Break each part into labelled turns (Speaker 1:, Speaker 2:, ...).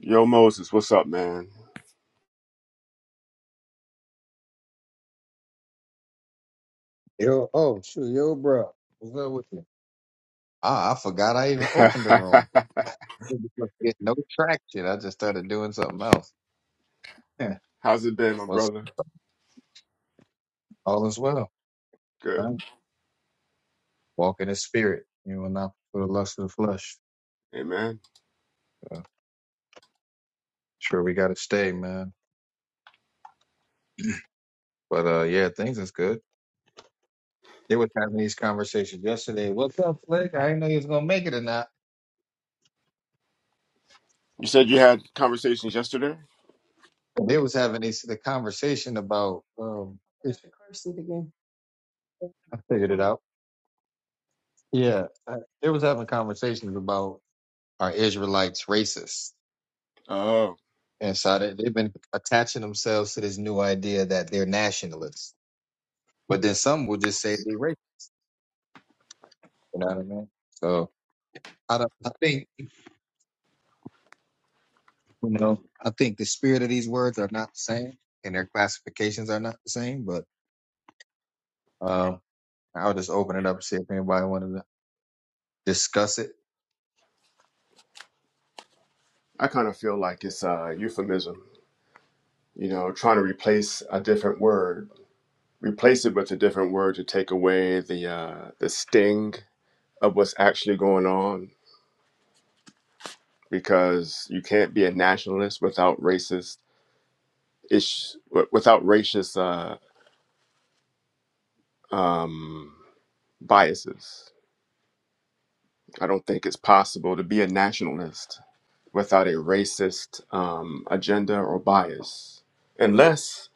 Speaker 1: Yo, Moses, what's up, man?
Speaker 2: Yo, oh shoot, yo, bro, what's up with you? Ah, I forgot I even opened the room. Get no traction. I just started doing something else. Yeah.
Speaker 1: How's it been, my
Speaker 2: what's
Speaker 1: brother?
Speaker 2: all is well.
Speaker 1: Good.
Speaker 2: Right. Walk in the spirit. You will not for the lust of the flesh.
Speaker 1: Amen.
Speaker 2: Uh, sure, we got to stay, man. But uh, yeah, things is good. They was having these conversations yesterday. What's up, Flick? I didn't know you was gonna make it or not.
Speaker 1: You said you had conversations yesterday?
Speaker 2: They was having these the conversation about. Um, car seat again? I figured it out. Yeah, uh, they was having conversations about. are Israelites racist?
Speaker 1: Oh.
Speaker 2: And so they, they've been attaching themselves to this new idea that they're nationalists. But then some will just say they're racist. You know what I mean? So I, don't, I think, you know, I think the spirit of these words are not the same and their classifications are not the same, but um, I'll just open it up and see if anybody wanted to. discuss it?
Speaker 1: I kind of feel like it's a euphemism, you know, trying to replace a different word, replace it with a different word to take away the uh, the sting of what's actually going on, because you can't be a nationalist without racist ish, without racist uh, um, biases I don't think it's possible to be a nationalist without a racist um, agenda or bias, unless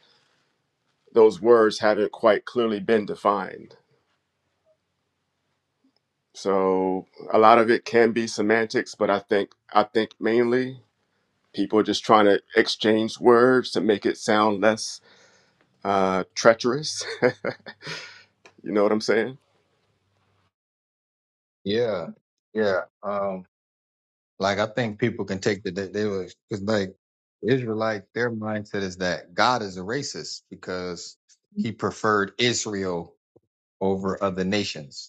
Speaker 1: those words haven't quite clearly been defined. So a lot of it can be semantics, but I think I think mainly people are just trying to exchange words to make it sound less uh, treacherous. you know what I'm saying?
Speaker 2: Yeah, yeah. Um, like I think people can take the they, they were because like Israelite, their mindset is that God is a racist because He preferred Israel over other nations.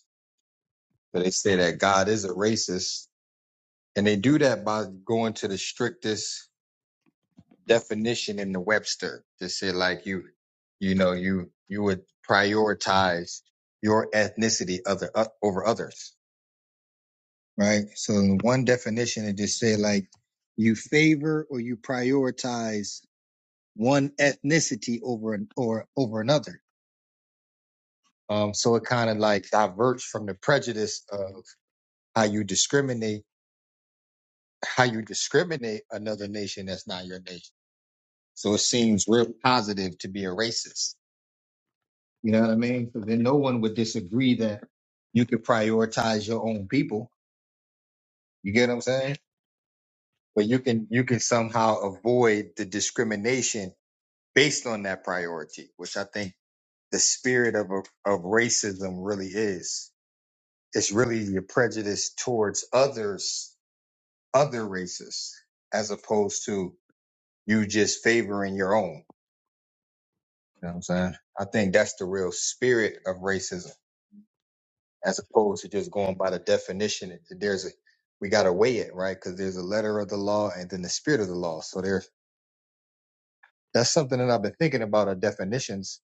Speaker 2: but they say that God is a racist. And they do that by going to the strictest definition in the Webster to say like you, you know, you, you would prioritize your ethnicity other uh, over others, right? So in one definition, it just say like you favor or you prioritize one ethnicity over an, or over another. Um, so it kind of like diverts from the prejudice of how you discriminate how you discriminate another nation that's not your nation. So it seems real positive to be a racist. You know what I mean? So then no one would disagree that you could prioritize your own people. You get what I'm saying? But you can you can somehow avoid the discrimination based on that priority, which I think the spirit of a, of racism really is. It's really your prejudice towards others, other races, as opposed to you just favoring your own. You know what I'm saying? I think that's the real spirit of racism, as opposed to just going by the definition. There's a we gotta weigh it, right? Because there's a letter of the law and then the spirit of the law. So there, that's something that I've been thinking about. Are definitions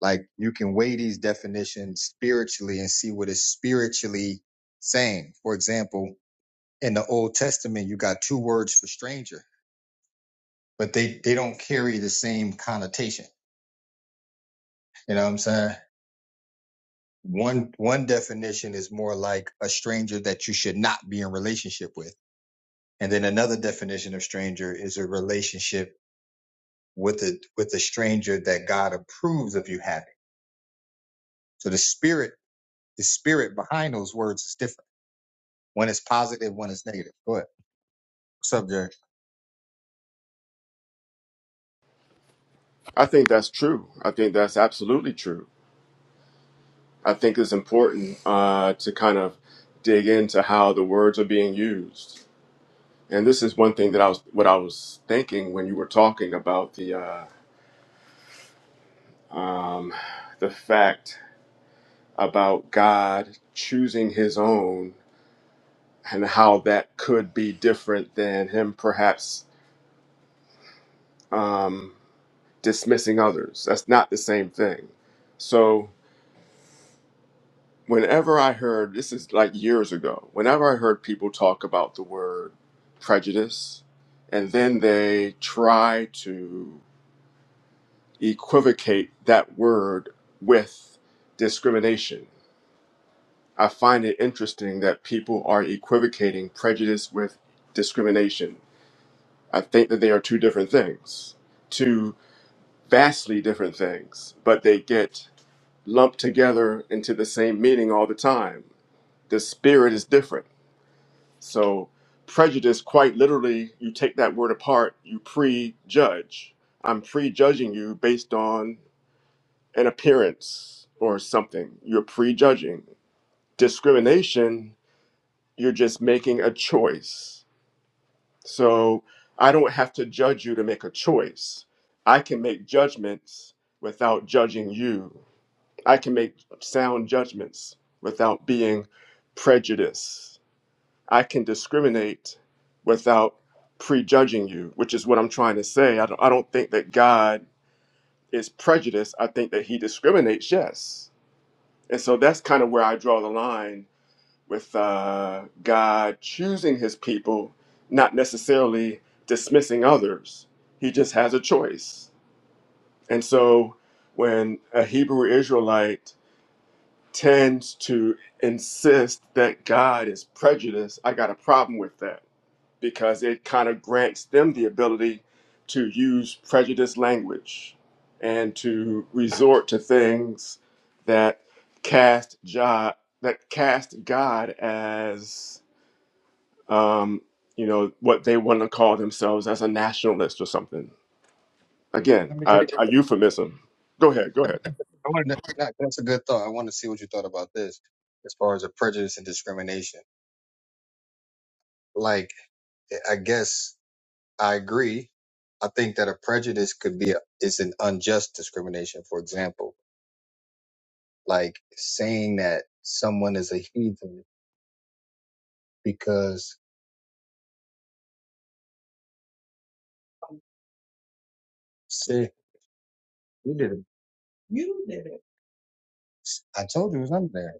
Speaker 2: like you can weigh these definitions spiritually and see what is spiritually saying. For example, in the Old Testament, you got two words for stranger, but they they don't carry the same connotation. You know what I'm saying? one one definition is more like a stranger that you should not be in relationship with and then another definition of stranger is a relationship with a with a stranger that god approves of you having so the spirit the spirit behind those words is different one is positive one is negative go ahead what's up jerry
Speaker 1: I think that's true. I think that's absolutely true. I think it's important uh, to kind of dig into how the words are being used And this is one thing that I was what I was thinking when you were talking about the uh, um, the fact about God choosing His own and how that could be different than Him perhaps um, dismissing others. That's not the same thing. So whenever I heard this is like years ago, whenever I heard people talk about the word prejudice, and then they try to equivocate that word with discrimination. I find it interesting that people are equivocating prejudice with discrimination. I think that they are two different things, two vastly different things, but they get lumped together into the same meaning all the time. The spirit is different. So, prejudice, quite literally, you take that word apart, you prejudge. I'm prejudging you based on an appearance or something. You're prejudging. Discrimination, you're just making a choice. So I don't have to judge you to make a choice. I can make judgments without judging you. I can make sound judgments without being prejudiced. I can discriminate without prejudging you, which is what I'm trying to say. I don't, I don't think that God is prejudiced. I think that he discriminates, yes And so that's kind of where I draw the line with uh, God choosing his people, not necessarily dismissing others. He just has a choice. And so when a Hebrew Israelite tends to insist that God is prejudiced, I got a problem with that because it kind of grants them the ability to use prejudiced language and to resort to things that cast jo- that cast God as um, you know what they want to call themselves as a nationalist or something. Again,
Speaker 2: Let me just
Speaker 1: a, a euphemism. Go ahead, go ahead.
Speaker 2: I want to, that, that's a good thought i want to see what you thought about this as far as a prejudice and discrimination like i guess I agree. I think that a prejudice could be a, is an unjust discrimination. For example, like saying that someone is a heathen because say you did it. You did it. I told you it was under there.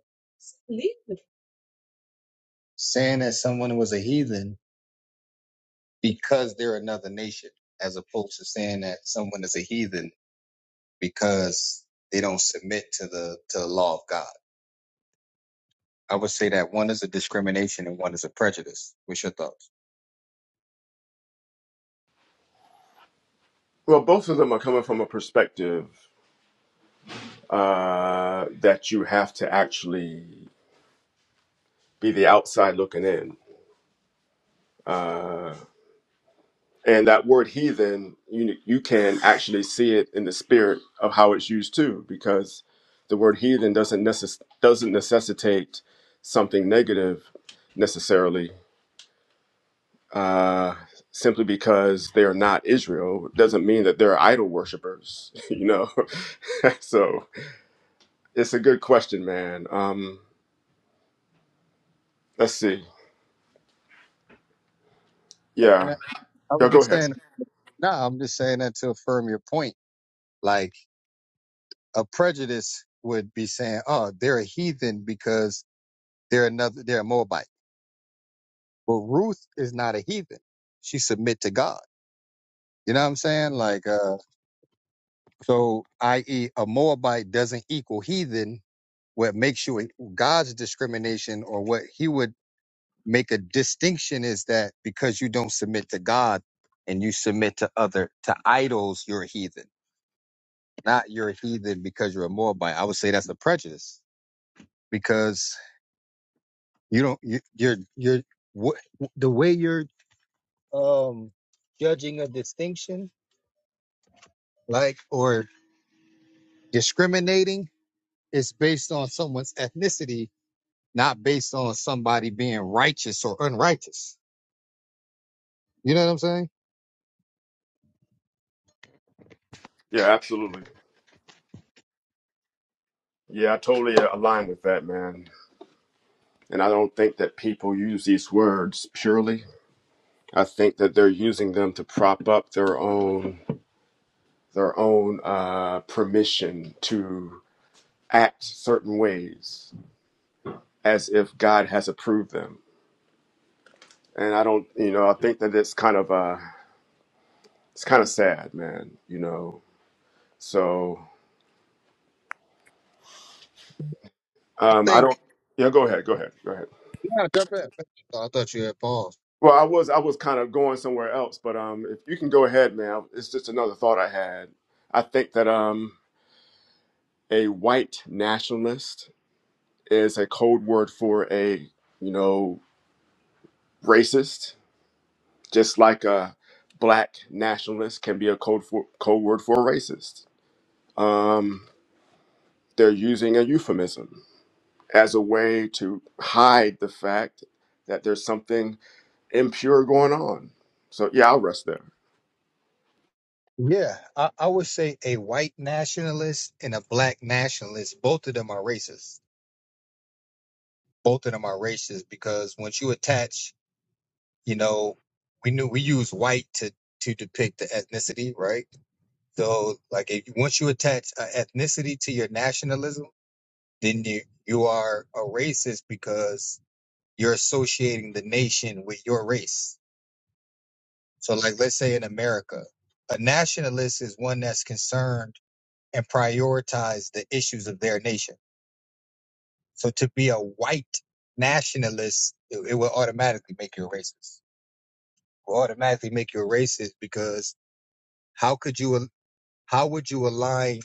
Speaker 2: Leave it. Saying that someone was a heathen because they're another nation, as opposed to saying that someone is a heathen because they don't submit to the to the law of God. I would say that one is a discrimination and one is a prejudice. What's your thoughts?
Speaker 1: Well, both of them are coming from a perspective uh, that you have to actually be the outside looking in. Uh, And that word heathen, you you can actually see it in the spirit of how it's used too, because the word heathen doesn't necess- doesn't necessitate something negative necessarily. Uh, simply because they are not Israel doesn't mean that they're idol worshippers, you know. so it's a good question, man. Um, let's see. Yeah,
Speaker 2: Uh, I
Speaker 1: yeah.
Speaker 2: was
Speaker 1: Go
Speaker 2: just saying.
Speaker 1: ahead.
Speaker 2: No, I'm just saying that to affirm your point. Like a prejudice would be saying, "Oh, they're a heathen because they're another, they're a Moabite." But Ruth is not a heathen; she submit to God. You know what I'm saying? Like, uh, so, i.e., a Moabite doesn't equal heathen. What makes you a, God's discrimination, or what He would make a distinction, is that because you don't submit to God and you submit to other to idols, you're a heathen. not you're a heathen because you're a Moabite. I would say that's a prejudice because you don't you, you're you're what the way you're um judging a distinction like or discriminating is based on someone's ethnicity, not based on somebody being righteous or unrighteous. You know what I'm saying?
Speaker 1: Yeah, absolutely. Yeah, I totally uh, align with that, man. And I don't think that people use these words purely I think that they're using them to prop up their own their own uh, permission to act certain ways as if God has approved them. And I don't, you know, I think that it's kind of uh, it's kind of sad, man. You know, so
Speaker 2: I
Speaker 1: um, I
Speaker 2: think
Speaker 1: don't. Yeah, go ahead, go ahead, go ahead.
Speaker 2: yeah, jump in. I thought you had paused.
Speaker 1: Well, I was I was kind of going somewhere else, but um, if you can go ahead, man, it's just another thought I had. I think that um, a white nationalist is a code word for a you know racist, just like a black nationalist can be a code for code word for a racist. Um, they're using a euphemism as a way to hide the fact that there's something impure going on. So yeah, I'll rest there.
Speaker 2: Yeah, I, I would say a white nationalist and a black nationalist, both of them are racist both of them are racist because once you attach, you know, we knew we use white to to depict the ethnicity, right? So like if once you attach an ethnicity to your nationalism, then you you are a racist because you're associating the nation with your race. So like let's say in America, a nationalist is one that's concerned and prioritize the issues of their nation. So to be a white nationalist, it, it will automatically make you a racist. will automatically make you a racist because how could you how would you align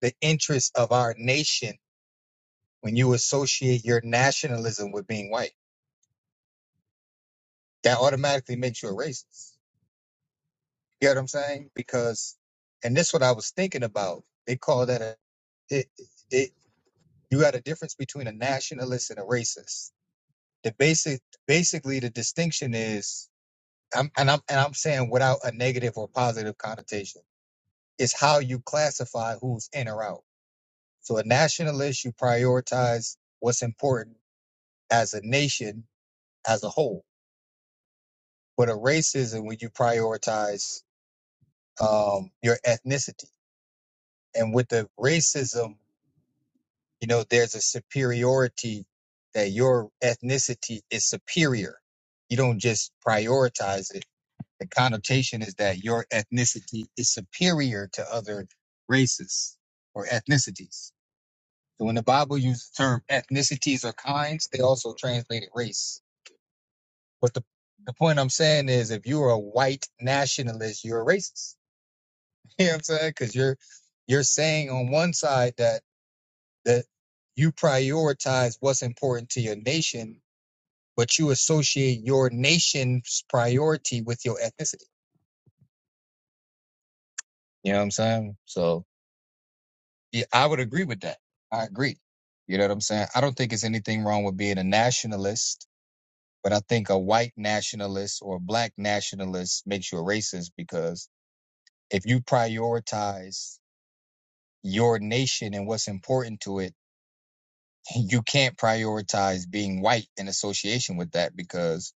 Speaker 2: the interests of our nation when you associate your nationalism with being white? That automatically makes you a racist. You know what I'm saying? Because and this is what I was thinking about. They call that a it, it you got a difference between a nationalist and a racist. The basic basically the distinction is I'm, and I'm and I'm saying without a negative or positive connotation. It's how you classify who's in or out So a nationalist, you prioritize what's important as a nation as a whole. But a racism, when you prioritize um, your ethnicity, and with the racism, you know, there's a superiority that your ethnicity is superior. You don't just prioritize it. The connotation is that your ethnicity is superior to other races or ethnicities. So when the Bible uses the term ethnicities or kinds, they also translate it race. But the, the point I'm saying is if you're a white nationalist, you're a racist. You know what I'm saying? Because you're you're saying on one side that that you prioritize what's important to your nation, but you associate your nation's priority with your ethnicity. You know what I'm saying? So yeah, I would agree with that. I agree. You know what I'm saying? I don't think it's anything wrong with being a nationalist, but I think a white nationalist or a black nationalist makes you a racist because if you prioritize your nation and what's important to it, you can't prioritize being white in association with that because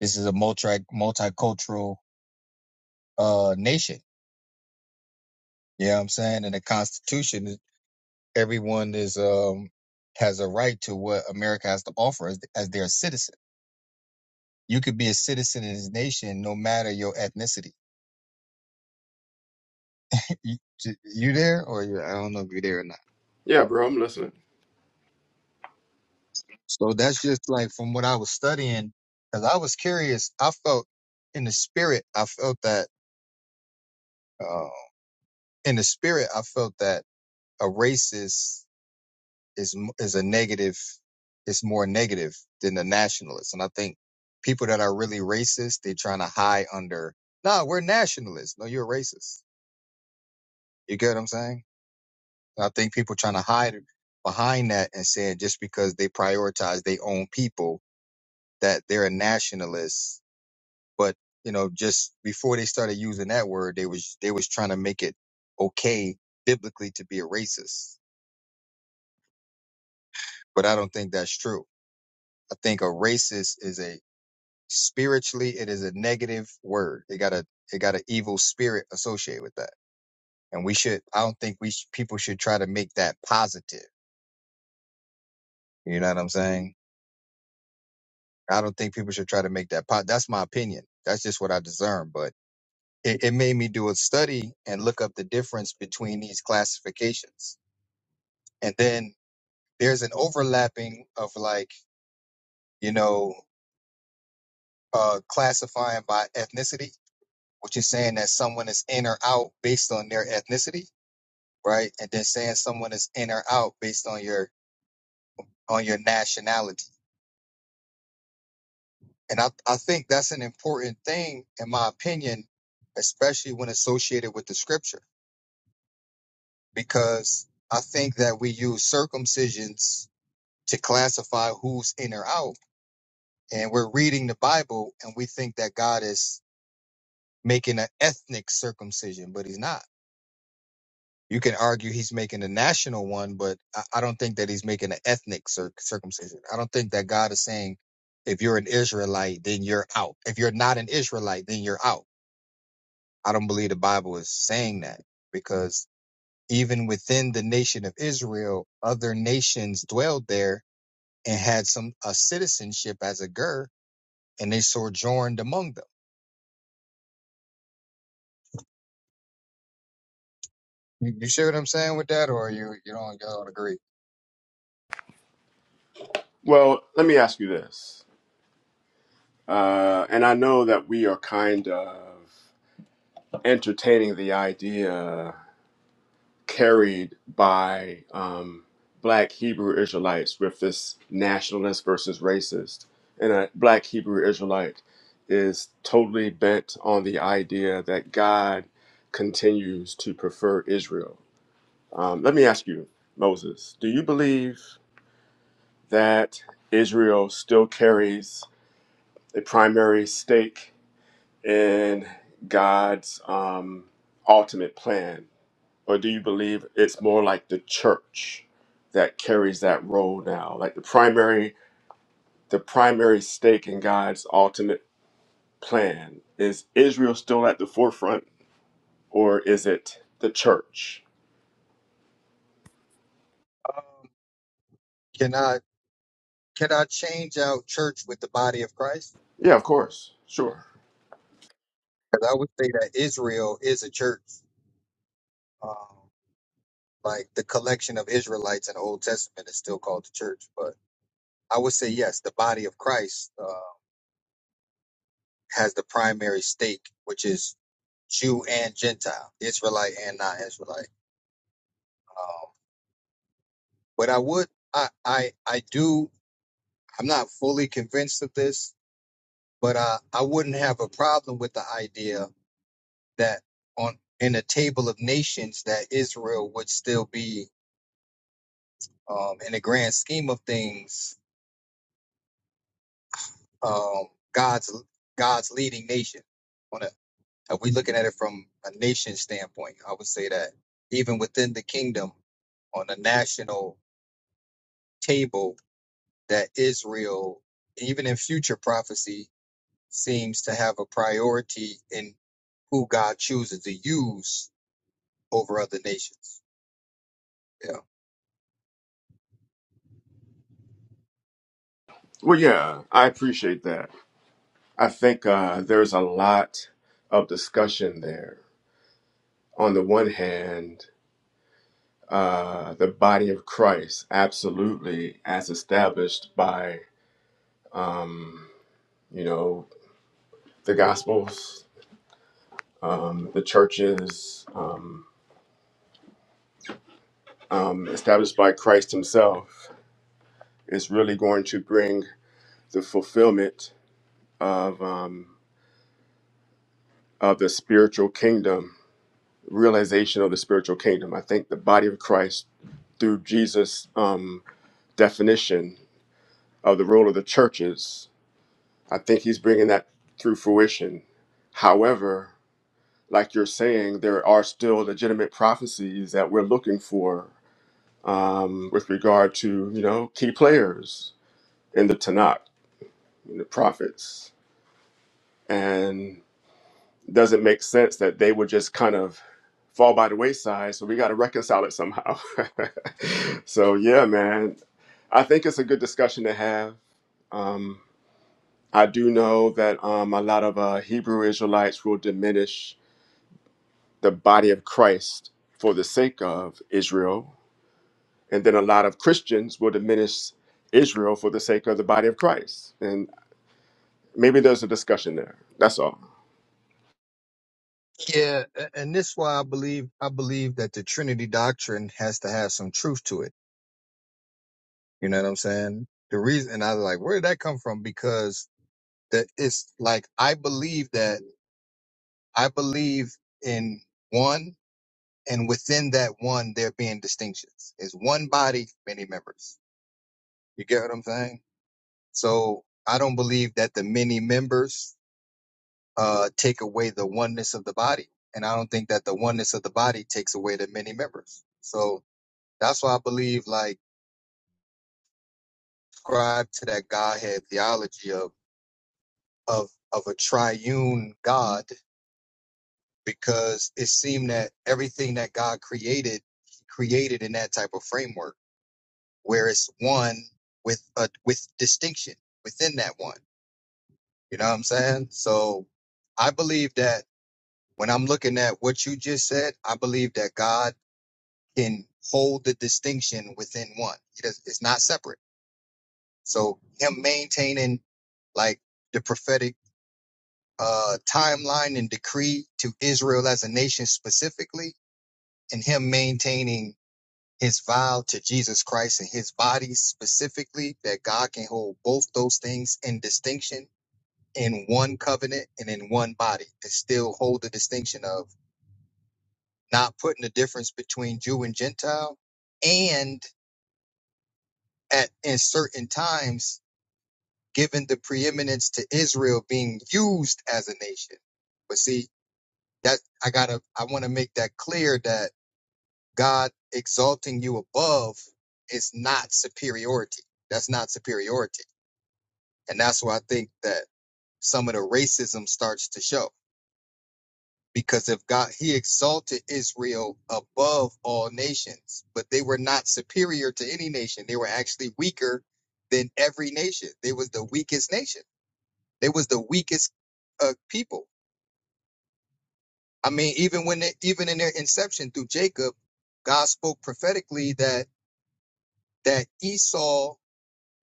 Speaker 2: this is a multi multicultural uh nation. You know what I'm saying? And the Constitution, everyone is um has a right to what America has to offer as, as their citizen. You could be a citizen in this nation no matter your ethnicity. You, you there or you, I don't know if you're there or not.
Speaker 1: Yeah, bro, I'm listening.
Speaker 2: So that's just like from what I was studying, because I was curious. I felt in the spirit, I felt that uh, in the spirit, I felt that a racist is m- is a negative, is more negative than a nationalist. And I think people that are really racist, they're trying to hide under, nah, we're nationalists. No, you're a racist. You get what I'm saying? And I think people trying to hide behind that and saying just because they prioritize their own people that they're a nationalist but you know just before they started using that word they was they was trying to make it okay biblically to be a racist but i don't think that's true i think a racist is a spiritually it is a negative word it got a it got an evil spirit associated with that and we should i don't think we sh- people should try to make that positive you know what i'm saying i don't think people should try to make that po- that's my opinion that's just what i discern but it, it made me do a study and look up the difference between these classifications and then there's an overlapping of like you know uh, classifying by ethnicity which is saying that someone is in or out based on their ethnicity right and then saying someone is in or out based on your on your nationality and i, I think that's an important thing in my opinion especially when associated with the scripture because i think that we use circumcisions to classify who's in or out and we're reading the bible and we think that god is making an ethnic circumcision, but he's not. You can argue he's making a national one, but I, I don't think that he's making an ethnic cir- circumcision. I don't think that God is saying, if you're an Israelite, then you're out. If you're not an Israelite, then you're out. I don't believe the Bible is saying that because even within the nation of Israel, other nations dwelled there and had some a citizenship as a ger, and they sojourned among them. You, you see what I'm saying with that, or you you don't you don't agree?
Speaker 1: Well, let me ask you this, uh, and I know that we are kind of entertaining the idea carried by um, black Hebrew Israelites with this nationalist versus racist. And a black Hebrew Israelite is totally bent on the idea that God continues to prefer Israel. Um, let me ask you, Moses, do you believe that Israel still carries a primary stake in God's um, ultimate plan or do you believe it's more like the church that carries that role now? Like the primary the primary stake in God's ultimate plan. Is Israel still at the forefront or is it the church?
Speaker 2: Um, can I? Can I change out church with the body of Christ?
Speaker 1: Yeah, of course. Sure.
Speaker 2: Because I would say that Israel is a church. Um, like the collection of Israelites in the Old Testament is still called the church. But I would say, yes, the body of Christ uh, has the primary stake, which is Jew and Gentile, Israelite and non-Israelite. Um, but I would, I, I, I do. I'm not fully convinced of this, but I, I wouldn't have a problem with the idea that on in a table of nations that Israel would still be um, in the grand scheme of things um, God's God's leading nation. On a, if we looking at it from a nation standpoint, I would say that even within the kingdom, on a national table, that Israel, even in future prophecy, seems to have a priority in who God chooses to use over other nations. Yeah.
Speaker 1: Well yeah, I appreciate that. I think uh, there's a lot of discussion there. On the one hand, uh, the body of Christ, absolutely, as established by um, you know the Gospels, um, the churches um, um, established by Christ Himself, is really going to bring the fulfillment of um, of the spiritual kingdom, realization of the spiritual kingdom. I think the body of Christ through Jesus' um, definition of the role of the churches, I think He's bringing that through fruition. However, like you're saying, there are still legitimate prophecies that we're looking for um, with regard to you know key players in the Tanakh, in the prophets, and does it make sense that they would just kind of fall by the wayside? So we got to reconcile it somehow. so yeah, man, I think it's a good discussion to have. Um, I do know that um, a lot of uh, Hebrew Israelites will diminish the body of Christ for the sake of Israel And then a lot of Christians will diminish Israel for the sake of the body of Christ. And maybe there's a discussion there. That's all.
Speaker 2: Yeah, a- and this why I believe I believe that the Trinity doctrine has to have some truth to it. You know what I'm saying? The reason and I was like, where did that come from? Because that it's like I believe that I believe in one, and within that one there being distinctions. It's one body, many members. You get what I'm saying? So I don't believe that the many members uh take away the oneness of the body. And I don't think that the oneness of the body takes away the many members. So That's why I believe like subscribe to that Godhead theology of of of a triune God because it seemed that everything that God created he created in that type of framework where it's one with a with distinction within that one. You know what I'm saying? So I believe that when I'm looking at what you just said, I believe that God can hold the distinction within one. He does, it's not separate. So him maintaining like the prophetic uh, timeline and decree to Israel as a nation specifically, and him maintaining his vow to Jesus Christ and his body specifically, that God can hold both those things in distinction in one covenant and in one body, and still hold the distinction of not putting the difference between Jew and Gentile, and at in certain times given the preeminence to Israel being used as a nation. But see, that I gotta I wanna make that clear that God exalting you above is not superiority. That's not superiority. And that's where I think that some of the racism starts to show. Because if God he exalted Israel above all nations, but they were not superior to any nation. They were actually weaker than every nation. They was the weakest nation They was the weakest uh, people. I mean, even when they, even in their inception through Jacob, God spoke prophetically that that Esau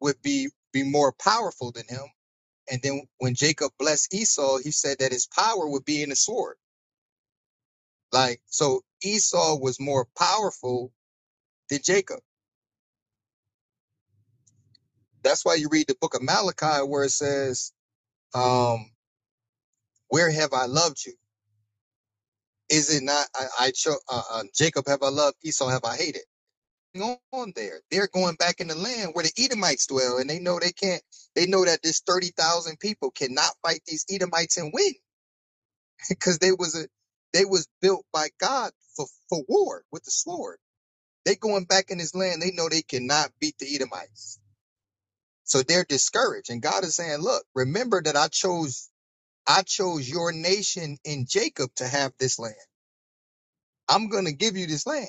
Speaker 2: would be be more powerful than him. And then when Jacob blessed Esau, he said that his power would be in the sword. Like so, Esau was more powerful than Jacob. That's why you read the book of Malachi where it says, um, "Where have I loved you? Is it not I, I cho- uh, uh, Jacob have I loved, Esau have I hated?" on there. They're going back in the land where the Edomites dwell, and they know they can't. They know that this thirty thousand people cannot fight these Edomites and win because they was a they was built by God for for war with the sword. They going back in this land. They know they cannot beat the Edomites, so they're discouraged. And God is saying, "Look, remember that I chose I chose your nation in Jacob to have this land. I'm going to give you this land."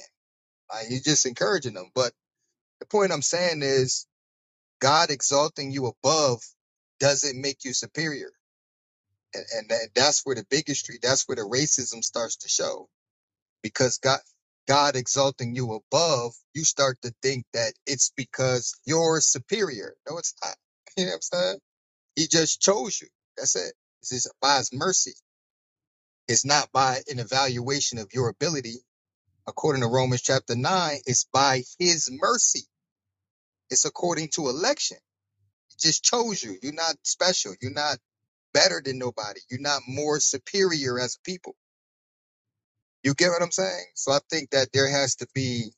Speaker 2: Like, he's just encouraging them. But the point I'm saying is God exalting you above doesn't make you superior. And, and that, that's where the bigotry, that's where the racism starts to show. Because God, God exalting you above, you start to think that it's because you're superior. No, it's not. You know what I'm saying? He just chose you. That's it. It's just by his mercy. It's not by an evaluation of your ability. According to Romans chapter nine, it's by his mercy. It's according to election. He just chose you. You're not special. You're not better than nobody. You're not more superior as a people. You get what I'm saying? So I think that there has to be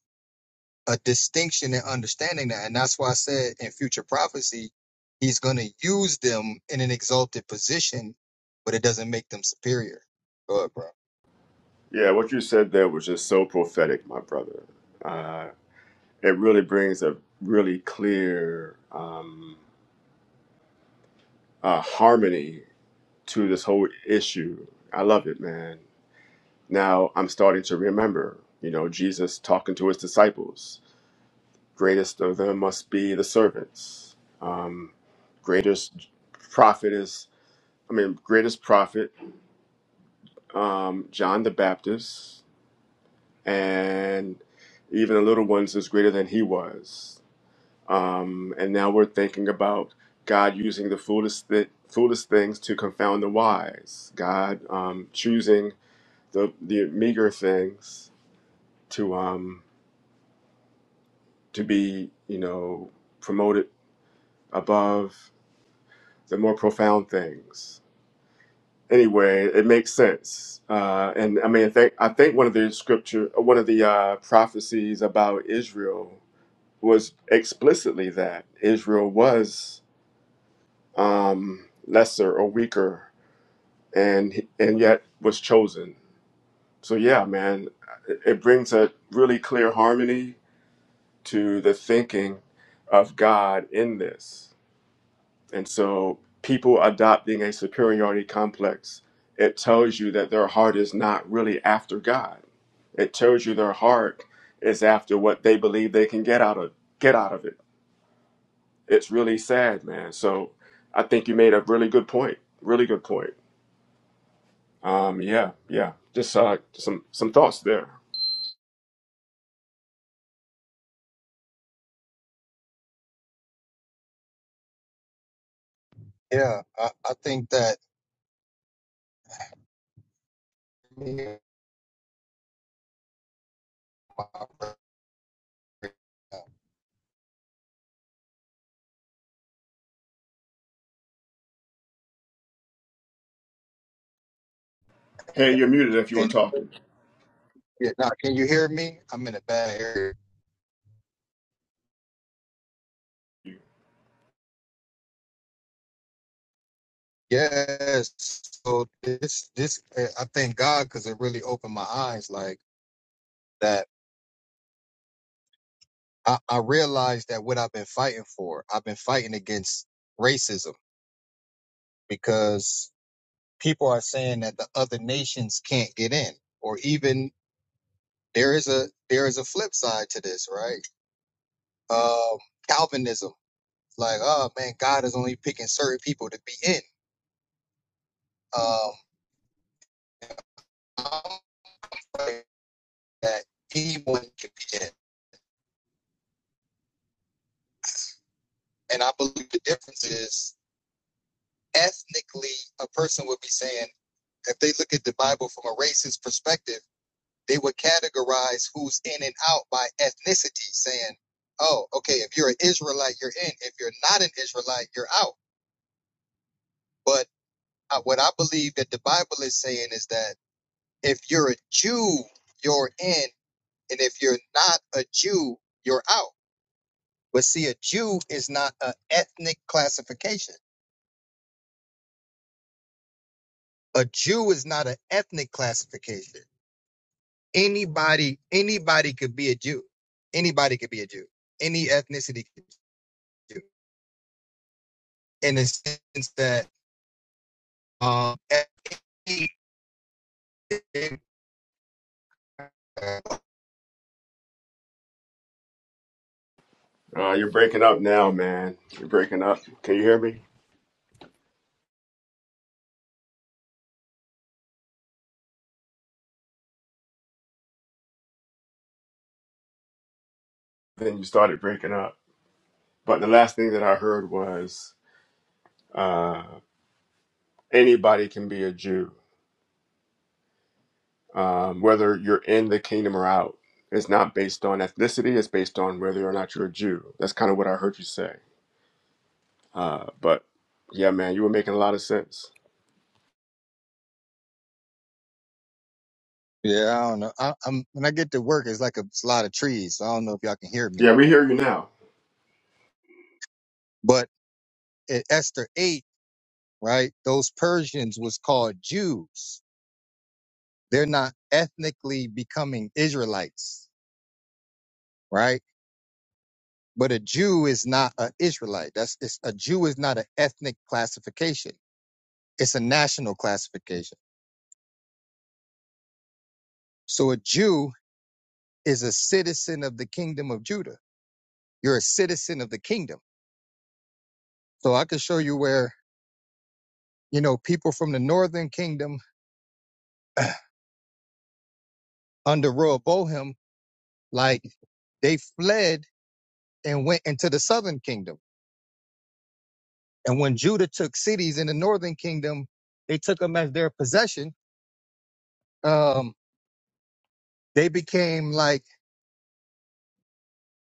Speaker 2: a distinction in understanding that. And that's why I said in future prophecy, he's going to use them in an exalted position, but it doesn't make them superior. Go ahead, bro.
Speaker 1: Yeah, what you said there was just so prophetic, my brother. Uh, it really brings a really clear um, uh, harmony to this whole issue. I love it, man. Now I'm starting to remember, you know, Jesus talking to his disciples. Greatest of them must be the servants. Um, greatest prophet is I mean, greatest prophet, um, John the Baptist, and even the little ones is greater than he was. Um, and now we're thinking about God using the foolish th- foolish things to confound the wise. God um, choosing the the meager things to um, to be you know promoted above the more profound things. anyway, it makes sense. Uh, and I mean, I think, I think one of the scripture, one of the uh, prophecies about Israel was explicitly that Israel was um, lesser or weaker, and and yet was chosen. So yeah, man, it it brings a really clear harmony to the thinking of God in this. And so, people adopting a superiority complex, it tells you that their heart is not really after God. It tells you their heart is after what they believe they can get out of get out of it. It's really sad, man. So, I think you made a really good point. Really good point. Um, yeah, yeah. Just uh, some some thoughts there.
Speaker 2: Yeah, I, I think that.
Speaker 1: Hey, you're muted if you were
Speaker 2: Can,
Speaker 1: talking.
Speaker 2: yeah, now, can you hear me? I'm in a bad area. Yes. So this, this, I thank God because it really opened my eyes. Like, that I, I realized that what I've been fighting for, I've been fighting against racism because people are saying that the other nations can't get in, or even there is a there is a flip side to this, right? Um, Calvinism, like, oh man, God is only picking certain people to be in. Um, I'm fighting that anyone can be in, and I believe the difference is ethnically, a person would be saying if they look at the Bible from a racist perspective they would categorize who's in and out by ethnicity, saying, oh, okay, if you're an Israelite, you're in. If you're not an Israelite, you're out. But I, what I believe that the Bible is saying is that if you're a Jew, you're in. And if you're not a Jew, you're out. But see, a Jew is not an ethnic classification. A Jew is not an ethnic classification. Anybody, anybody could be a Jew. Anybody could be a Jew. Any ethnicity could be a Jew. in the sense that um,
Speaker 1: Uh, you're breaking up now, man. You're breaking up. Can you hear me? Then you started breaking up. But the last thing that I heard was Uh, anybody can be a Jew, um, whether you're in the kingdom or out. It's not based on ethnicity, it's based on whether or not you're a Jew. That's kind of what I heard you say. Uh, but yeah, man, you were making a lot of sense.
Speaker 2: yeah, I don't know. I, I'm when I get to work, it's like a, it's a lot of trees. So I don't know if y'all can hear me,
Speaker 1: Yeah, we hear you now.
Speaker 2: but at Esther eight, right? Those Persians was called Jews. They're not ethnically becoming Israelites, right? But a Jew is not an Israelite. That's it's, a Jew is not an ethnic classification. It's a national classification. So a Jew is a citizen of the kingdom of Judah You're a citizen of the kingdom. So I could show you where, you know, people from the northern kingdom under Rehoboam, like they fled and went into the southern kingdom. And when Judah took cities in the northern kingdom, they took them as their possession. Um, they became like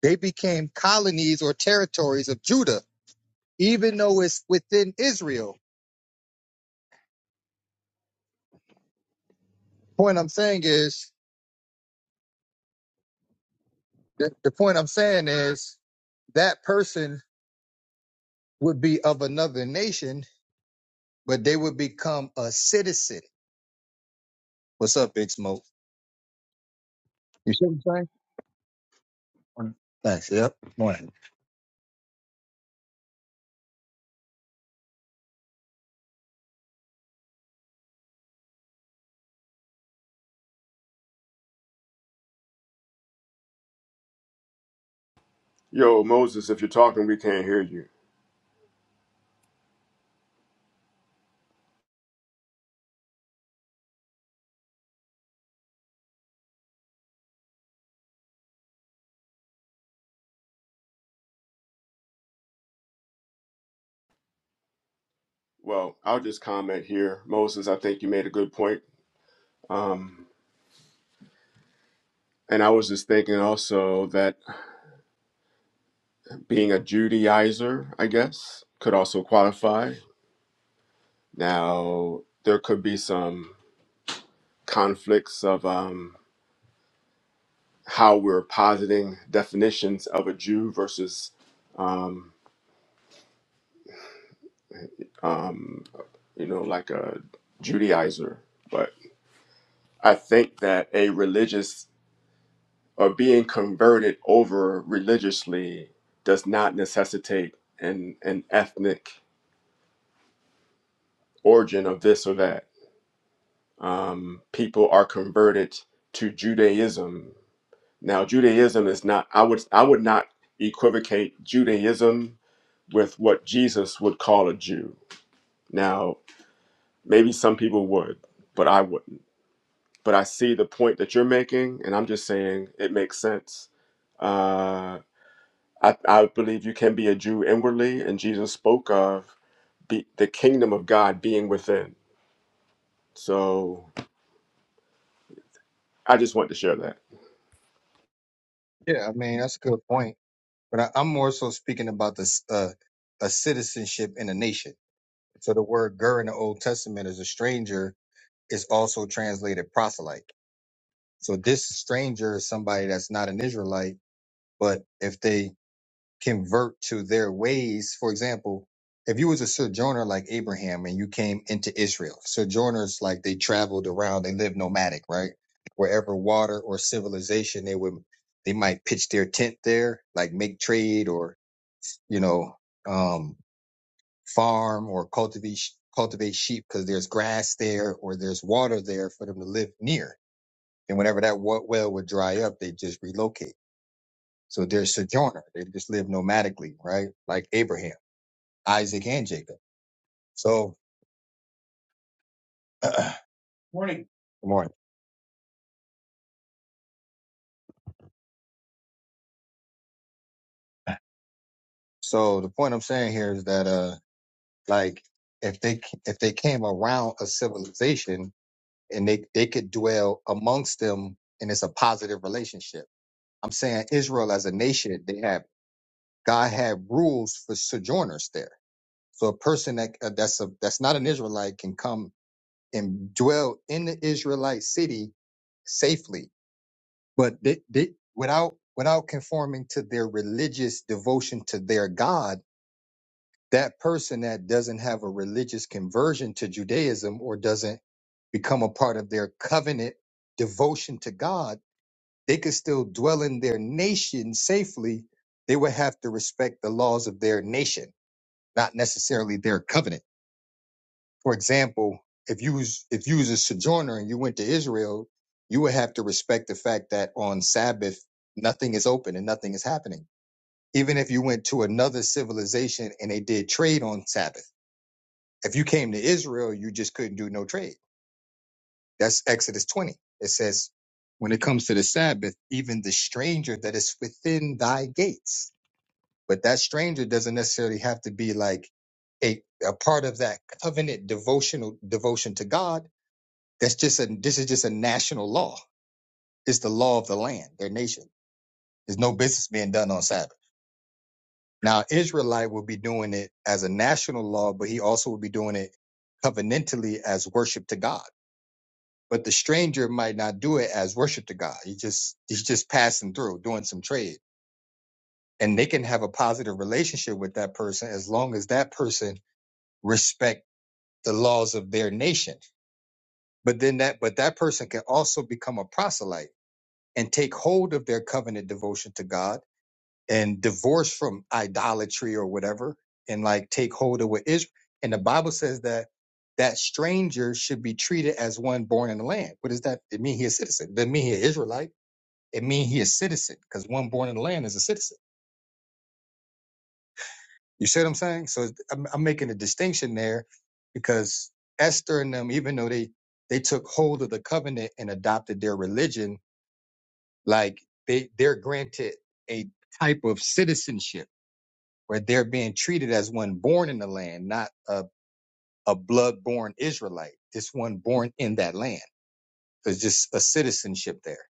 Speaker 2: they became colonies or territories of Judah, even though it's within Israel. Point I'm saying is the, the point I'm saying is that person would be of another nation but they would become a citizen. What's up, Big Smoke? You see what I'm saying? Thanks. Yep. Morning.
Speaker 1: Yo, Moses, if you're talking, we can't hear you. Well, I'll just comment here. Moses, I think you made a good point. Um, and I was just thinking also that being a Judaizer, I guess, could also qualify. Now, there could be some. conflicts of um, how we're positing definitions of a Jew versus, um, um, you know, like a Judaizer. But I think that a religious or being converted over religiously does not necessitate an, an ethnic origin of this or that. Um, people are converted to Judaism. Now, Judaism is not. I would I would not equivocate Judaism with what Jesus would call a Jew. Now, maybe some people would, but I wouldn't. But I see the point that you're making, and I'm just saying it makes sense. Uh, I, I believe you can be a Jew inwardly, and Jesus spoke of be, the kingdom of God being within. So I just want to share that.
Speaker 2: Yeah, I mean that's a good point, but I, I'm more so speaking about this uh, a citizenship in a nation. So the word "ger" in the Old Testament is a stranger is also translated proselyte. So this stranger is somebody that's not an Israelite, but if they convert to their ways. For example, if you was a sojourner like Abraham and you came into Israel, sojourners like they traveled around, they lived nomadic, right? Wherever water or civilization, they would they might pitch their tent there, like make trade or you know um, farm or cultivate cultivate sheep because there's grass there or there's water there for them to live near. And whenever that wa- well would dry up, they just relocate. So they're sojourner. They just live nomadically, right? Like Abraham. Isaac and Jacob. So, good Morning. Good morning. So the point I'm saying here is that, uh, like if they, if they came around a civilization and they, they could dwell amongst them and it's a positive relationship. I'm saying Israel as a nation, they have, God had rules for sojourners there. So a person that, uh, that's a, that's not an Israelite can come and dwell in the Israelite city safely but they, they without without conforming to their religious devotion to their god that person that doesn't have a religious conversion to judaism or doesn't become a part of their covenant devotion to god they could still dwell in their nation safely they would have to respect the laws of their nation not necessarily their covenant for example, if you was if you was a sojourner and you went to Israel, you would have to respect the fact that on Sabbath nothing is open and nothing is happening. Even if you went to another civilization and they did trade on Sabbath. If you came to Israel, you just couldn't do no trade. That's Exodus 20. It says, when it comes to the Sabbath, even the stranger that is within thy gates. But that stranger doesn't necessarily have to be like a, a part of that covenant devotional devotion to God That's just a this is just a national law. It's the law of the land, their nation. There's no business being done on Sabbath. Now Israelite will be doing it as a national law, but he also will be doing it covenantally as worship to God. But the stranger might not do it as worship to God. He just he's just passing through, doing some trade. And they can have a positive relationship with that person as long as that person respect the laws of their nation. But then that but that person can also become a proselyte and take hold of their covenant devotion to God and divorce from idolatry or whatever and like take hold of what is and the Bible says that that stranger should be treated as one born in the land. What does that it mean he a citizen? It doesn't mean he an Israelite. It mean he a citizen because one born in the land is a citizen. You see what I'm saying? So I'm, I'm making a distinction there because Esther and them, even though they they took hold of the covenant and adopted their religion, Like they they're granted a type of citizenship where they're being treated as one born in the land, not a a blood-born Israelite. It's one born in that land. There's just a citizenship there.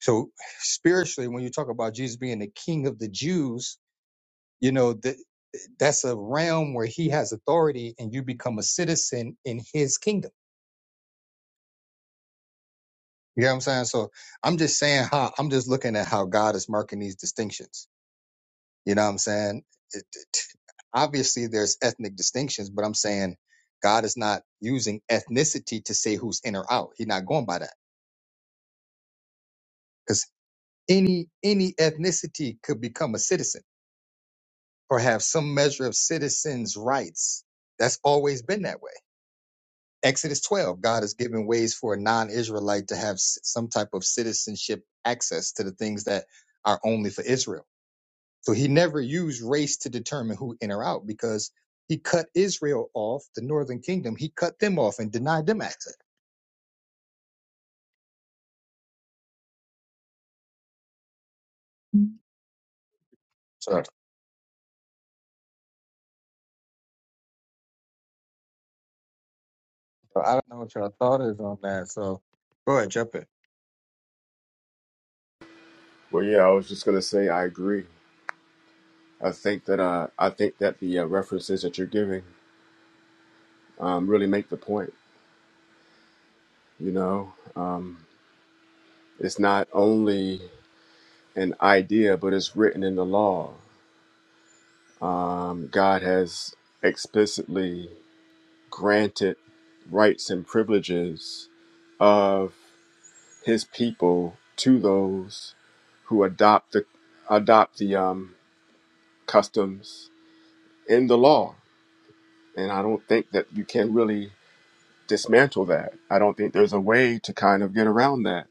Speaker 2: So spiritually, when you talk about Jesus being the King of the Jews, you know that that's a realm where he has authority and you become a citizen in his kingdom. You know what I'm saying? So I'm just saying how I'm just looking at how God is marking these distinctions. You know what I'm saying? It, it- obviously, there's ethnic distinctions, but I'm saying God is not using ethnicity to say who's in or out. He's not going by that because any any ethnicity could become a citizen or have some measure of citizens' rights. That's always been that way. Exodus 12, God has given ways for a non-Israelite to have s- some type of citizenship access to the things that are only for Israel. So he never used race to determine who in or out because he cut Israel off, the northern kingdom. He cut them off and denied them access. So so I don't know what y'all thought is on that. So go ahead, jump in.
Speaker 1: Well, yeah, I was just gonna say I agree. I think that uh, I think that the uh, references that you're giving um, really make the point. You know, um, it's not only an idea, but it's written in the law. Um, God has explicitly granted rights and privileges of His people to those who adopt the adopt the um, customs in the law, and I don't think that you can really dismantle that. I don't think there's a way to kind of get around that.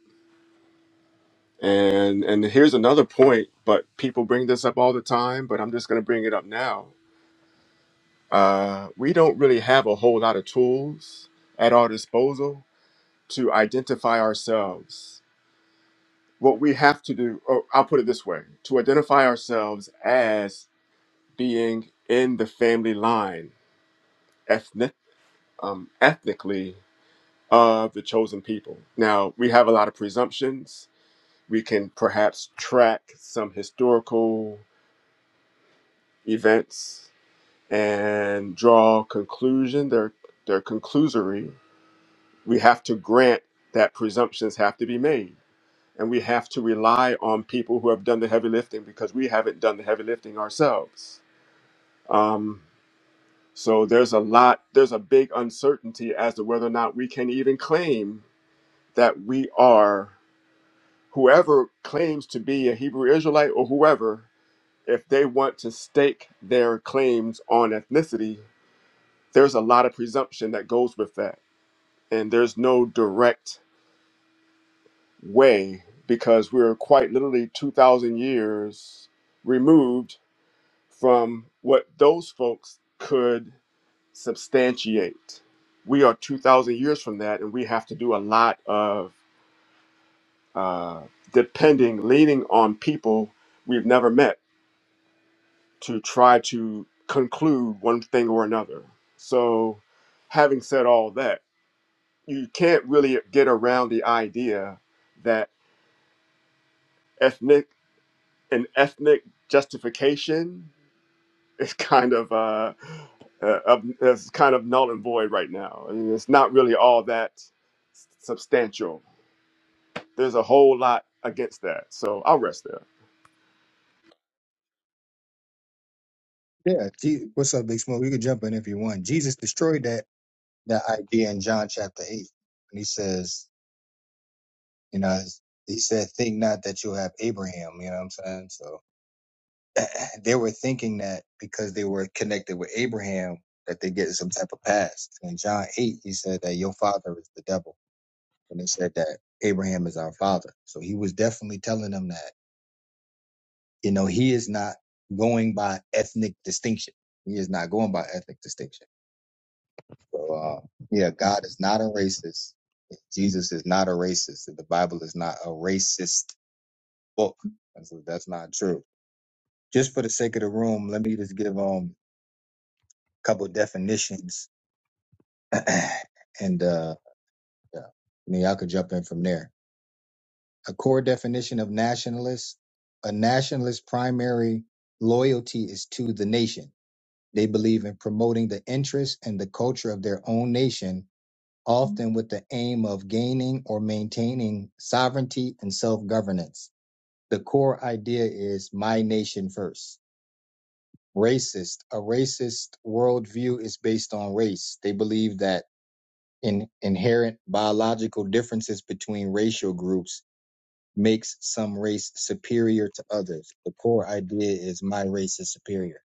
Speaker 1: And and here's another point, but people bring this up all the time, but I'm just going to bring it up now Uh, we don't really have a whole lot of tools at our disposal to identify ourselves. What we have to do, or I'll put it this way, to identify ourselves as being in the family line, ethnic, um, ethnically of the chosen people. Now, we have a lot of presumptions. We can perhaps track some historical events and draw conclusion. They're, they're conclusory We have to grant that presumptions have to be made. And we have to rely on people who have done the heavy lifting because we haven't done the heavy lifting ourselves. Um, so there's a lot, there's a big uncertainty as to whether or not we can even claim that we are whoever claims to be a Hebrew Israelite or whoever, if they want to stake their claims on ethnicity, there's a lot of presumption that goes with that. And there's no direct way because we're quite literally 2,000 years removed from what those folks could substantiate. We are 2,000 years from that, and we have to do a lot of uh, depending, leaning on people we've never met to try to conclude one thing or another. So, having said all that, you can't really get around the idea that ethnic. an ethnic justification is kind of uh, uh, is kind of null and void right now. I mean, it's not really all that s- substantial. There's a whole lot against that, so I'll rest there.
Speaker 2: Yeah. Je- What's up, Big Smoke? You can jump in if you want. Jesus destroyed that that idea in John chapter eight, and he says, you know, he said, "Think not that you have Abraham." You know what I'm saying? So. they were thinking that because they were connected with Abraham that they get some type of pass. And in John eight, he said that your father is the devil, and they said that Abraham is our father. So he was definitely telling them that you know he is not going by ethnic distinction. He is not going by ethnic distinction. So uh, yeah, God is not a racist. Jesus is not a racist. The Bible is not a racist book. That's, that's not true. Just for the sake of the room, let me just give um a couple definitions and uh, yeah, I mean, y'all could jump in from there. A core definition of nationalist: a nationalist's primary loyalty is to the nation. They believe in promoting the interests and the culture of their own nation, often with the aim of gaining or maintaining sovereignty and self-governance. The core idea is my nation first. Racist: a racist worldview is based on race. They believe that in inherent biological differences between racial groups makes some race superior to others. The core idea is my race is superior.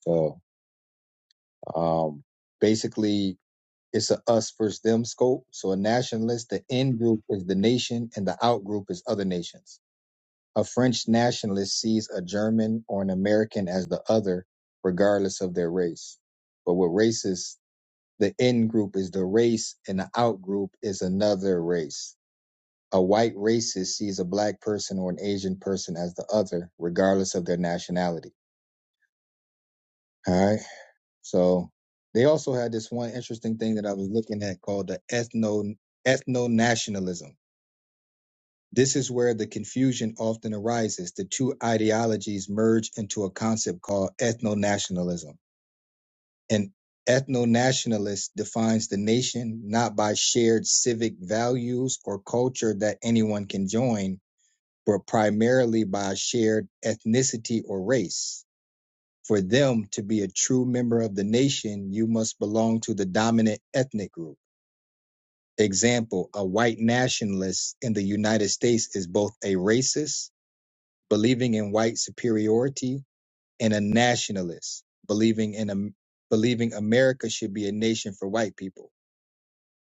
Speaker 2: So um, basically, it's a us versus them scope. So a nationalist, the in group is the nation, and the out group is other nations. A French nationalist sees a German or an American as the other, regardless of their race. But with racists, the in group is the race, and the out group is another race A white racist sees a black person or an Asian person as the other, regardless of their nationality. All right. So they also had this one interesting thing that I was looking at called the ethno ethno nationalism. This is where the confusion often arises. The two ideologies merge into a concept called ethno nationalism. An ethno nationalist defines the nation not by shared civic values or culture that anyone can join, but primarily by shared ethnicity or race. For them to be a true member of the nation, you must belong to the dominant ethnic group. Example, a white nationalist in the United States is both a racist, believing in white superiority, and a nationalist, believing in a, believing America should be a nation for white people.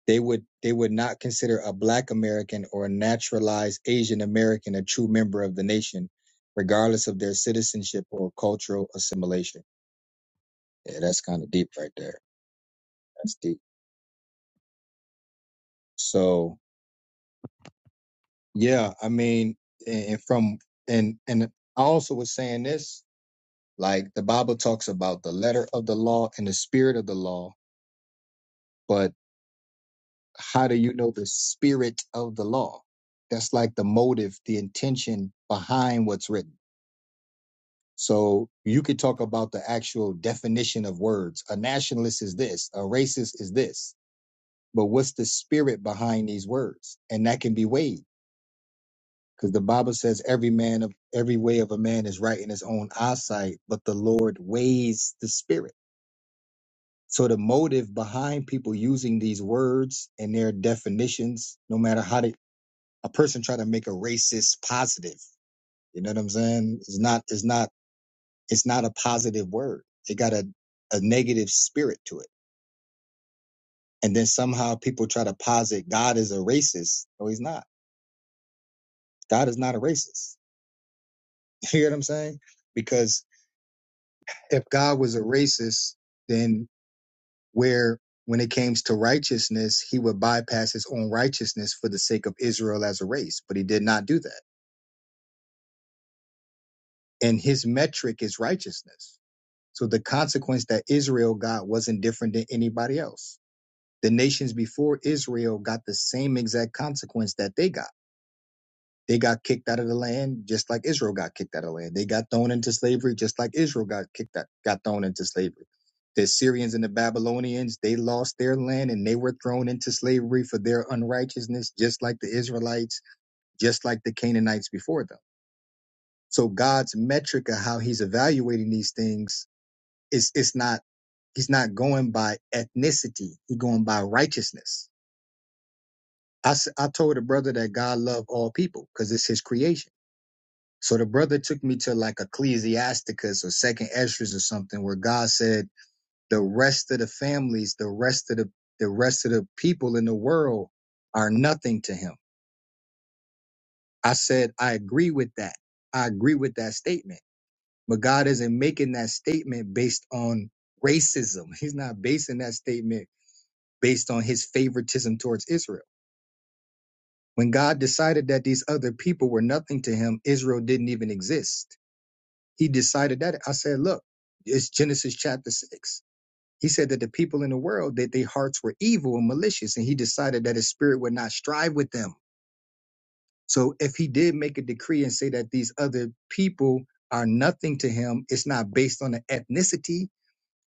Speaker 2: They would they would not consider a Black American or a naturalized Asian American a true member of the nation, regardless of their citizenship or cultural assimilation. Yeah, that's kind of deep right there. That's deep. So yeah, I mean, and from and and I also was saying this, like the Bible talks about the letter of the law and the spirit of the law, but how do you know the spirit of the law? That's like the motive, the intention behind what's written So you could talk about the actual definition of words. A nationalist is this, a racist is this. But what's the spirit behind these words? And that can be weighed. Because the Bible says every man of every way of a man is right in his own eyesight, but the Lord weighs the spirit. So the motive behind people using these words and their definitions, no matter how they a person try to make a racist positive. You know what I'm saying? It's not it's not it's not a positive word. It got a, a negative spirit to it. And then somehow people try to posit God is a racist. No, he's not. God is not a racist. You hear what I'm saying? Because if God was a racist, then where when it came to righteousness, he would bypass his own righteousness for the sake of Israel as a race. But he did not do that. And his metric is righteousness. So the consequence that Israel got wasn't different than anybody else The nations before Israel got the same exact consequence that they got. They got kicked out of the land just like Israel got kicked out of the land. They got thrown into slavery just like Israel got kicked out, got thrown into slavery. The Syrians and the Babylonians, they lost their land and they were thrown into slavery for their unrighteousness, just like the Israelites, just like the Canaanites before them. So God's metric of how he's evaluating these things is it's not he's not going by ethnicity, he's going by righteousness I, s- I told a brother that God loved all people because it's his creation. So the brother took me to like Ecclesiasticus or Second Esdras or something where God said the rest of the families, the rest of the the rest of the people in the world are nothing to him. I said I agree with that. I agree with that statement. But God isn't making that statement based on racism. He's not basing that statement based on his favoritism towards Israel. When God decided that these other people were nothing to him, Israel didn't even exist. He decided that. I said, look, it's Genesis chapter six. He said that the people in the world, that their hearts were evil and malicious, and he decided that his spirit would not strive with them. So if he did make a decree and say that these other people are nothing to him, it's not based on the ethnicity.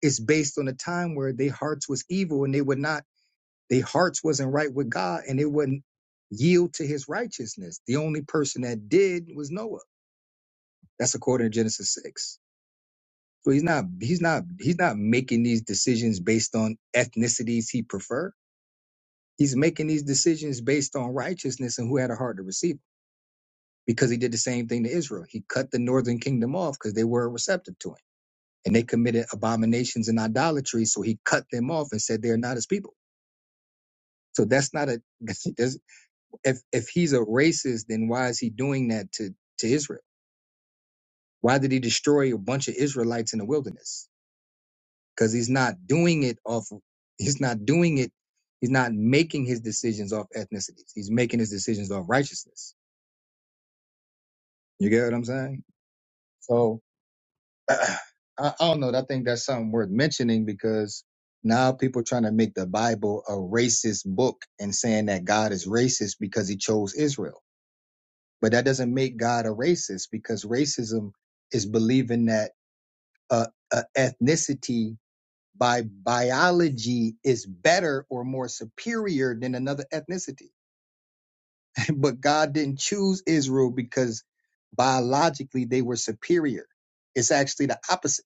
Speaker 2: It's based on a time where their hearts was evil and they would not their hearts wasn't right with God and they wouldn't yield to his righteousness. The only person that did was Noah. That's according to Genesis 6. So he's not he's not he's not making these decisions based on ethnicities he prefer. He's making these decisions based on righteousness and who had a heart to receive it. Because he did the same thing to Israel. He cut the northern kingdom off because they were receptive to him. And they committed abominations and idolatry. So he cut them off and said they're not his people. So that's not a that's if if he's a racist, then why is he doing that to to Israel? Why did he destroy a bunch of Israelites in the wilderness? Because he's not doing it off. He's not doing it. He's not making his decisions off ethnicities. He's making his decisions off righteousness. You get what I'm saying? So I, I don't know. I think that's something worth mentioning because now people trying to make the Bible a racist book and saying that God is racist because he chose Israel but that doesn't make God a racist because racism is believing that uh, uh, ethnicity by biology is better or more superior than another ethnicity. but God didn't choose Israel because biologically they were superior. It's actually the opposite.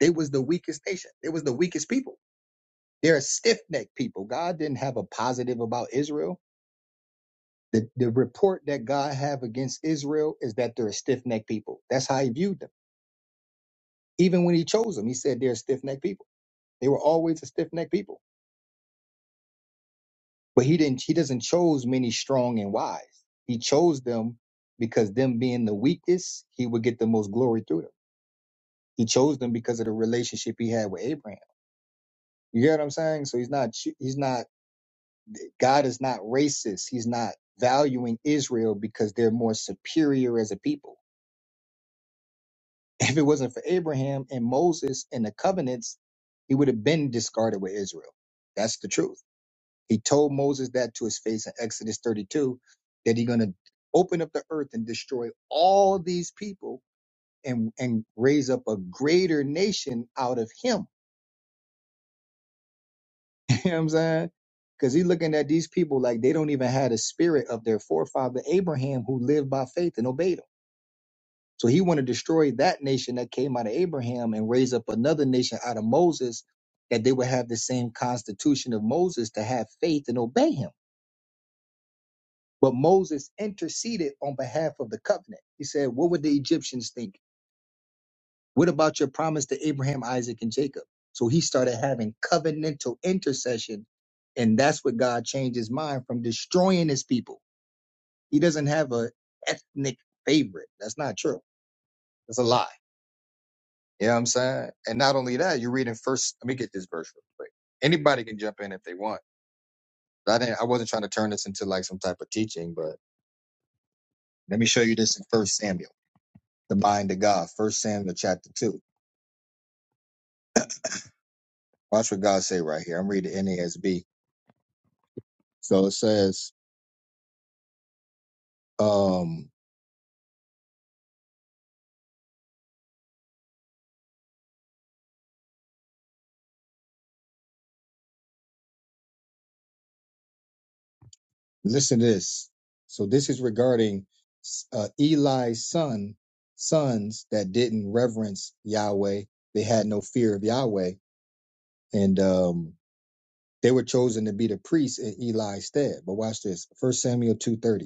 Speaker 2: They was the weakest nation. They was the weakest people. They're a stiff-necked people. God didn't have a positive about Israel. The, the report that God have against Israel is that they're a stiff-necked people. That's how he viewed them Even when he chose them, he said they're stiff necked people. They were always a stiff necked people. But he didn't he doesn't chose many strong and wise. He chose them because them being the weakest, he would get the most glory through them. He chose them because of the relationship he had with Abraham. You get what I'm saying? So he's not he's not God is not racist. He's not valuing Israel because they're more superior as a people. If it wasn't for Abraham and Moses and the covenants, he would have been discarded with Israel. That's the truth. He told Moses that to his face in Exodus 32, that he's going to open up the earth and destroy all these people and, and raise up a greater nation out of him. You know what I'm saying? Because he's looking at these people like they don't even have the spirit of their forefather Abraham who lived by faith and obeyed him. So he want to destroy that nation that came out of Abraham and raise up another nation out of Moses that they would have the same constitution of Moses to have faith and obey him. But Moses interceded on behalf of the covenant. He said, What would the Egyptians think? What about your promise to Abraham, Isaac, and Jacob? So he started having covenantal intercession. And that's what God changed his mind from destroying his people. He doesn't have a ethnic favorite. That's not true. That's a lie. You know what I'm saying? And not only that, you're reading first. Let me get this verse real quick. Anybody can jump in if they want. I didn't I wasn't trying to turn this into like some type of teaching, but let me show you this in first Samuel. the mind of God. First Samuel chapter two. Watch what God say right here. I'm reading NASB. So it says, um, listen to this. So this is regarding uh, Eli's son, sons that didn't reverence Yahweh. They had no fear of Yahweh, and um, they were chosen to be the priests in Eli's stead. But watch this. First Samuel two thirty.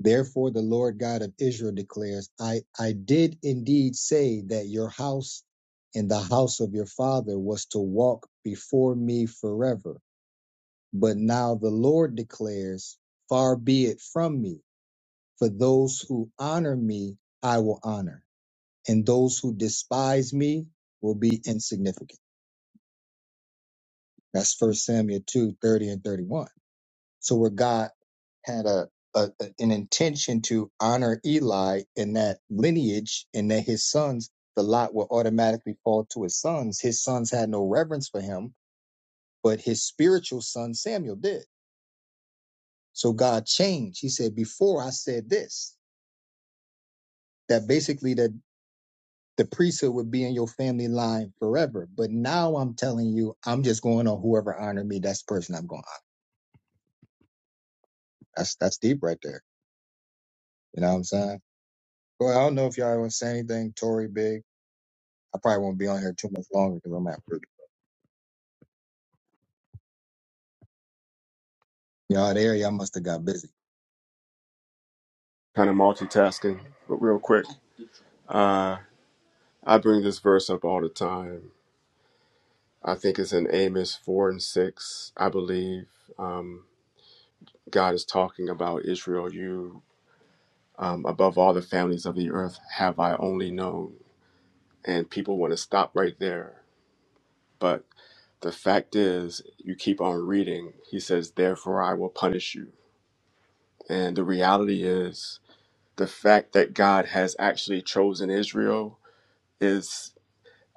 Speaker 2: Therefore, the Lord God of Israel declares, I, I did indeed say that your house and the house of your father was to walk before me forever. But now the Lord declares, Far be it from me, for those who honor me, I will honor, and those who despise me will be insignificant. That's First Samuel 2 30 and 31. So where God had a, a an intention to honor Eli in that lineage, and that his sons, the lot will automatically fall to his sons. His sons had no reverence for him, but his spiritual son Samuel did. So God changed. He said, "Before I said this, that basically that the priesthood would be in your family line forever. But now I'm telling you, I'm just going on whoever honored me. That's the person I'm going. To That's that's deep right there. You know what I'm saying? Well, I don't know if y'all want to say anything, Tory Big. I probably won't be on here too much longer because I'm at work. Y'all, there, y'all must have got busy.
Speaker 1: Kind of multitasking, but real quick, uh, I bring this verse up all the time. I think it's in Amos four and six. I believe um, God is talking about Israel. You, um, above all the families of the earth, have I only known and people want to stop right there. But the fact is, you keep on reading. He says, Therefore, I will punish you. And the reality is, the fact that God has actually chosen Israel is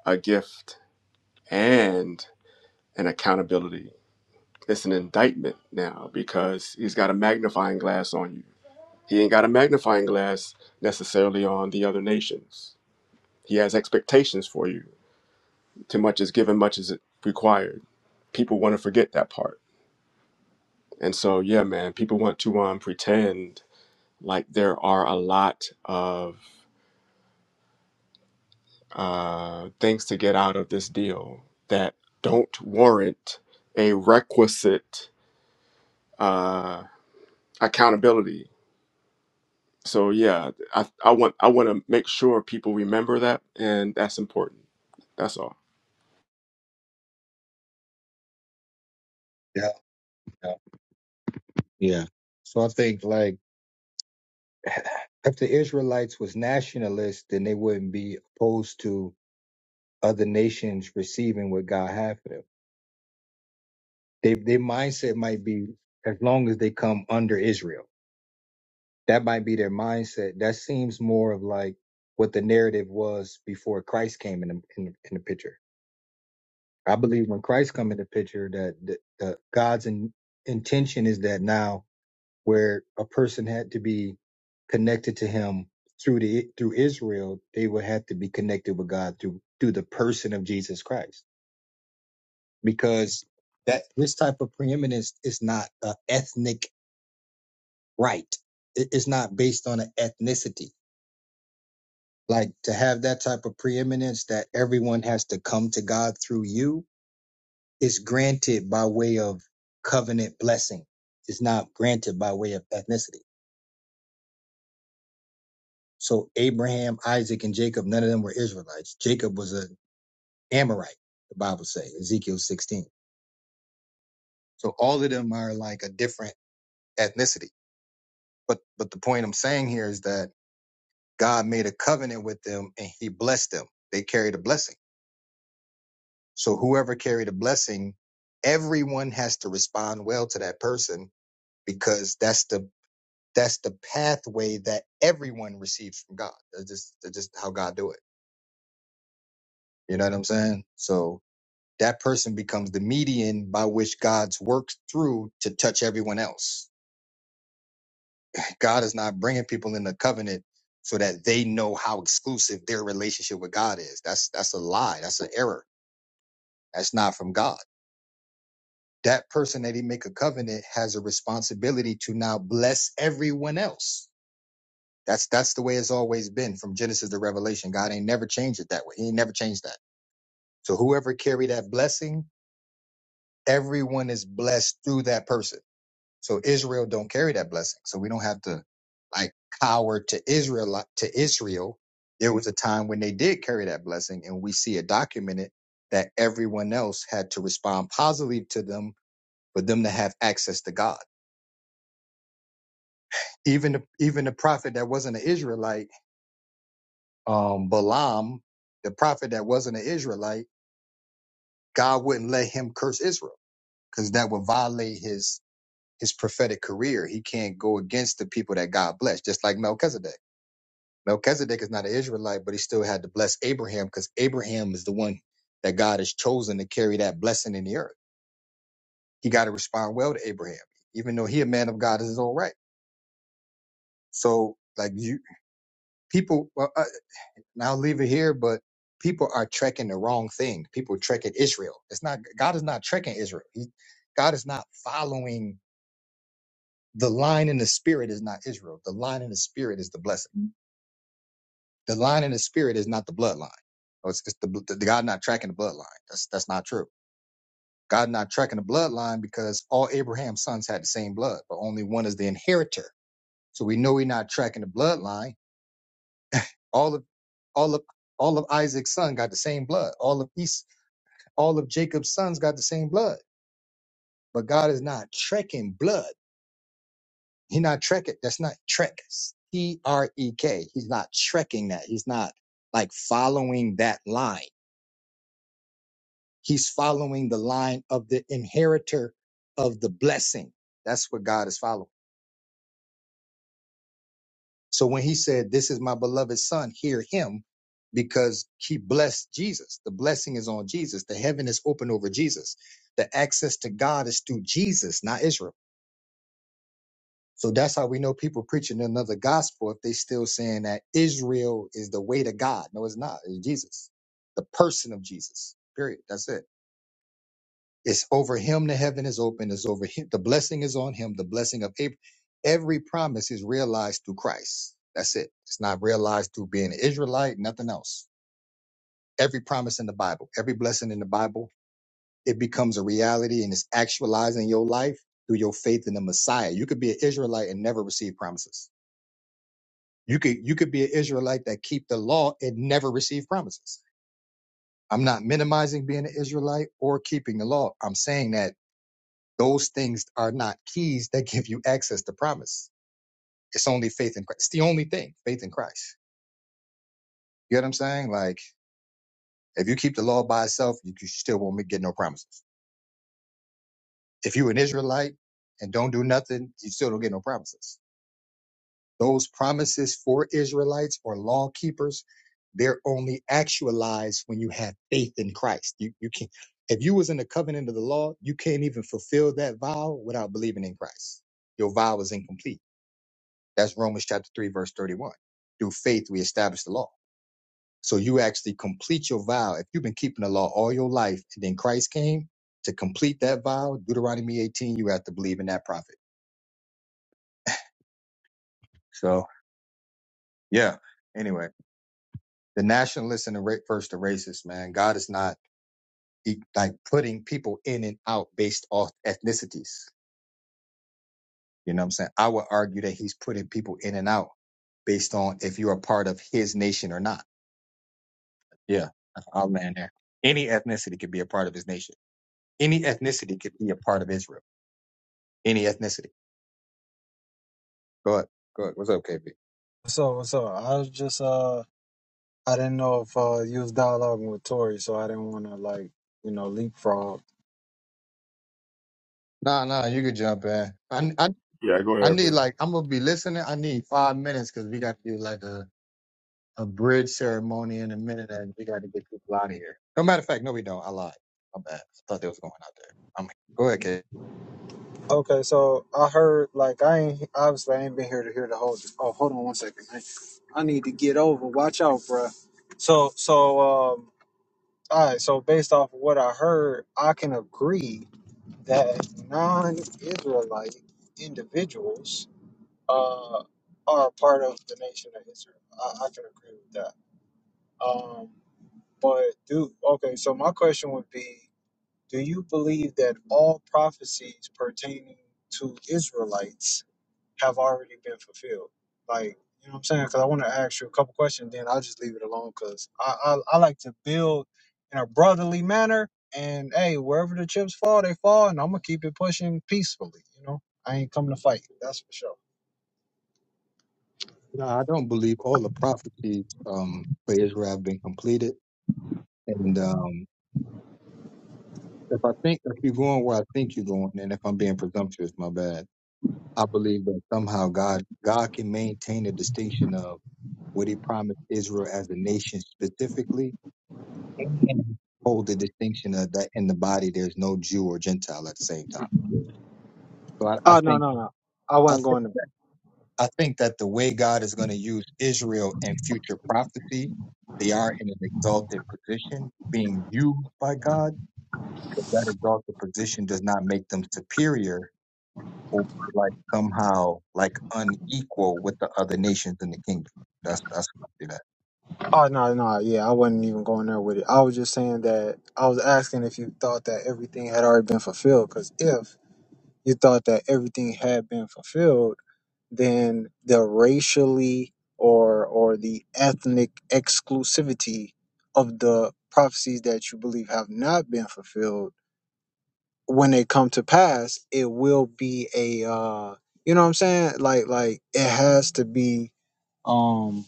Speaker 1: a gift and an accountability. It's an indictment now because he's got a magnifying glass on you. He ain't got a magnifying glass necessarily on the other nations. He has expectations for you to much is given, much is required. People want to forget that part. And so, yeah, man, people want to um, pretend like there are a lot of uh, things to get out of this deal that don't warrant a requisite uh, accountability. So, yeah, I, I want I want to make sure people remember that, and that's important. That's all.
Speaker 2: Yeah, yeah, yeah. So I think like if the Israelites was nationalists, then they wouldn't be opposed to other nations receiving what God had for them. They, their mindset might be as long as they come under Israel. That might be their mindset. That seems more of like what the narrative was before Christ came in the, in the, in the picture. I believe when Christ come in the picture that the, the God's in, intention is that now where a person had to be connected to him through the through Israel, they would have to be connected with God through through the person of Jesus Christ. Because that this type of preeminence is not an ethnic right. It- It's not based on an ethnicity. Like to have that type of preeminence that everyone has to come to God through you is granted by way of covenant blessing. It's not granted by way of ethnicity. So Abraham, Isaac, and Jacob, none of them were Israelites. Jacob was an Amorite, the Bible says, Ezekiel 16. So all of them are like a different ethnicity. But but the point I'm saying here is that God made a covenant with them and he blessed them. They carried a blessing. So whoever carried a blessing, everyone has to respond well to that person because that's the that's the pathway that everyone receives from God. That's just that's just how God do it. You know what I'm saying? So that person becomes the median by which God's works through to touch everyone else. God is not bringing people in the covenant so that they know how exclusive their relationship with God is. That's that's a lie. That's an error. That's not from God. That person that he make a covenant has a responsibility to now bless everyone else. That's that's the way it's always been from Genesis to Revelation. God ain't never changed it that way. He ain't never changed that. So whoever carry that blessing, everyone is blessed through that person So Israel don't carry that blessing. So we don't have to like cower to Israel like- to Israel. There was a time when they did carry that blessing, and we see it documented that everyone else had to respond positively to them for them to have access to God. Even the, even the prophet that wasn't an Israelite, um, Balaam, the prophet that wasn't an Israelite, God wouldn't let him curse Israel because that would violate his his prophetic career. He can't go against the people that God blessed, just like Melchizedek Melchizedek is not an Israelite, but he still had to bless Abraham because Abraham is the one that God has chosen to carry that blessing in the earth. He got to respond well to Abraham, even though he a man of God is his own right. So like you people, well, uh, and I'll leave it here, but people are trekking the wrong thing. People trekking Israel. It's not God is not trekking Israel. He, God is not following the line in the spirit is not Israel. The line in the spirit is the blessing. The line in the spirit is not the bloodline. So It's, it's the, the God not tracking the bloodline. That's that's not true. God not tracking the bloodline because all Abraham's sons had the same blood, but only one is the inheritor. So we know we're not tracking the bloodline. All of all of all of Isaac's son got the same blood. All of East, all of Jacob's sons got the same blood. But God is not trekking blood. He not trekking. That's not trek. T R E K. He's not trekking that. He's not like following that line. He's following the line of the inheritor of the blessing. That's what God is following. So when he said, This is my beloved son, hear him, because he blessed Jesus. The blessing is on Jesus. The heaven is open over Jesus. The access to God is through Jesus, not Israel. So that's how we know people preaching another gospel if they still saying that Israel is the way to God. No, it's not. It's Jesus, the person of Jesus. Period. That's it. It's over him the heaven is open. It's over him. The blessing is on him. The blessing of Abraham. Every promise is realized through Christ. That's it. It's not realized through being an Israelite, nothing else. Every promise in the Bible, every blessing in the Bible, it becomes a reality and it's actualized in your life through your faith in the Messiah. You could be an Israelite and never receive promises. You could you could be an Israelite that keep the law and never receive promises. I'm not minimizing being an Israelite or keeping the law. I'm saying that Those things are not keys that give you access to promise. It's only faith in Christ. It's the only thing, faith in Christ. You get what I'm saying? Like, if you keep the law by itself, you you still won't get no promises. If you an Israelite and don't do nothing, you still don't get no promises. Those promises for Israelites or law keepers, they're only actualized when you have faith in Christ. You you can not if you was in the covenant of the law, you can't even fulfill that vow without believing in Christ. Your vow is incomplete That's Romans chapter 3, verse 31. Through faith, we establish the law. So you actually complete your vow. If you've been keeping the law all your life and then Christ came to complete that vow, Deuteronomy 18, you have to believe in that prophet. So, yeah. Anyway, the nationalists and the ra- first the racists, man. God is not e- like putting people in and out based off ethnicities. You know what I'm saying? I would argue that he's putting people in and out based on if you're a part of his nation or not Yeah, I'll land there. Any ethnicity could be a part of his nation. Any ethnicity could be a part of Israel. Any ethnicity. Go ahead. Go ahead. What's up, KB?
Speaker 3: So, so I was just uh, I didn't know if uh, you was dialoguing with Tori, so I didn't want to like you know leapfrog.
Speaker 2: Nah, nah, you could jump in. I, I,
Speaker 1: Yeah, go
Speaker 2: I
Speaker 1: ahead,
Speaker 2: need
Speaker 1: bro.
Speaker 2: like I'm gonna be listening. I need five minutes because we got to do like a, a bridge ceremony in a minute, and we got to get people out of here. No matter of fact, no, we don't. I lied. My bad. I thought they was going out there. I'm go ahead, KB.
Speaker 3: Okay, so I heard like I ain't obviously I ain't been here to hear the whole. Oh, hold on one second, man. I need to get over. Watch out, bruh. So, so um, all right. So based off of what I heard, I can agree that non-Israelite individuals uh are a part of the nation of Israel. I, I can agree with that. Um, But do okay, so my question would be, do you believe that all prophecies pertaining to Israelites have already been fulfilled? Like, you know what I'm saying? Because I want to ask you a couple questions, then I'll just leave it alone because I, I I like to build in a brotherly manner, and hey, wherever the chips fall, they fall, and I'm gonna keep it pushing peacefully. You know, I ain't coming to fight. That's for sure.
Speaker 2: No, I don't believe all the prophecies um for Israel have been completed, and. um If I think if you're going where I think you're going, and if I'm being presumptuous, my bad. I believe that somehow God God can maintain the distinction of what He promised Israel as a nation specifically, and hold the distinction of that in the body. There's no Jew or Gentile at the same time. So I, I
Speaker 3: Oh no
Speaker 2: think
Speaker 3: no no, I
Speaker 2: I
Speaker 3: wasn't
Speaker 2: think
Speaker 3: going to.
Speaker 2: I think that the way God is going to use Israel in future prophecy, they are in an exalted position, being used by God. But that exalted position does not make them superior or we're, like somehow like unequal with the other nations in the kingdom. That's that's what I see that.
Speaker 3: Oh no, no, yeah, I wasn't even going there with it. I was just saying that I was asking if you thought that everything had already been fulfilled. Because if you thought that everything had been fulfilled, then the racially or or the ethnic exclusivity of the prophecies that you believe have not been fulfilled, when they come to pass, it will be a uh, you know what I'm saying? Like like it has to be um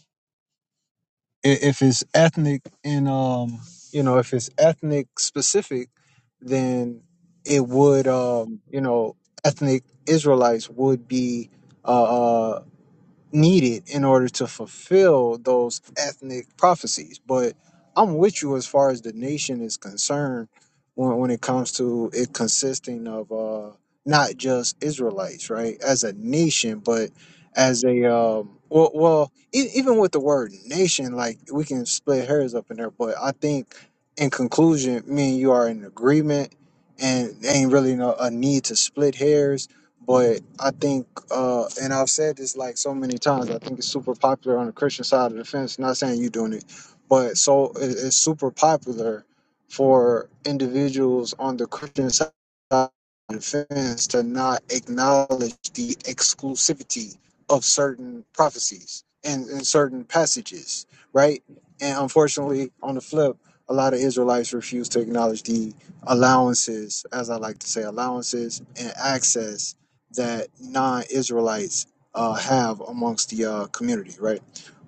Speaker 3: i- if it's ethnic and um you know if it's ethnic specific then it would um you know ethnic israelites would be uh, uh, needed in order to fulfill those ethnic prophecies. But I'm with you as far as the nation is concerned when, when it comes to it consisting of uh, not just Israelites, right, as a nation, but as a um, well, well, e- even with the word nation, like we can split hairs up in there. But I think, in conclusion, me and you are in agreement, and there ain't really no, a need to split hairs but I think, uh, and I've said this like so many times, I think it's super popular on the Christian side of the fence. Not saying you doing it, but so it- it's super popular for individuals on the Christian side of the fence to not acknowledge the exclusivity of certain prophecies and, and certain passages, right? And unfortunately, on the flip, a lot of Israelites refuse to acknowledge the allowances, as I like to say, allowances and access that non-Israelites uh, have amongst the uh, community, right?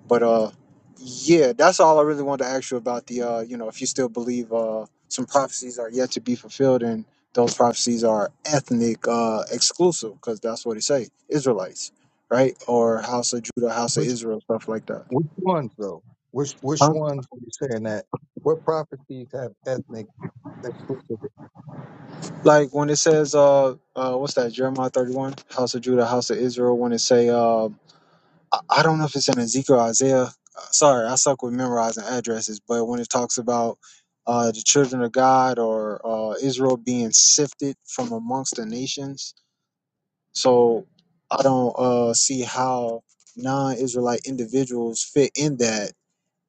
Speaker 3: But uh, yeah, that's all I really wanted to ask you about the uh, you know if you still believe uh, some prophecies are yet to be fulfilled and those prophecies are ethnic uh, exclusive because that's what it say Israelites, right? Or House of Judah, House of
Speaker 2: Which
Speaker 3: Israel, stuff like that.
Speaker 2: which ones though? Which which
Speaker 3: Huh?
Speaker 2: ones are you saying that? What prophecies have ethnic exclusivity?
Speaker 3: Like when it says uh, uh what's that Jeremiah thirty one House of Judah, House of Israel when it say uh I, I don't know if it's in Ezekiel or Isaiah. Uh, Sorry, I suck with memorizing addresses, but when it talks about uh, the children of God or uh, Israel being sifted from amongst the nations, so I don't uh, see how non-Israelite individuals fit in that.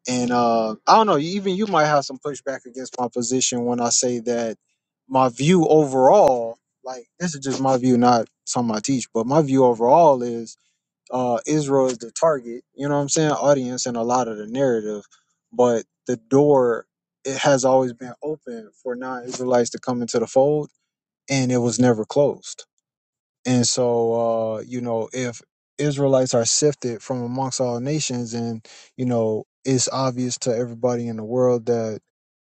Speaker 3: And uh, I don't know. Even you might have some pushback against my position when I say that my view overall, like this is just my view, not something I teach, but my view overall is uh Israel is the target, you know what I'm saying, audience and a lot of the narrative, but the door it has always been open for non-Israelites to come into the fold and it was never closed. And so uh you know, if Israelites are sifted from amongst all nations and you know, it's obvious to everybody in the world that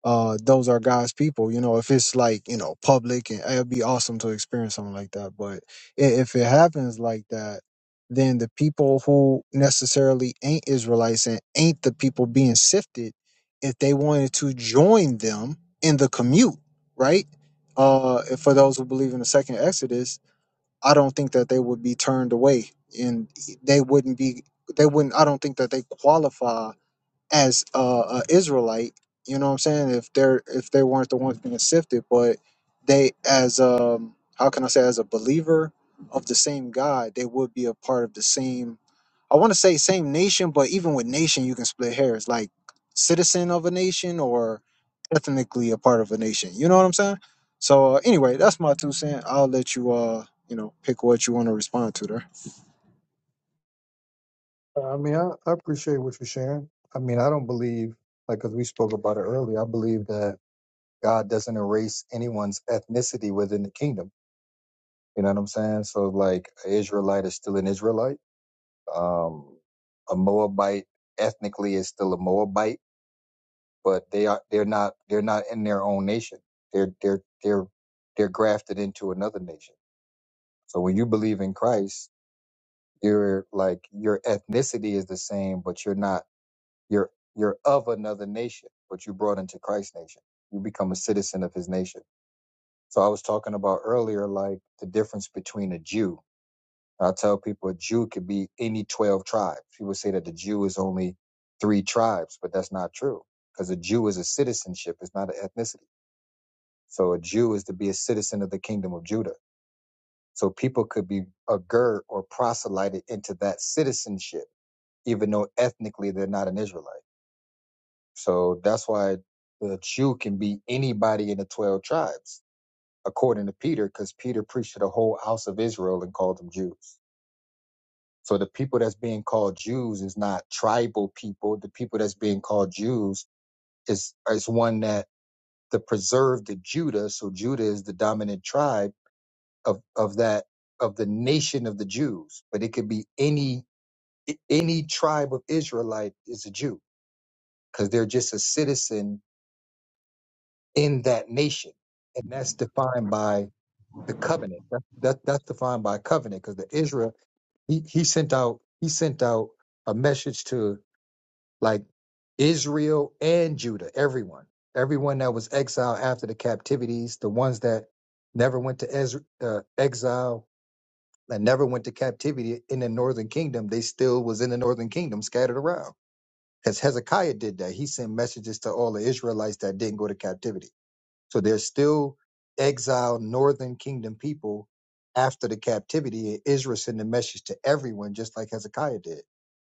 Speaker 3: uh those are God's people. You know, if it's like, you know, public and it'd be awesome to experience something like that. But i- if it happens like that, then the people who necessarily ain't Israelites and ain't the people being sifted, if they wanted to join them in the commute, right? Uh for those who believe in the second Exodus, I don't think that they would be turned away and they wouldn't be they wouldn't I don't think that they qualify as a, a Israelite. You know what I'm saying? If they're if they weren't the ones being sifted, but they as um how can I say as a believer of the same God, they would be a part of the same. I want to say same nation, but even with nation, you can split hairs. Like citizen of a nation or ethnically a part of a nation. You know what I'm saying? So uh, anyway, that's my two cent. I'll let you. uh you know, pick what you want to respond to there.
Speaker 2: I mean, I, I appreciate what you're sharing. I mean, I don't believe, like, because we spoke about it earlier, I believe that God doesn't erase anyone's ethnicity within the kingdom. You know what I'm saying? So, like, an Israelite is still an Israelite. Um, a Moabite ethnically is still a Moabite. but they are they're not they're not in their own nation. They're they're they're they're grafted into another nation. So when you believe in Christ, you're like your ethnicity is the same, but you're not you're you're of another nation, but you brought into Christ's nation. You become a citizen of his nation. So I was talking about earlier, like the difference between a Jew. I tell people a Jew could be any 12 tribes. People say that the Jew is only three tribes, but that's not true because a Jew is a citizenship, it's not an ethnicity So a Jew is to be a citizen of the kingdom of Judah. So people could be agur or proselyted into that citizenship, even though ethnically they're not an Israelite. So that's why the Jew can be anybody in the 12 tribes, according to Peter, because Peter preached to the whole house of Israel and called them Jews. So the people that's being called Jews is not tribal people. The people that's being called Jews is, is one that to preserve the Judah. So Judah is the dominant tribe of of that of the nation of the Jews, but it could be any any tribe of Israelite is a Jew because they're just a citizen in that nation, and that's defined by the covenant. That, that that's defined by covenant because the Israel he, he sent out he sent out a message to like Israel and Judah, everyone, everyone that was exiled after the captivities, the ones that never went to Ezra, uh, exile, that never went to captivity in the northern kingdom, they still was in the northern kingdom scattered around. Because Hezekiah did that. He sent messages to all the Israelites that didn't go to captivity. So there's still exiled northern kingdom people after the captivity. And Israel sent a message to everyone, just like Hezekiah did.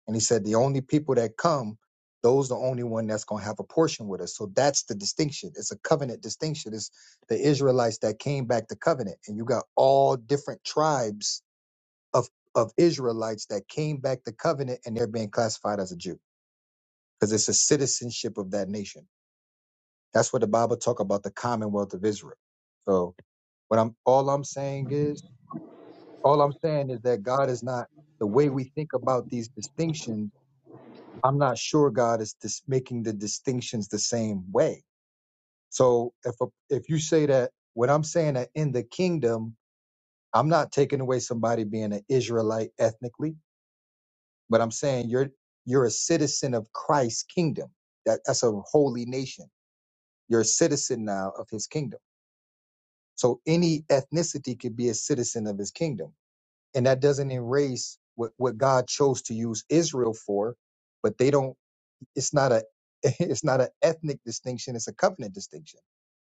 Speaker 2: And he said, the only people that come, those the only one that's going to have a portion with us. So that's the distinction. It's a covenant distinction. It's the Israelites that came back to covenant. And you got all different tribes of of Israelites that came back to covenant and they're being classified as a Jew because it's a citizenship of that nation. That's what the Bible talk about the Commonwealth of Israel. So what I'm all I'm saying is all I'm saying is that God is not the way we think about these distinctions. I'm not sure God is dis- making the distinctions the same way. So if a, if you say that what I'm saying that in the kingdom, I'm not taking away somebody being an Israelite ethnically. but I'm saying you're you're a citizen of Christ's kingdom. That that's a holy nation. You're a citizen now of his kingdom. So any ethnicity could be a citizen of his kingdom. And that doesn't erase what, what God chose to use Israel for, but they don't it's not a it's not an ethnic distinction, it's a covenant distinction.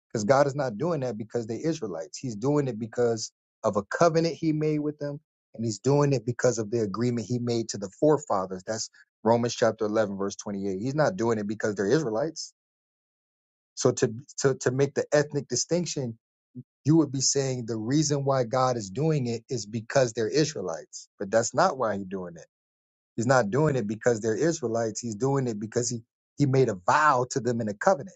Speaker 2: Because God is not doing that because they're Israelites. He's doing it because of a covenant he made with them, and he's doing it because of the agreement he made to the forefathers. That's Romans chapter 11, verse 28. He's not doing it because they're Israelites. So to, to, to make the ethnic distinction, you would be saying the reason why God is doing it is because they're Israelites. But that's not why he's doing it. He's not doing it because they're Israelites. He's doing it because he, he made a vow to them in a covenant.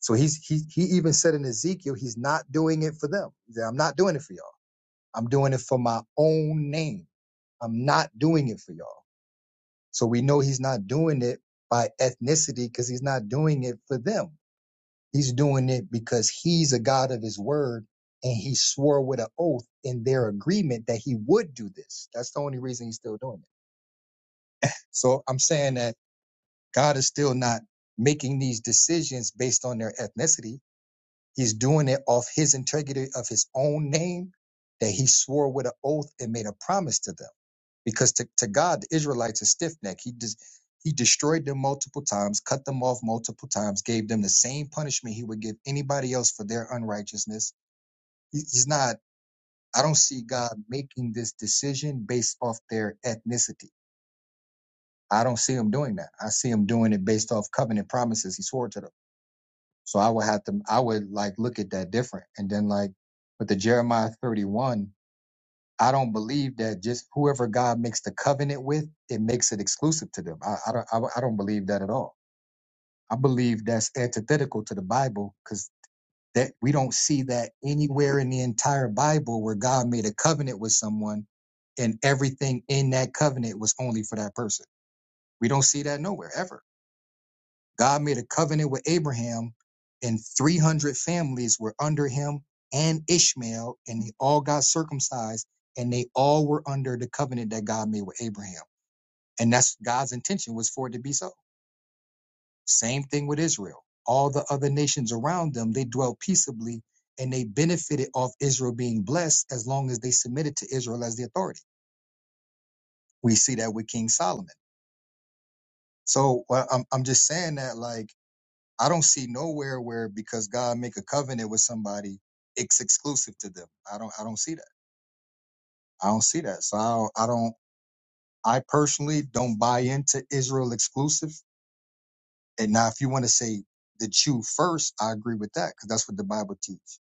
Speaker 2: So he's he he even said in Ezekiel, he's not doing it for them. He said, I'm not doing it for y'all. I'm doing it for my own name. I'm not doing it for y'all. So we know he's not doing it by ethnicity because he's not doing it for them. He's doing it because he's a God of his word and he swore with an oath in their agreement that he would do this. That's the only reason he's still doing it. So I'm saying that God is still not making these decisions based on their ethnicity He's doing it off his integrity of his own name that he swore with an oath and made a promise to them. Because to, to God, the Israelites are stiff necked. He des- he destroyed them multiple times, cut them off multiple times, gave them the same punishment he would give anybody else for their unrighteousness. He- he's not, I don't see God making this decision based off their ethnicity. I don't see him doing that. I see him doing it based off covenant promises he swore to them. So I would have to, I would like look at that different. And then like with the Jeremiah 31, I don't believe that just whoever God makes the covenant with, it makes it exclusive to them. I, I don't, I, I don't believe that at all. I believe that's antithetical to the Bible because that we don't see that anywhere in the entire Bible where God made a covenant with someone and everything in that covenant was only for that person. We don't see that nowhere ever. God made a covenant with Abraham, and 300 families were under him and Ishmael, and they all got circumcised, and they all were under the covenant that God made with Abraham. And that's God's intention was for it to be so. Same thing with Israel. All the other nations around them, they dwelt peaceably and they benefited off Israel being blessed as long as they submitted to Israel as the authority. We see that with King Solomon. So well, I'm, I'm just saying that, like, I don't see nowhere where because God make a covenant with somebody, it's exclusive to them. I don't I don't see that. I don't see that. So I don't, I don't I personally don't buy into Israel exclusive. And now if you want to say the Jew first, I agree with that because that's what the Bible teaches.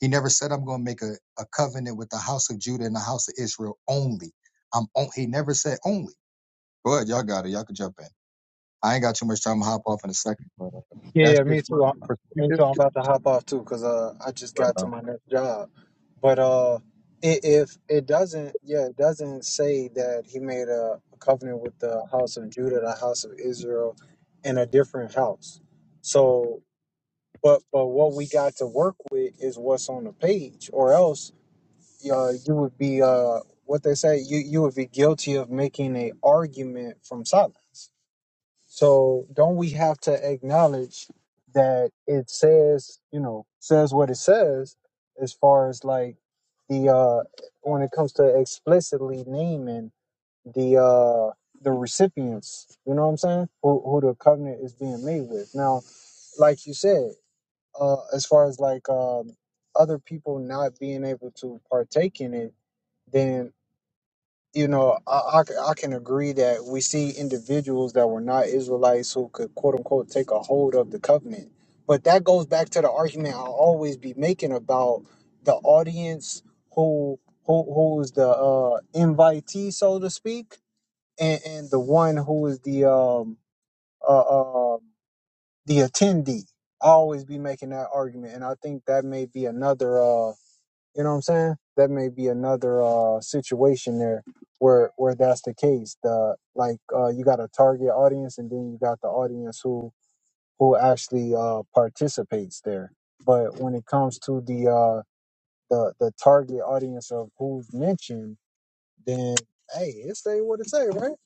Speaker 2: He never said I'm going to make a, a covenant with the house of Judah and the house of Israel only. I'm on, he never said only. But y'all got it. Y'all can jump in. I ain't got too much time to hop off in a second, but uh,
Speaker 3: Yeah,
Speaker 2: that's
Speaker 3: yeah, me
Speaker 2: just my
Speaker 3: too. i me too. I'm
Speaker 2: perspective.
Speaker 3: about to hop off too because uh, I just
Speaker 2: But,
Speaker 3: got to
Speaker 2: um,
Speaker 3: my next job. But uh, i- if it doesn't, yeah, it doesn't say that he made a, a covenant with the house of Judah, the house of Israel, and a different house. So, but but what we got to work with is what's on the page, or else uh, you would be uh, what they say you you would be guilty of making a argument from silence. So don't we have to acknowledge that it says, you know, says what it says as far as like the uh when it comes to explicitly naming the uh the recipients, you know what I'm saying? Who who the covenant is being made with. Now, like you said, uh as far as like um other people not being able to partake in it, then you know, I, I, c- I can agree that we see individuals that were not Israelites who could, quote unquote, take a hold of the covenant. But that goes back to the argument I'll always be making about the audience who who who is the uh, invitee, so to speak, and, and the one who is the um uh, uh the attendee. I always be making that argument, and I think that may be another. uh, you know what I'm saying? That may be another uh situation there where where that's the case. The like uh you got a target audience and then you got the audience who who actually uh participates there. But when it comes to the uh the the target audience of who's mentioned, then hey, it say what it say, right?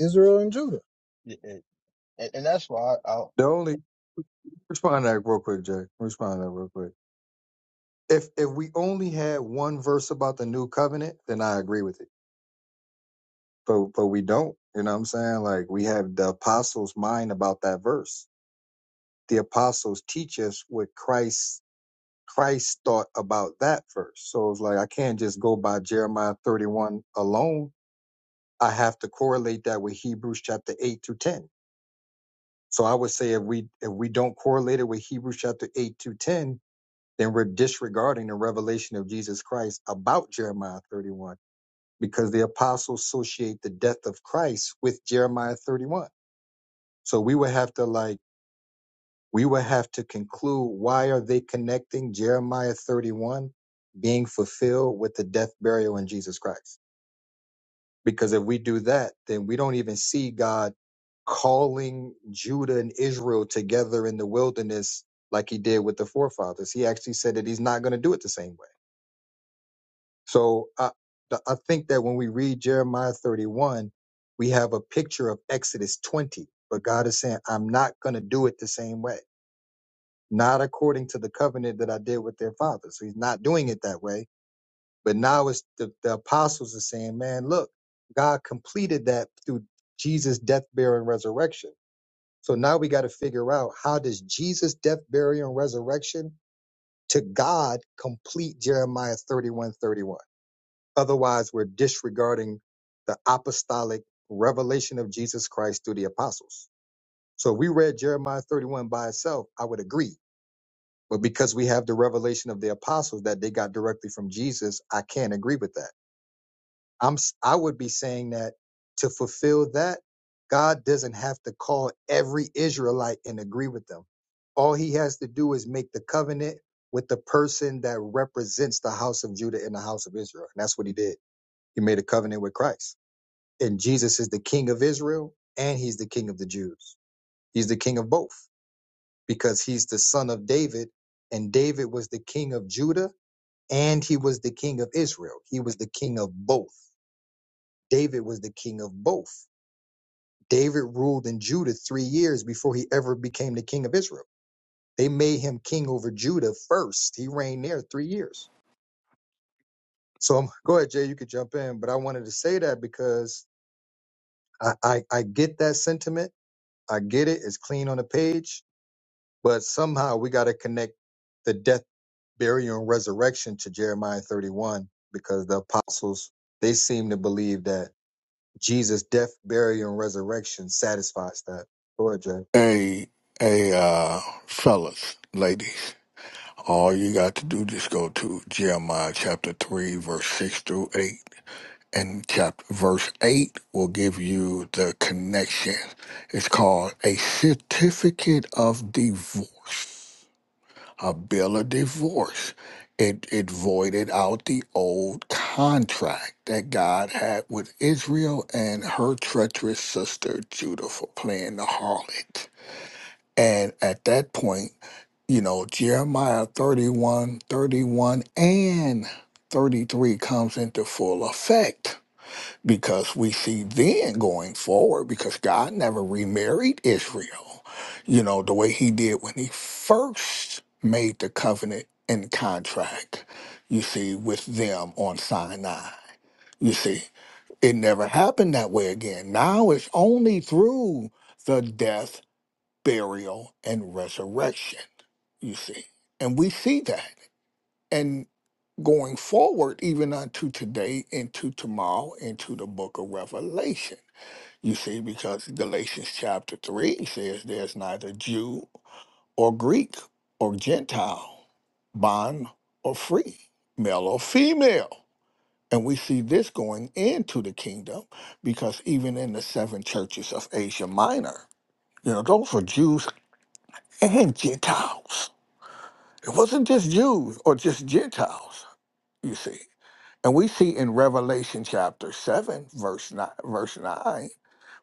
Speaker 3: Israel and Judah.
Speaker 4: Yeah, And, and and that's why I, I,
Speaker 2: the only Respond to that real quick, Jay. Respond to that real quick. If if we only had one verse about the new covenant, then I agree with it. But but we don't. You know what I'm saying? Like we have the apostles' mind about that verse. The apostles teach us what Christ Christ thought about that verse. So it's like I can't just go by Jeremiah 31 alone. I have to correlate that with Hebrews chapter 8 through 10. So I would say if we if we don't correlate it with Hebrews chapter 8 through 10, then we're disregarding the revelation of Jesus Christ about Jeremiah 31 because the apostles associate the death of Christ with Jeremiah 31. So we would have to like, we would have to conclude why are they connecting Jeremiah 31 being fulfilled with the death, burial, in Jesus Christ? Because if we do that, then we don't even see God calling Judah and Israel together in the wilderness like he did with the forefathers. He actually said that he's not going to do it the same way. So I, th- I think that when we read Jeremiah 31, we have a picture of Exodus 20, but God is saying, I'm not going to do it the same way, not according to the covenant that I did with their fathers. So he's not doing it that way. But now it's the, the apostles are saying, man, look, God completed that through Jesus' death, burial, and resurrection. So now we got to figure out how does Jesus' death, burial, and resurrection to God complete Jeremiah 31:31." Otherwise, we're disregarding the apostolic revelation of Jesus Christ through the apostles. So if we read Jeremiah 31 by itself, I would agree. But because we have the revelation of the apostles that they got directly from Jesus, I can't agree with that. I'm s- I would be saying that to fulfill that, God doesn't have to call every Israelite and agree with them. All he has to do is make the covenant with the person that represents the house of Judah and the house of Israel. And that's what he did. He made a covenant with Christ and Jesus is the king of Israel and he's the king of the Jews. He's the king of both because he's the son of David and David was the king of Judah and he was the king of Israel. He was the king of both. David was the king of both. David ruled in Judah 3 years before he ever became the king of Israel. They made him king over Judah first. He reigned there 3 years. So I'm, go ahead Jay, you could jump in, but I wanted to say that because I, I, I get that sentiment. I get it. It's clean on the page But somehow we got to connect the death, burial, and resurrection to Jeremiah 31 because the apostles, they seem to believe that Jesus' death, burial, and resurrection satisfies that. Go ahead, Jay.
Speaker 5: Hey, hey, uh, fellas, ladies, all you got to do just go to Jeremiah chapter 3, verse 6 through 8. And chapter, verse 8 will give you the connection. It's called a certificate of divorce, a bill of divorce. It, it voided out the old contract that God had with Israel and her treacherous sister Judah for playing the harlot. And at that point, you know, Jeremiah 31, 31 and 33 comes into full effect because we see then going forward, because God never remarried Israel, you know, the way he did when he first made the covenant and contract, you see, with them on Sinai. You see, it never happened that way again. Now it's only through the death burial, and resurrection, you see. And we see that. And going forward, even unto today, into tomorrow, into the book of Revelation, you see, because Galatians chapter 3 says there's neither Jew or Greek or Gentile, bond or free, male or female. And we see this going into the kingdom because even in the seven churches of Asia Minor, you know, those were Jews and Gentiles. It wasn't just Jews or just Gentiles, you see. And we see in Revelation chapter 7, verse 9, verse 9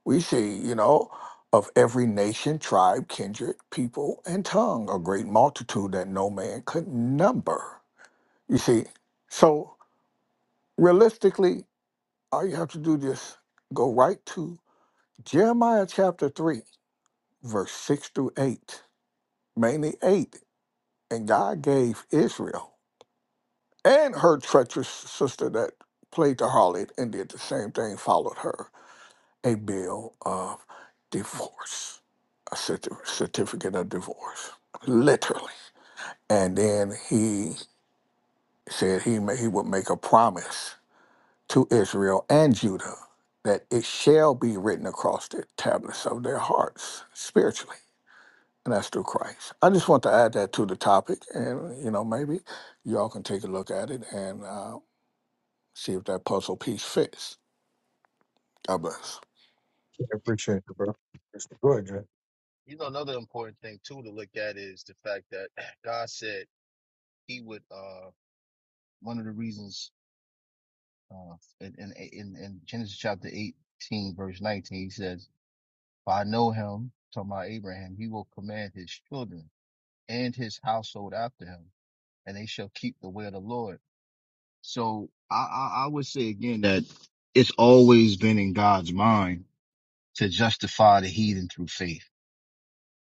Speaker 5: we see, you know, of every nation, tribe, kindred, people, and tongue, a great multitude that no man could number. You see, so realistically, all you have to do is go right to Jeremiah chapter 3, verse 6 through 8, mainly 8. And God gave Israel and her treacherous sister that played the harlot and did the same thing followed her a bill of divorce, a certi- certificate of divorce, literally. And then he said he ma- he would make a promise to Israel and Judah that it shall be written across the tablets of their hearts spiritually. And that's through Christ. I just want to add that to the topic, and you know maybe y'all can take a look at it. And uh, see if that puzzle piece fits. God bless.
Speaker 2: I appreciate it, bro. Go ahead, Jay.
Speaker 4: you know, another important thing too to look at is the fact that God said He would. uh One of the reasons uh in in in, in Genesis chapter eighteen, verse nineteen, He says, "For I know Him, talking about Abraham, He will command His children and His household after Him, and they shall keep the way of the Lord." So I I, I would say again that it's always been in God's mind to justify the heathen through faith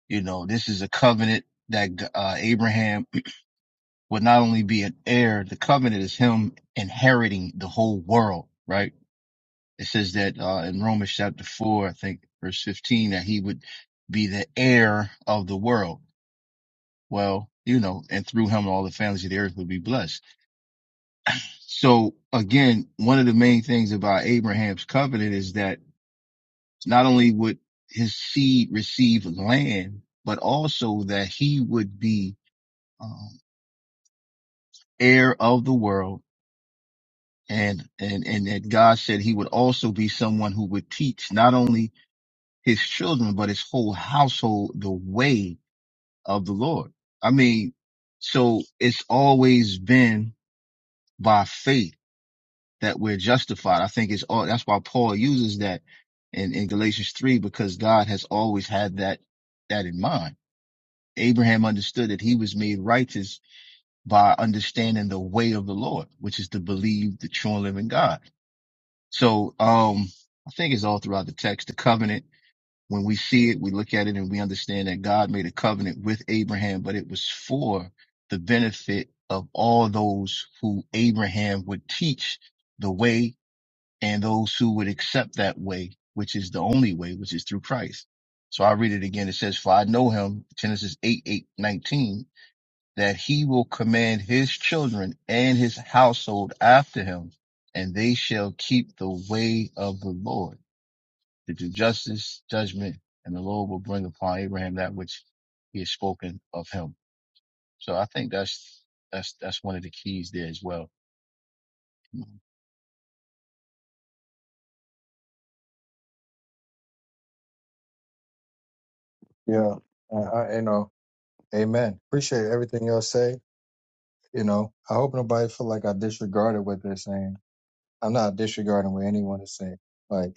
Speaker 4: You know, this is a covenant that uh, Abraham would not only be an heir, the covenant is him inheriting the whole world, right? It says that uh, in Romans chapter 4, I think verse 15, that he would be the heir of the world. Well, you know, and through him, all the families of the earth would be blessed. So again, one of the main things about Abraham's covenant is that not only would his seed receive land, but also that he would be um, heir of the world and, and, and that God said he would also be someone who would teach not only his children, but his whole household the way of the Lord. I mean, so it's always been by faith that we're justified. I think it's all, that's why Paul uses that in, in Galatians three, because God has always had that, that in mind. Abraham understood that he was made righteous by understanding the way of the Lord, which is to believe the true and living God. So um, I think it's all throughout the text. The covenant, when we see it, we look at it and we understand that God made a covenant with Abraham, but it was for the benefit of all those who Abraham would teach the way and those who would accept that way, which is the only way, which is through Christ. So I read it again. It says, for I know him, Genesis 8, 8 19 that he will command his children and his household after him, and they shall keep the way of the Lord to do justice, judgment, and the Lord will bring upon Abraham that which he has spoken of him. So I think that's that's that's one of the keys there as well.
Speaker 2: Yeah. I, I, you know, amen. Appreciate everything y'all say. You know, I hope nobody feel like I disregarded what they're saying. I'm not disregarding what anyone is saying. Like,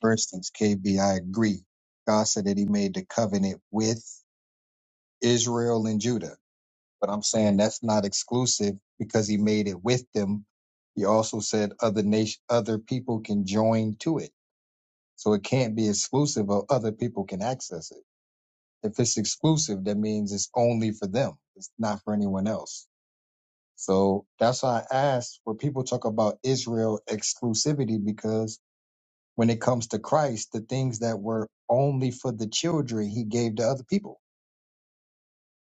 Speaker 2: for instance, KB, I agree. God said that he made the covenant with Israel and Judah. But I'm saying that's not exclusive because he made it with them. He also said other nation, other people can join to it. So it can't be exclusive or other people can access it. If it's exclusive, that means it's only for them. It's not for anyone else. So that's why I asked where people talk about Israel exclusivity because when it comes to Christ, the things that were only for the children, he gave to other people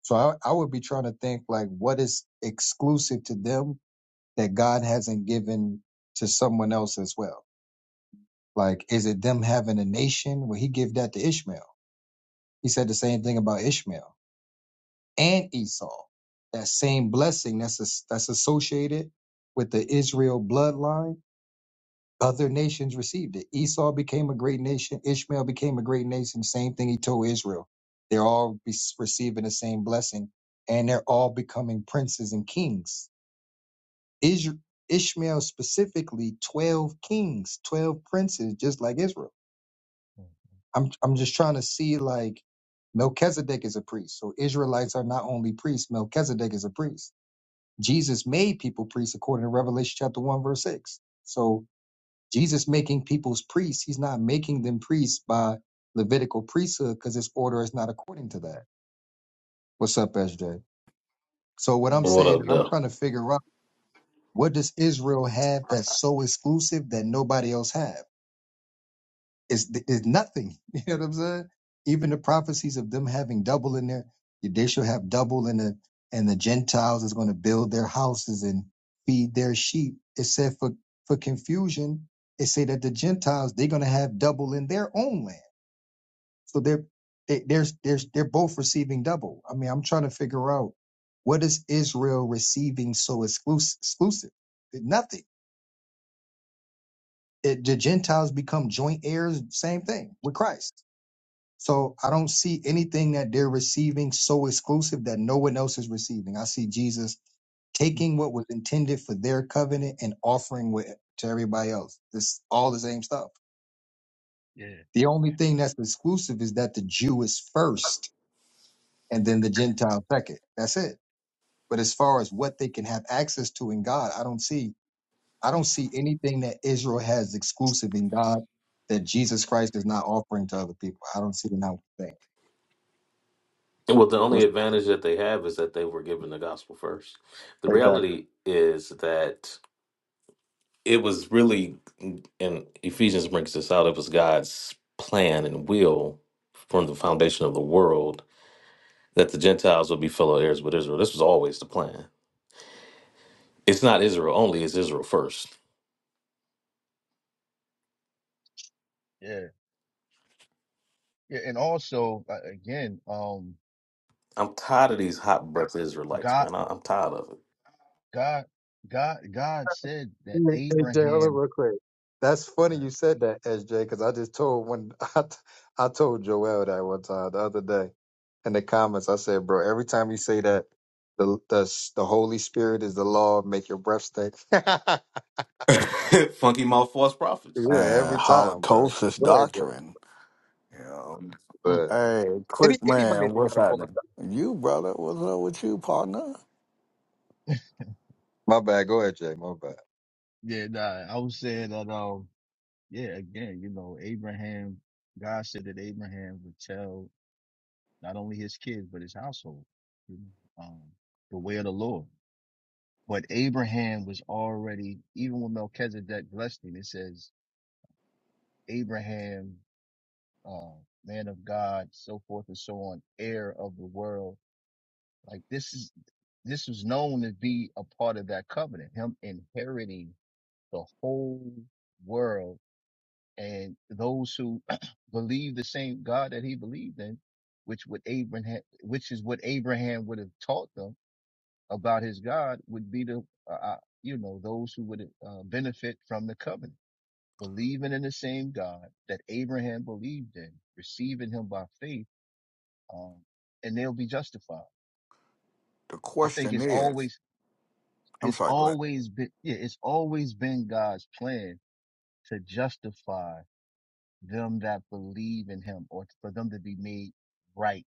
Speaker 2: So I, I would be trying to think like what is exclusive to them that God hasn't given to someone else as well. Like, is it them having a nation? Well, he gave that to Ishmael. He said the same thing about Ishmael and Esau. That same blessing that's as- that's associated with the Israel bloodline. Other nations received it. Esau became a great nation. Ishmael became a great nation. Same thing he told Israel. They're all be- receiving the same blessing, and they're all becoming princes and kings Is- Ishmael specifically 12 kings, 12 princes, just like Israel. I'm, I'm just trying to see like Melchizedek is a priest. So Israelites are not only priests, Melchizedek is a priest. Jesus made people priests according to Revelation chapter 1, verse 6. So Jesus making people's priests, he's not making them priests by Levitical priesthood because his order is not according to that. What's up, SJ? So what I'm
Speaker 4: Yeah,
Speaker 6: What
Speaker 2: saying
Speaker 6: up,
Speaker 2: is I'm
Speaker 6: though?
Speaker 2: trying to figure out what does Israel have that's so exclusive that nobody else have? It's there's nothing. You know what I'm saying? Even the prophecies of them having double in there, they shall have double in the and the Gentiles is going to build their houses and feed their sheep. It said for for confusion, it say that the Gentiles they're going to have double in their own land. So they're they, they're they're they're both receiving double. I mean, I'm trying to figure out what is Israel receiving so exclusive? exclusive? Nothing. It, the Gentiles become joint heirs. Same thing with Christ. So I don't see anything that they're receiving so exclusive that no one else is receiving. I see Jesus taking what was intended for their covenant and offering with to everybody else. This all the same stuff.
Speaker 4: yeah,
Speaker 2: The only thing that's exclusive is that the Jew is first and then the Gentile second. That's it. But as far as what they can have access to in God, I don't see I don't see anything that Israel has exclusive in God that Jesus Christ is not offering to other people. I don't see it in that thing.
Speaker 6: Well, the only advantage that they have is that they were given the gospel first. The
Speaker 2: Exactly.
Speaker 6: reality is that it was really, and Ephesians brings this out, it was God's plan and will from the foundation of the world that the Gentiles would be fellow heirs with Israel. This was always the plan. It's not Israel only, it's Israel first.
Speaker 4: yeah, yeah. And also, uh, again, um,
Speaker 6: I'm tired of these hot breath Israelites,
Speaker 4: God,
Speaker 6: man. I, I'm tired of it.
Speaker 4: God, God, God said
Speaker 2: Hey,
Speaker 4: that
Speaker 2: hey, Jay, hold up
Speaker 4: Abraham.
Speaker 2: real quick. That's
Speaker 4: uh,
Speaker 2: funny you said that, SJ, because I just told when I, t- I told Joel that one time the other day in the comments. I said, bro, every time you say that, the the, the Holy Spirit is the law, make your breath stink. yeah,
Speaker 6: Funky mouth false prophets.
Speaker 5: And
Speaker 2: every time, bro.
Speaker 5: Holocaust
Speaker 2: Go ahead, Jay.
Speaker 5: doctrine. You know,
Speaker 4: mm,
Speaker 2: But
Speaker 5: hey,
Speaker 2: any
Speaker 5: quick
Speaker 2: anybody
Speaker 5: man,
Speaker 2: that
Speaker 5: what's
Speaker 2: got a false
Speaker 5: happening? You brother, what's up with you, partner?
Speaker 2: My bad. Go ahead, Jay. My bad.
Speaker 4: Yeah, nah, I was saying that. Um, yeah, again, you know, Abraham, God said that Abraham would tell not only his kids, but his household, you know, um, the way of the Lord. But Abraham was already, even when Melchizedek blessed him, it says, Abraham, uh, man of God, so forth and so on, heir of the world. Like this is, this was known to be a part of that covenant, him inheriting the whole world and those who believe the same God that he believed in, which would Abraham, which is what Abraham would have taught them about his God, would be the, uh, uh, you know, those who would uh, benefit from the covenant, believing in the same God that Abraham believed in, receiving Him by faith, um, and they'll be justified.
Speaker 5: The
Speaker 4: I think
Speaker 5: question
Speaker 4: it's
Speaker 5: is,
Speaker 4: always,
Speaker 5: I'm
Speaker 4: it's
Speaker 5: sorry, go ahead.
Speaker 4: always been, yeah, it's always been God's plan to justify them that believe in him or for them to be made right.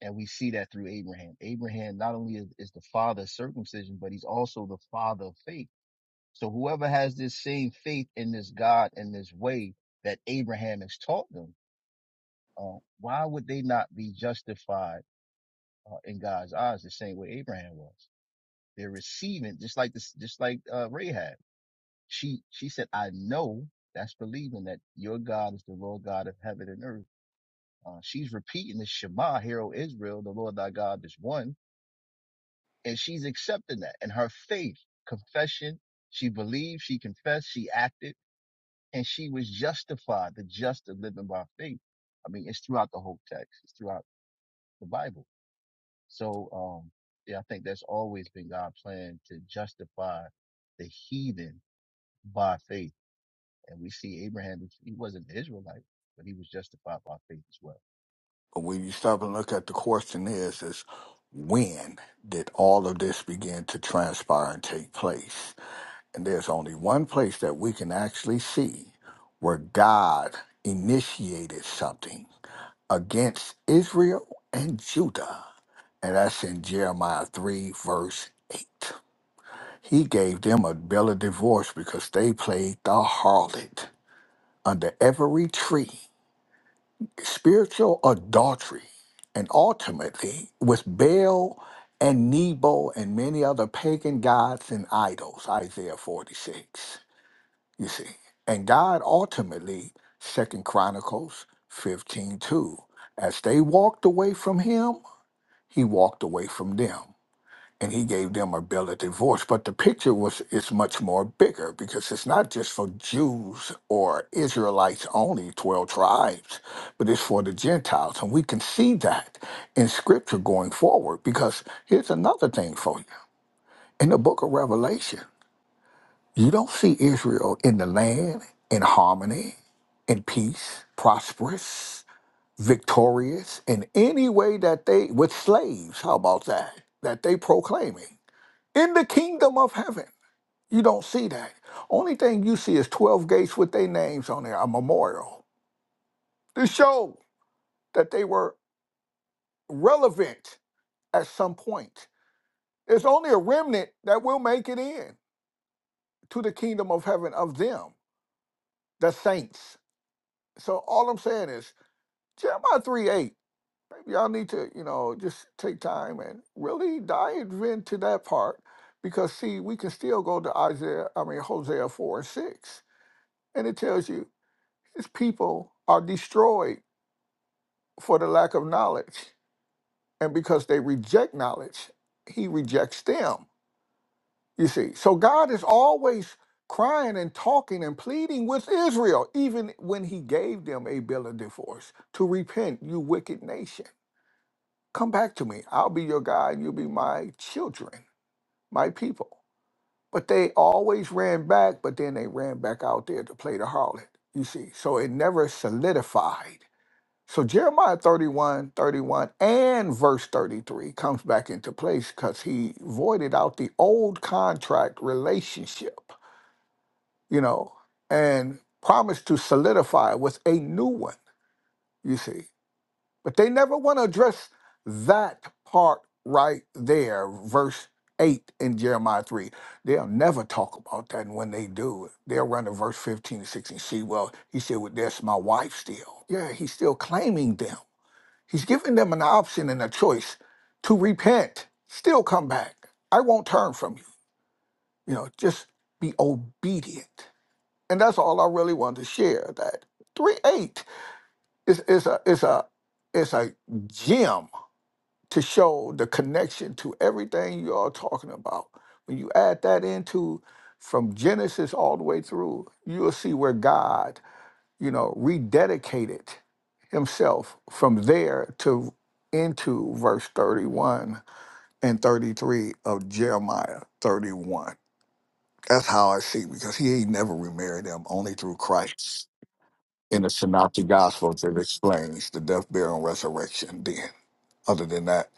Speaker 4: And we see that through Abraham. Abraham not only is, is the father of circumcision, but he's also the father of faith. So whoever has this same faith in this God and this way that Abraham has taught them, uh, why would they not be justified uh, in God's eyes the same way Abraham was? They're receiving just like this, just like uh, Rahab. She she said, "I know that's believing that your God is the Lord God of heaven and earth." Uh, she's repeating the Shema, "Hear, O Israel, the Lord thy God is one. And she's accepting that. And her faith, confession, she believed, she confessed, she acted, and she was justified, the just of living by faith. I mean, it's throughout the whole text. It's throughout the Bible. So, um, yeah, I think that's always been God's plan to justify the heathen by faith. And we see Abraham, he wasn't an Israelite, but he was justified by faith as well.
Speaker 5: But when you stop and look at the question is, is when did all of this begin to transpire and take place? And there's only one place that we can actually see where God initiated something against Israel and Judah And that's in Jeremiah 3, verse 8. He gave them a bill of divorce because they played the harlot under every tree, spiritual adultery, and ultimately with Baal and Nebo and many other pagan gods and idols, Isaiah 46. You see. And God ultimately, Second Chronicles 15 2, as they walked away from him, he walked away from them. and he gave them a bill of divorce. But the picture was is much more bigger because it's not just for Jews or Israelites only, twelve tribes, but it's for the Gentiles, and we can see that in Scripture going forward. Because here's another thing for you: in the Book of Revelation, you don't see Israel in the land in harmony, in peace, prosperous, victorious in any way that they with slaves. How about that? That they proclaiming. In the kingdom of heaven, you don't see that. Only thing you see is 12 gates with their names on there, a memorial to show that they were relevant at some point. It's only a remnant that will make it in to the kingdom of heaven of them, the saints. So all I'm saying is Jeremiah 3 8. Maybe Y'all need to, you know, just take time and really dive into that part because, see, we can still go to Isaiah, I mean, Hosea 4 and 6 and it tells you His people are destroyed for the lack of knowledge. And because they reject knowledge, he rejects them. You see, so God is always crying and talking and pleading with Israel, even when he gave them a bill of divorce to repent, you wicked nation. Come back to me. I'll be your God and you'll be my children, my people. But they always ran back, but then they ran back out there to play the harlot, you see. So it never solidified So Jeremiah 31, 31, and verse 33 comes back into place because he voided out the old contract relationship, you know, and promised to solidify with a new one, you see. But they never want to address that part right there, verse 8 in Jeremiah 3. They'll never talk about that. And when they do, they'll run to verse 15 and 16. See, well, he said, well, that's my wife still. Yeah, he's still claiming them He's giving them an option and a choice to repent, still come back. I won't turn from you. You know, just be obedient. And that's all I really wanted to share. That three eight is is a is a is a gem to show the connection to everything you are talking about. When you add that into from Genesis all the way through, you'll see where God you know, rededicated himself from there to into verse 31 and 33 of Jeremiah 31. That's how I see, because he ain't never remarried them, only through Christ. In the Synoptic Gospels, it explains the death, burial, and resurrection then. Other than that,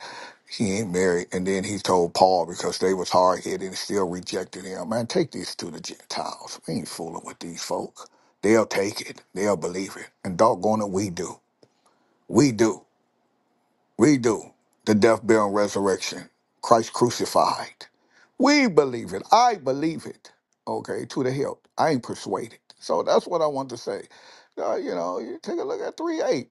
Speaker 5: he ain't married. And then he told Paul because they was hard headed and still rejected him. Man, take these to the Gentiles. We ain't fooling with these folk. They'll take it. They'll believe it. And doggone it, we do. We do. We do. The death, burial, and resurrection. Christ crucified. We believe it. I believe it. Okay, to the hilt. I ain't persuaded. So that's what I want to say. Uh, you know, you take a look at 3 8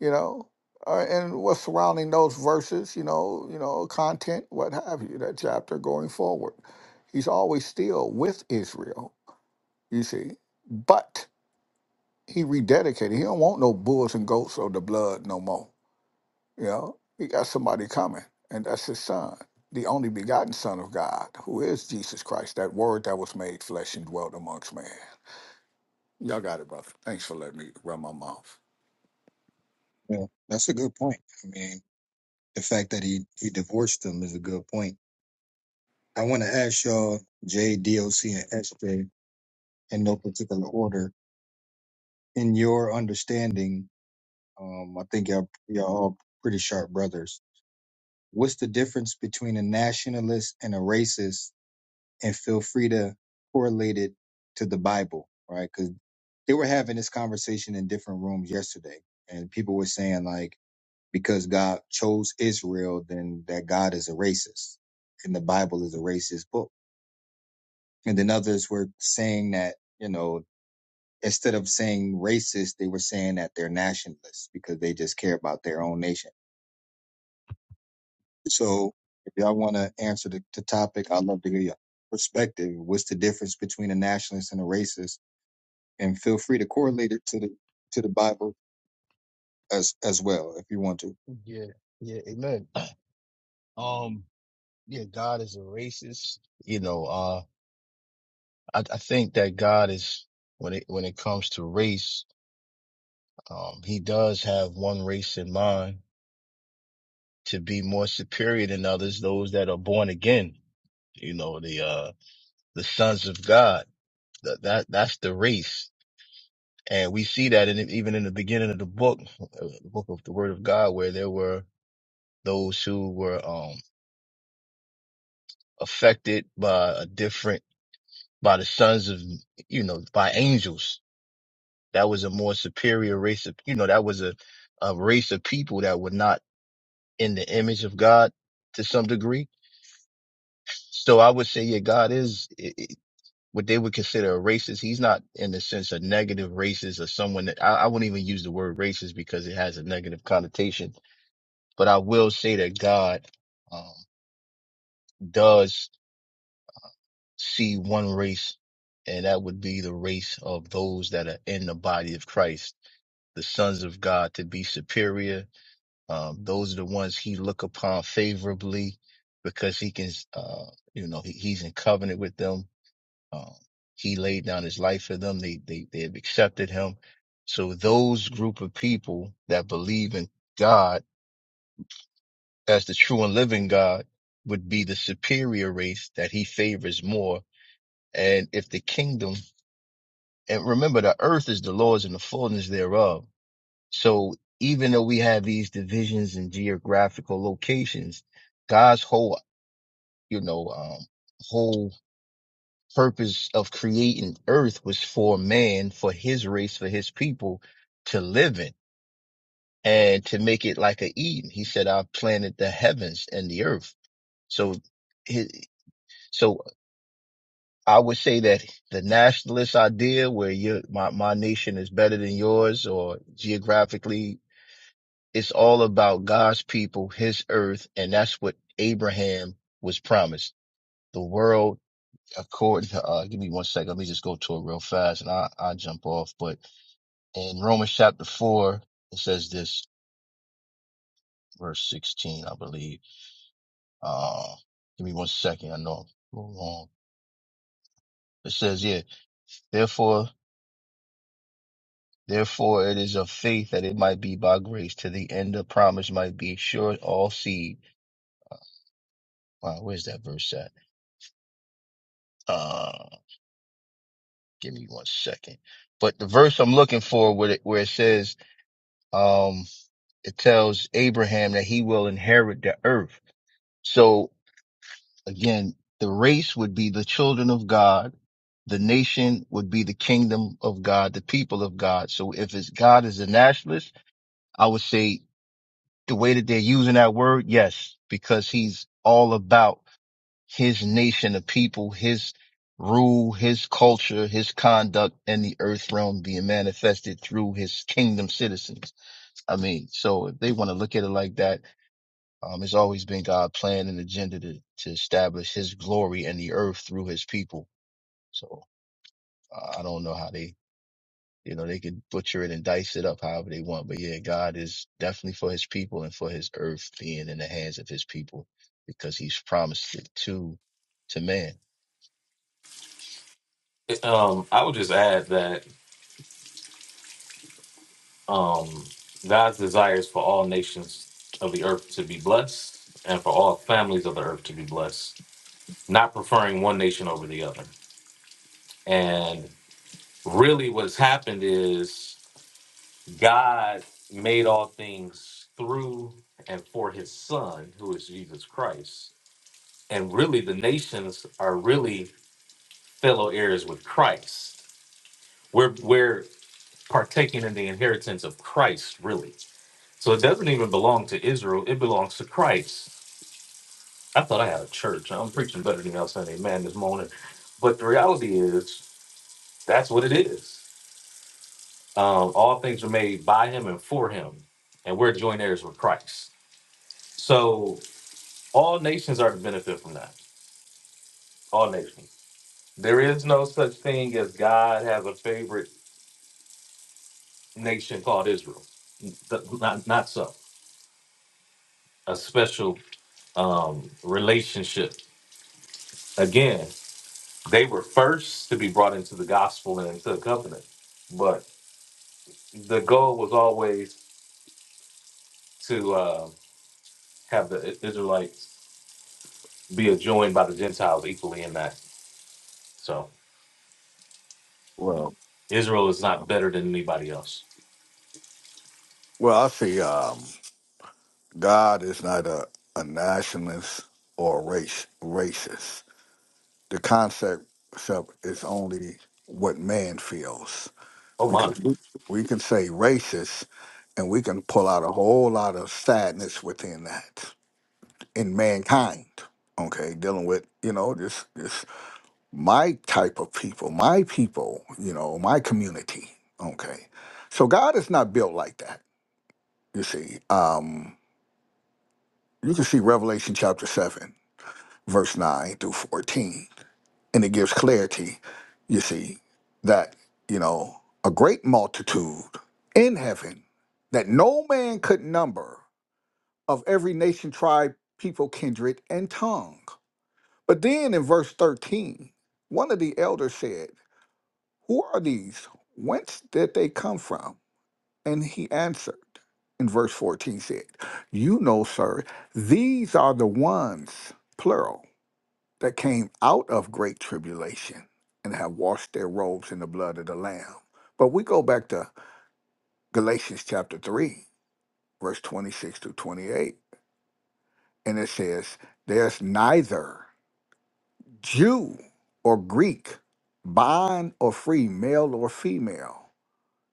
Speaker 5: you know, uh, and what's surrounding those verses, you know, you know, content, what have you, that chapter going forward. He's always still with Israel, you see, but he rededicated. He don't want no bulls and goats or the blood no more. You know, he got somebody coming, and that's his son, the only begotten Son of God, who is Jesus Christ, that Word that was made flesh and dwelt amongst man. Y'all got it, brother. Thanks for letting me run my mouth.
Speaker 2: Yeah, that's a good point. I mean, the fact that he he divorced them is a good point. I want to ask y'all, Jdoc and SJ. in no particular order. In your understanding, um, I think y'all, y'all all pretty sharp brothers. What's the difference between a nationalist and a racist? And feel free to correlate it to the Bible, right? Because they were having this conversation in different rooms yesterday, and people were saying like, because God chose Israel, then that God is a racist, and the Bible is a racist book. And then others were saying that, you know, instead of saying racist, they were saying that they're nationalists because they just care about their own nation. So if y'all want to answer the, the topic, I'd love to hear your perspective. What's the difference between a nationalist and a racist? And feel free to correlate it to the to the Bible as as well if you want to.
Speaker 4: Yeah, yeah, amen. Um, yeah, God is a racist. You know, uh, I, I think that God is when it when it comes to race, um, He does have one race in mind to be more superior than others, those that are born again. You know, the uh, the sons of God. That, that that's the race, and we see that in even in the beginning of the book, uh, the book of the Word of God, where there were those who were um affected by a different by the sons of you know by angels That was a more superior race of, you know, that was a, a race of people that were not in the image of God to some degree. So I would say, yeah, God is i i what they would consider a racist. He's not in the sense of negative racist or someone that I, I wouldn't even use the word racist because it has a negative connotation. But I will say that God um, does see one race, and that would be the race of those that are in the body of Christ the sons of God to be superior Um, those are the ones he look upon favorably because he can, uh, you know, he, he's in covenant with them. Um, he laid down his life for them. They, they, they have accepted him. So those group of people that believe in God as the true and living God would be the superior race that he favors more. And if the kingdom, and remember the earth is the Lord's and the fullness thereof So even though we have these divisions and geographical locations, God's whole, you know, um, whole purpose of creating earth was for man, for his race, for his people to live in and to make it like a Eden. He said, I planted the heavens and the earth. So his, so I would say that the nationalist idea where you, my, my nation is better than yours or geographically It's all about God's people, his earth, and that's what Abraham was promised. The world, according to, uh, give me one second. Let me just go to it real fast and I, I'll jump off. But in Romans chapter four, it says this, verse 16, I believe. Uh, give me one second. I know I'm wrong. It says, yeah, therefore, therefore it is of faith that it might be by grace to the end the promise might be sure all seed. Wow, where's that verse at? Uh, give me one second. But the verse I'm looking for where it, where it says, um, it tells Abraham that he will inherit the earth. So again, the race would be the children of God. The nation would be the kingdom of God, the people of God. So if it's God is a nationalist, I would say the way that they're using that word, yes, because he's all about his nation of people, his rule, his culture, his conduct in the earth realm being manifested through his kingdom citizens. I mean, so if they want to look at it like that, um, it's always been God's plan and agenda to, to establish his glory in the earth through his people. So uh, I don't know how they, you know, they could butcher it and dice it up however they want. But yeah, God is definitely for his people and for his earth being in the hands of his people because he's promised it to, to man.
Speaker 6: Um, I would just add that Um, God's desires for all nations of the earth to be blessed and for all families of the earth to be blessed, not preferring one nation over the other. And really, what's happened is God made all things through and for his son, who is Jesus Christ. And really, the nations are really fellow heirs with Christ. We're, we're partaking in the inheritance of Christ, really So it doesn't even belong to Israel, it belongs to Christ. I thought I had a church. I'm preaching better than y'all Sunday, man, this morning. But the reality is, that's what it is. Um, all things are made by him and for him, and we're joint heirs with Christ. So all nations are to benefit from that. All nations. There is no such thing as God has a favorite nation called Israel. Th- Not, not so. A special um, relationship. Again, They were first to be brought into the gospel and into the covenant, but the goal was always to uh, have the Israelites be adjoined by the Gentiles equally in that. So
Speaker 5: Well,
Speaker 6: Israel is not better than anybody else.
Speaker 5: well, I see. Um, God is not a, a nationalist or a race racist. The concept concept is only what man feels
Speaker 6: Oh my,
Speaker 5: because we, we can say racist and we can pull out a whole lot of sadness within that in mankind. Okay, dealing with you know this this my type of people, my people, you know, my community. Okay, so God is not built like that. You see, um, you can see Revelation chapter seven verse 9 through 14. And it gives clarity, you see, that, you know, a great multitude in heaven that no man could number of every nation, tribe, people, kindred, and tongue. But then in verse thirteen, one of the elders said, Who are these? Whence did they come from? And he answered, in verse 14 said, You know, sir, these are the ones, plural that came out of great tribulation and have washed their robes in the blood of the Lamb. But we go back to Galatians chapter 3, verse 26 through 28, and it says, There's neither Jew or Greek, bond or free, male or female,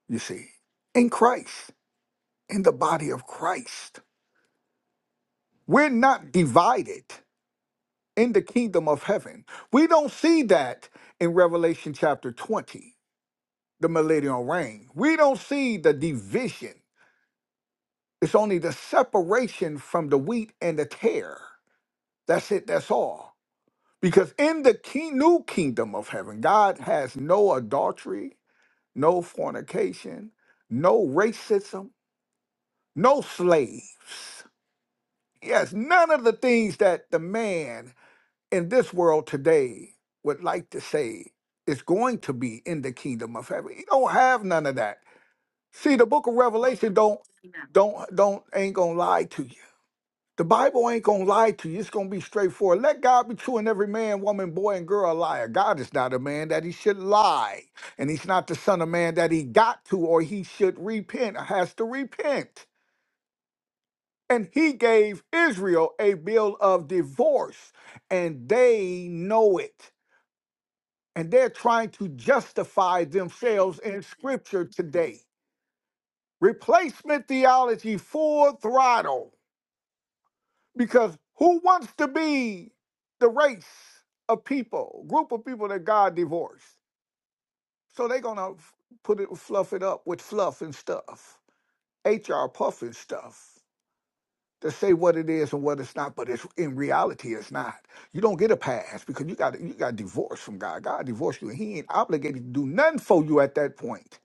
Speaker 5: you see, in Christ, in the body of Christ. We're not divided in the kingdom of heaven. We don't see that in Revelation chapter 20 the millennial reign. We don't see the division. It's only the separation from the wheat and the tare. That's it, that's all. Because in the king, new kingdom of heaven, God has no adultery, no fornication, no racism, no slaves. Yes, none of the things that the man in this world today would like to say is going to be in the kingdom of heaven. You don't have none of that. See, the book of Revelation don't don't don't ain't gonna lie to you. The Bible ain't gonna lie to you. It's gonna be straightforward. Let God be true and every man, woman, boy, and girl a liar. God is not a man that he should lie, and he's not the son of man that he got to or he should repent or has to repent. And he gave Israel a bill of divorce, and they know it. And they're trying to justify themselves in scripture today. Replacement theology full throttle because who wants to be the race of people, group of people that God divorced? So they're going to put it, fluff it up with fluff and stuff, HR puffing stuff to say what it is and what it's not, but it's in reality it's not. You don't get a pass because you got you got divorced from God. God divorced you and he ain't obligated to do nothing for you at that point.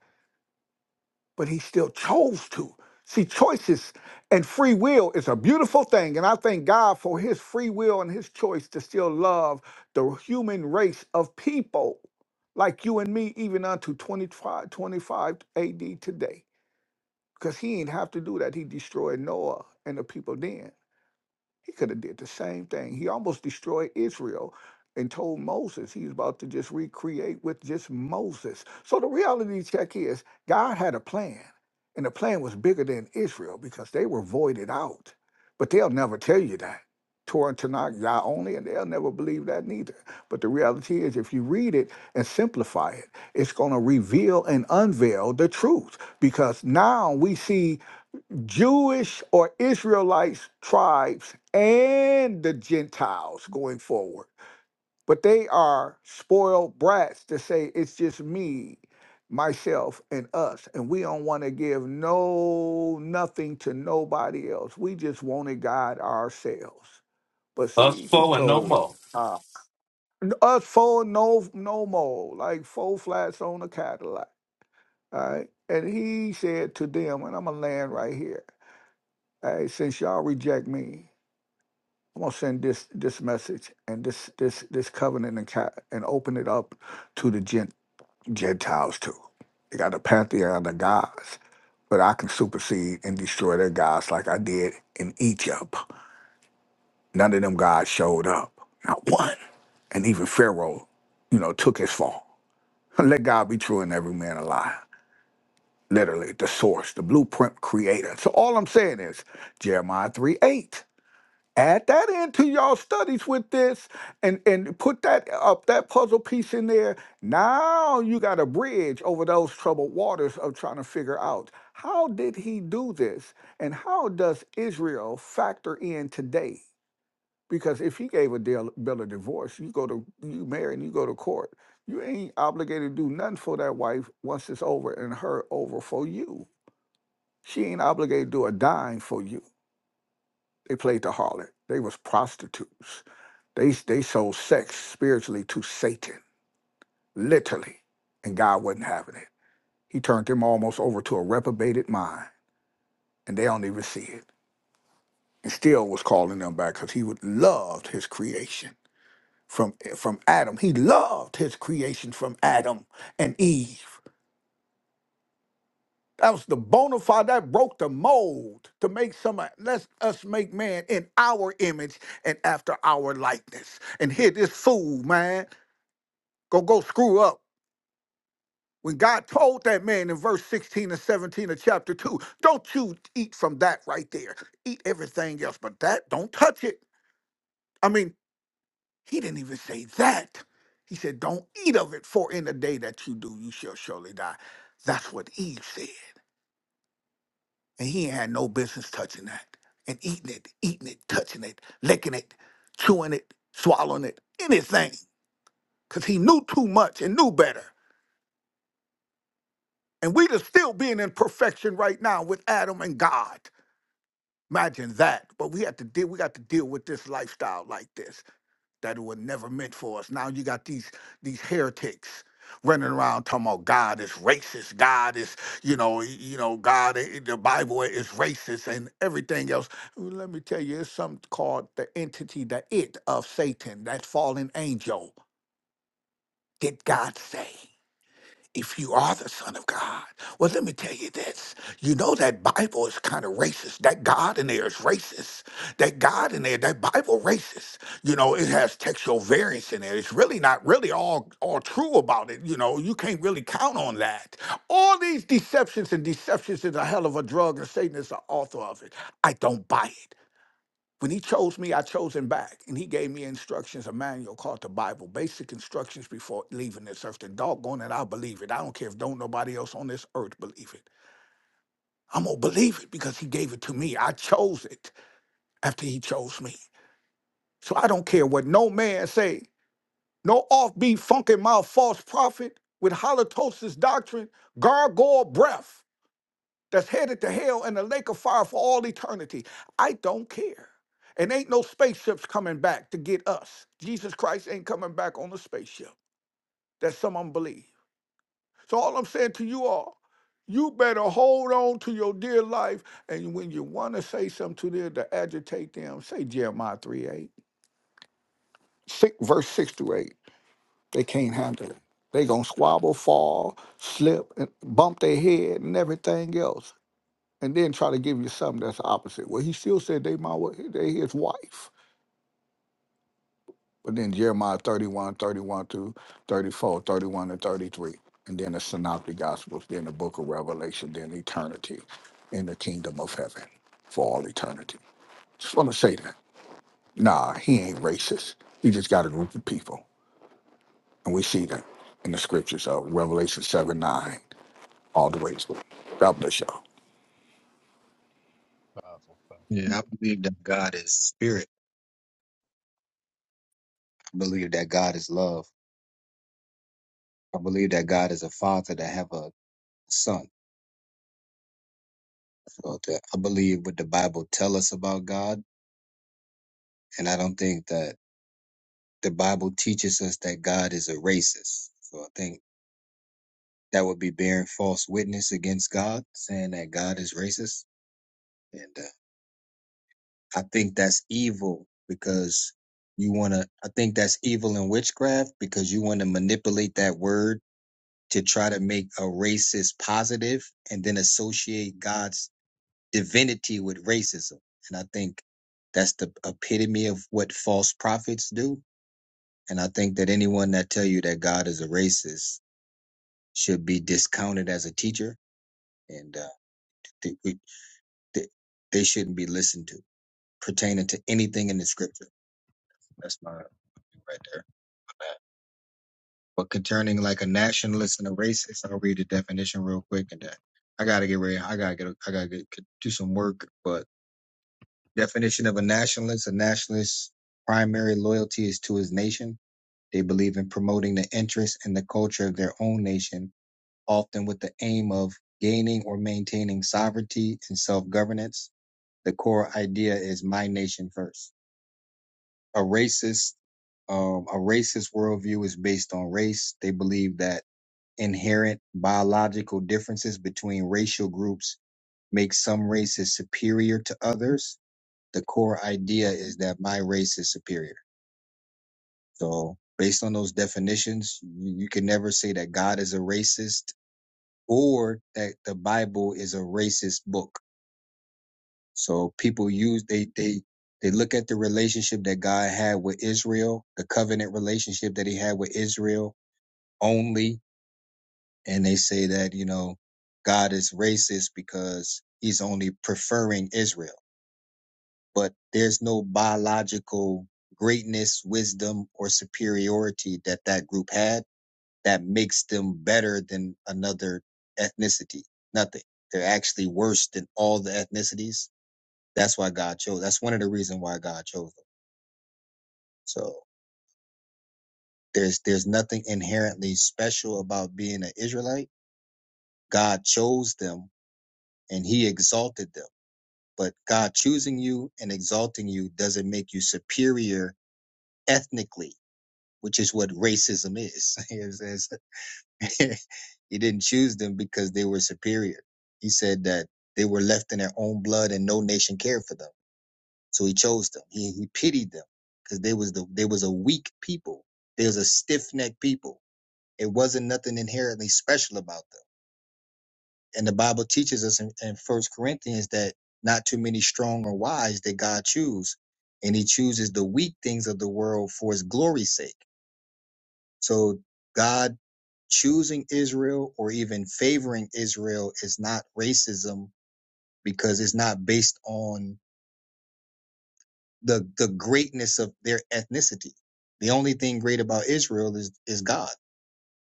Speaker 5: but he still chose to. See, choices and free will is a beautiful thing. And I thank God for his free will and his choice to still love the human race of people like you and me, even unto 25 25 AD today. Because he ain't have to do that. He destroyed Noah and the people then. He could have did the same thing. He almost destroyed Israel and told Moses he's about to just recreate with just Moses. So the reality check is God had a plan, and the plan was bigger than Israel because they were voided out. But they'll never tell you that. Torah and Tanakh, Yah only, and they'll never believe that neither. But the reality is, if you read it and simplify it, it's going to reveal and unveil the truth because now we see Jewish or Israelites tribes and the Gentiles going forward. But they are spoiled brats to say it's just me, myself, and us. And we don't want to give no nothing to nobody else. We just wanted God ourselves. But
Speaker 6: us
Speaker 5: see, he
Speaker 6: four and no
Speaker 5: told
Speaker 6: more,
Speaker 5: uh, us four no no more, like four flats on a Cadillac. All right. And he said to them, and I'm gonna land right here. Hey, since y'all reject me, I'm gonna send this this message and this this this covenant and ca- and open it up to the gent- Gentiles too. They got a pantheon of gods, but I can supersede and destroy their gods like I did in Egypt. None of them gods showed up, not one. And even Pharaoh, you know, took his fall. Let God be true and every man a lie. Literally, the source, the blueprint creator. So all I'm saying is Jeremiah 3:8. add that into y'all studies with this and and put that up that puzzle piece in there now you got a bridge over those troubled waters of trying to figure out how did he do this and how does israel factor in today because if he gave a deal, bill of divorce you go to you marry and you go to court you ain't obligated to do nothing for that wife once it's over and her over for you she ain't obligated to do a dime for you they played the harlot they was prostitutes they they sold sex spiritually to Satan, literally, and God wasn't having it. He turned them almost over to a reprobated mind, and they don't even see it. And still was calling them back because he would loved his creation from eh, from Adam. He loved his creation from Adam and Eve. That was the bona fide that broke the mold to make some let us make man in our image and after our likeness. And here this fool, man, go go screw up When God told that man in verse 16 and 17 of chapter 2, don't you eat from that right there. Eat everything else, but that, don't touch it. I mean, he didn't even say that. He said, don't eat of it, for in the day that you do, you shall surely die. That's what Eve said. And he ain't had no business touching that and eating it, eating it, touching it, licking it, chewing it, swallowing it, anything, because he knew too much and knew better. And we just still being in perfection right now with Adam and God. Imagine that. But we have to deal. We got to deal with this lifestyle like this that it was never meant for us. Now you got these these heretics running around talking about God is racist. God is you know y- you know God i- the Bible is racist and everything else. Well, Let me tell you, it's something called the entity, the it of Satan, that fallen angel. Did God say? if you are the son of God. Well, let me tell you this. You know that Bible is kind of racist. That God in there is racist. That God in there, that Bible racist. You know, it has textual variance in there. It's really not really all all true about it. You know, you can't really count on that. All these deceptions and deceptions is a hell of a drug, and Satan is the author of it. I don't buy it. When he chose me, I chose him back, and he gave me instructions, a manual called the Bible, basic instructions before leaving this earth. And doggone it, I believe it. I don't care if don't nobody else on this earth believe it. I'm gonna believe it because he gave it to me. I chose it after he chose me. So I don't care what no man say. No offbeat, funky mouth, false prophet with halitosis doctrine, gargoyle breath. that's headed to hell and the lake of fire for all eternity. I don't care. And ain't no spaceships coming back to get us. Jesus Christ ain't coming back on a spaceship. That some unbelieve. So all I'm saying to you all, you better hold on to your dear life. And when you want to say something to them to agitate them, say Jeremiah three eight six verse 6 to 8. They can't handle it. They gonna squabble, fall, slip, and bump their head and everything else. and then try to give you something that's the opposite. Well, he still said they my wa- they his wife. But then Jeremiah 31, 31 31 through 34, thirty-one and 33. And then the Synoptic Gospels, then the book of Revelation, then eternity in the kingdom of heaven for all eternity. Just want to say that. Nah, he ain't racist. He just got a group of people. And we see that in the scriptures of Revelation 7, 9, all the way through. God bless y'all.
Speaker 4: Powerful,
Speaker 2: Yeah, I believe that God is spirit. I believe that God is love. I believe that God is a father that have a son. So that I believe what the Bible tell us about God, and I don't think that the Bible teaches us that God is a racist. So I think that would be bearing false witness against God, saying that God is racist. And uh, I think that's evil because you want to, I think that's evil in witchcraft because you want to manipulate that word to try to make a racist positive and then associate God's divinity with racism. And I think that's the epitome of what false prophets do. And I think that anyone that tell you that God is a racist should be discounted as a teacher, and uh, they, we, they, they shouldn't be listened to pertaining to anything in the scripture. That's my opinion right there. on that. But concerning like a nationalist and a racist, I'll read the definition real quick, and then I gotta get ready. I gotta get. I gotta get, do some work. But definition of a nationalist: a nationalist's primary loyalty is to his nation. They believe in promoting the interests and the culture of their own nation often with the aim of gaining or maintaining sovereignty and self governance. The core idea is my nation first. A racist, um, a racist worldview is based on race. They believe that inherent biological differences between racial groups make some races superior to others. The core idea is that my race is superior. So based on those definitions, you, you can never say that God is a racist or that the Bible is a racist book. So people use they they they look at the relationship that God had with Israel, the covenant relationship that he had with Israel only, and they say that, you know, God is racist because he's only preferring Israel. But there's no biological greatness, wisdom, or superiority that that group had that makes them better than another ethnicity. Nothing. They're actually worse than all the ethnicities. That's why God chose. That's one of the reasons why God chose them. So there's there's nothing inherently special about being an Israelite. God chose them and he exalted them. But God choosing you and exalting you doesn't make you superior ethnically, which is what racism is. It's, it's he didn't choose them because they were superior. He said that they were left in their own blood and no nation cared for them. So he chose them. He, he pitied them because they was the they was a weak people. They was a stiff necked people. It wasn't nothing inherently special about them. And the Bible teaches us in, in First Corinthians that not too many strong or wise that God choose, and He chooses the weak things of the world for His glory's sake. So God choosing Israel or even favoring Israel is not racism because it's not based on the the greatness of their ethnicity. The only thing great about Israel is is God.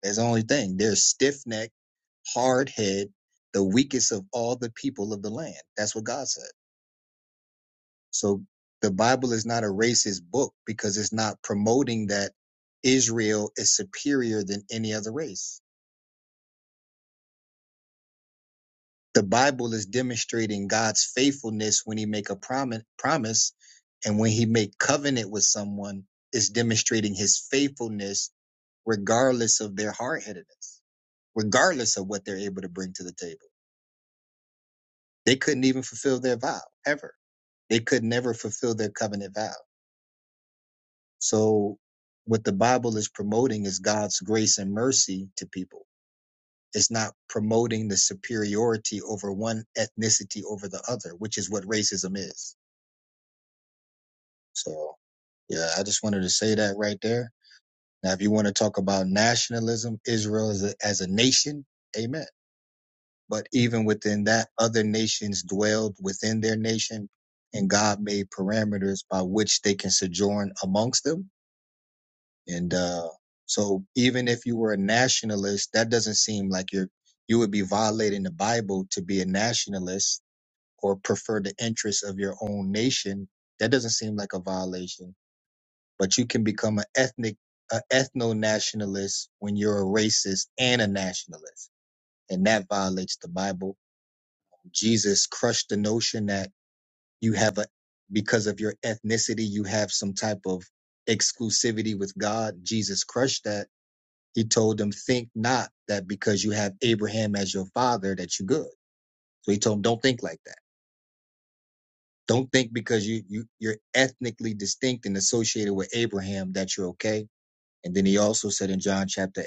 Speaker 2: That's the only thing. They're stiff necked, hard head, the weakest of all the people of the land. That's what God said. So the Bible is not a racist book because it's not promoting that Israel is superior than any other race. The Bible is demonstrating God's faithfulness when he make a promise promise and when he make covenant with someone is demonstrating his faithfulness regardless of their hard-headedness, regardless of what they're able to bring to the table. They couldn't even fulfill their vow ever. They could never fulfill their covenant vow. So what the Bible is promoting is God's grace and mercy to people. It's not promoting the superiority over one ethnicity over the other, which is what racism is So yeah, I just wanted to say that right there. Now, if you want to talk about nationalism, Israel as a, as a nation, amen. But even within that, other nations dwelled within their nation, and God made parameters by which they can sojourn amongst them. And uh, so, even if you were a nationalist, that doesn't seem like you're you would be violating the Bible to be a nationalist or prefer the interests of your own nation. That doesn't seem like a violation but you can become an ethnic, an ethno nationalist when you're a racist and a nationalist, and that violates the Bible. Jesus crushed the notion that you have a because of your ethnicity you have some type of exclusivity with God. Jesus crushed that. He told them, "Think not that because you have Abraham as your father that you're good." So he told them, "Don't think like that." Don't think because you, you you're ethnically distinct and associated with Abraham that you're okay And then he also said in John chapter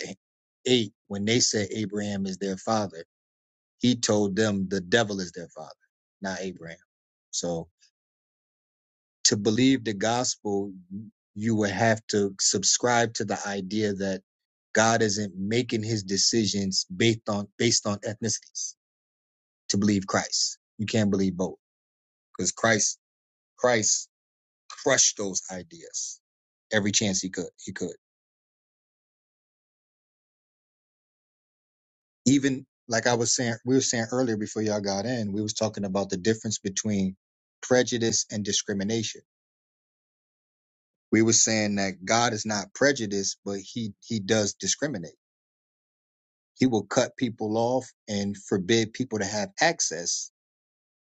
Speaker 2: 8, when they said Abraham is their father, he told them the devil is their father, not Abraham. So to believe the gospel, you would have to subscribe to the idea that God isn't making his decisions based on based on ethnicities to believe Christ. You can't believe both because Christ Christ crushed those ideas every chance he could. He could. even like I was saying, we were saying earlier before y'all got in, we was talking about the difference between prejudice and discrimination. We were saying that God is not prejudiced, but he he does discriminate. He will cut people off and forbid people to have access.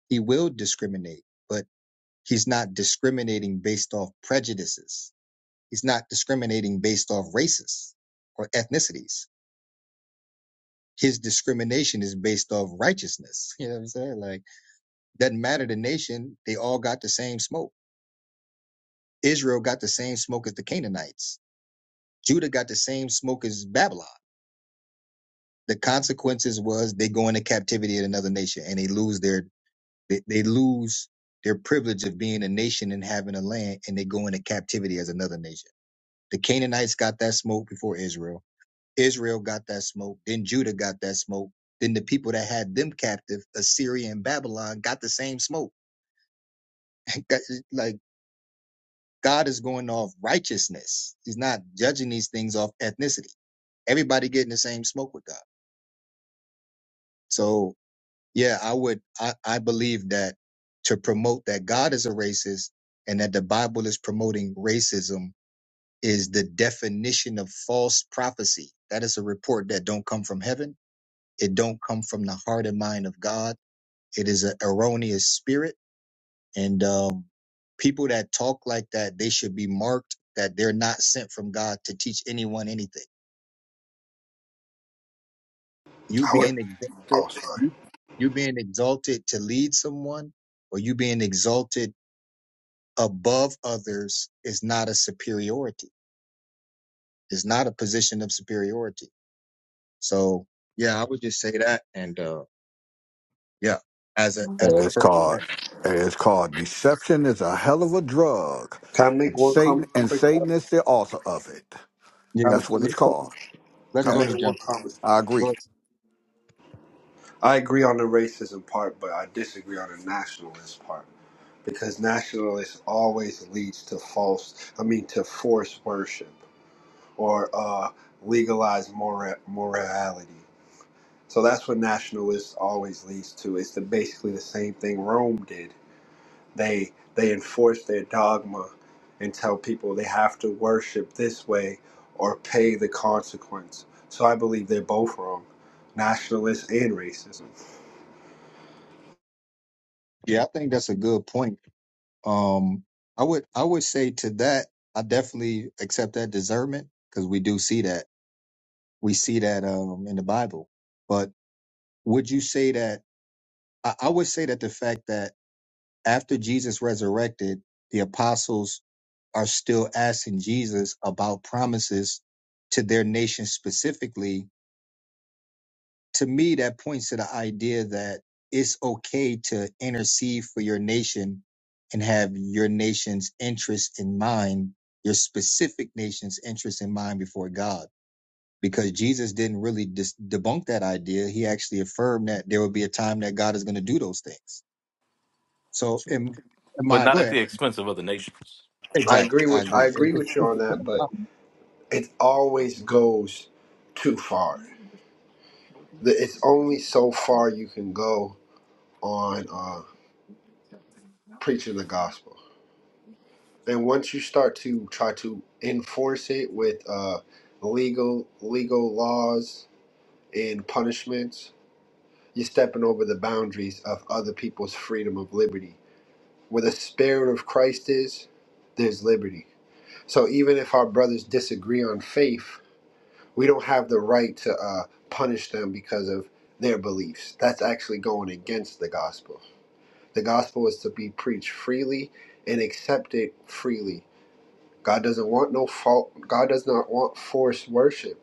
Speaker 2: He will discriminate, but he's not discriminating based off prejudices. He's not discriminating based off races or ethnicities. His discrimination is based off righteousness. You know what I'm saying? Like Doesn't matter the nation, they all got the same smoke. Israel got the same smoke as the Canaanites. Judah got the same smoke as Babylon. The consequences was they go into captivity in another nation and they lose their they, they lose their privilege of being a nation and having a land and they go into captivity as another nation. The Canaanites got that smoke before Israel. Israel got that smoke. Then Judah got that smoke. Then the people that had them captive, Assyria and Babylon, got the same smoke. Like. God is going off righteousness. He's not judging these things off ethnicity. Everybody getting the same smoke with God. So yeah, I would I, I believe that to promote that God is a racist and that the Bible is promoting racism is the definition of false prophecy. That is a report that don't come from heaven. It don't come from the heart and mind of God. It is an erroneous spirit And um, people that talk like that, they should be marked that they're not sent from God to teach anyone anything. You
Speaker 7: I would,
Speaker 2: being exalted,
Speaker 7: oh, sorry.
Speaker 2: you being exalted to lead someone, or you being exalted above others is not a superiority. It's not a position of superiority. So yeah, I would just say that. And uh, yeah, as a as
Speaker 5: And
Speaker 2: a
Speaker 5: it's
Speaker 2: person,
Speaker 5: called and it's called deception is a hell of a drug.
Speaker 7: Can I make one comment
Speaker 5: Satan
Speaker 7: real
Speaker 5: and
Speaker 7: quick?
Speaker 5: Satan
Speaker 7: Doc?
Speaker 5: is the author of it.
Speaker 2: yeah.
Speaker 7: Can I
Speaker 5: That's
Speaker 7: make,
Speaker 2: So
Speaker 5: what it's
Speaker 2: let's,
Speaker 5: called.
Speaker 2: let's
Speaker 7: can I
Speaker 5: Yeah,
Speaker 2: Tony
Speaker 7: make one
Speaker 2: jump.
Speaker 7: comment?
Speaker 5: I agree.
Speaker 7: I agree on the racism part, but I disagree on the nationalist part because nationalist always leads to false, I mean, to forced worship or uh, legalized mora- morality. So that's what nationalists always leads to. It's the, basically the same thing Rome did. they they enforce their dogma and tell people they have to worship this way or pay the consequence. So I believe they're both wrong, nationalist and racism.
Speaker 2: Yeah, I think that's a good point. Um, I would I would say to that, I definitely accept that discernment because we do see that we see that um in the Bible. But would you say that I, I would say that the fact that after Jesus resurrected, the apostles are still asking Jesus about promises to their nation specifically to me that points to the idea that it's okay to intercede for your nation and have your nation's interest in mind your specific nation's interest in mind before god because jesus didn't really dis- debunk that idea he actually affirmed that there will be a time that god is going to do those things so am in
Speaker 6: but
Speaker 2: my
Speaker 6: not
Speaker 2: go
Speaker 6: at
Speaker 2: ahead
Speaker 6: the expense of other nations.
Speaker 7: I
Speaker 2: exactly
Speaker 7: agree
Speaker 2: i
Speaker 7: with
Speaker 2: agree
Speaker 7: I
Speaker 2: It-
Speaker 7: agree
Speaker 2: it-
Speaker 7: with you
Speaker 2: it-
Speaker 7: on that, but it always goes too far. The- It's only so far you can go on uh, preaching the gospel, and once you start to try to enforce it with uh, legal legal laws and punishments, You're stepping over the boundaries of other people's freedom of liberty. Where the spirit of Christ is, there's liberty. So even if our brothers disagree on faith, we don't have the right to uh, punish them because of their beliefs. That's actually going against the gospel. The gospel is to be preached freely and accepted freely. God doesn't want no fault. God does not want forced worship.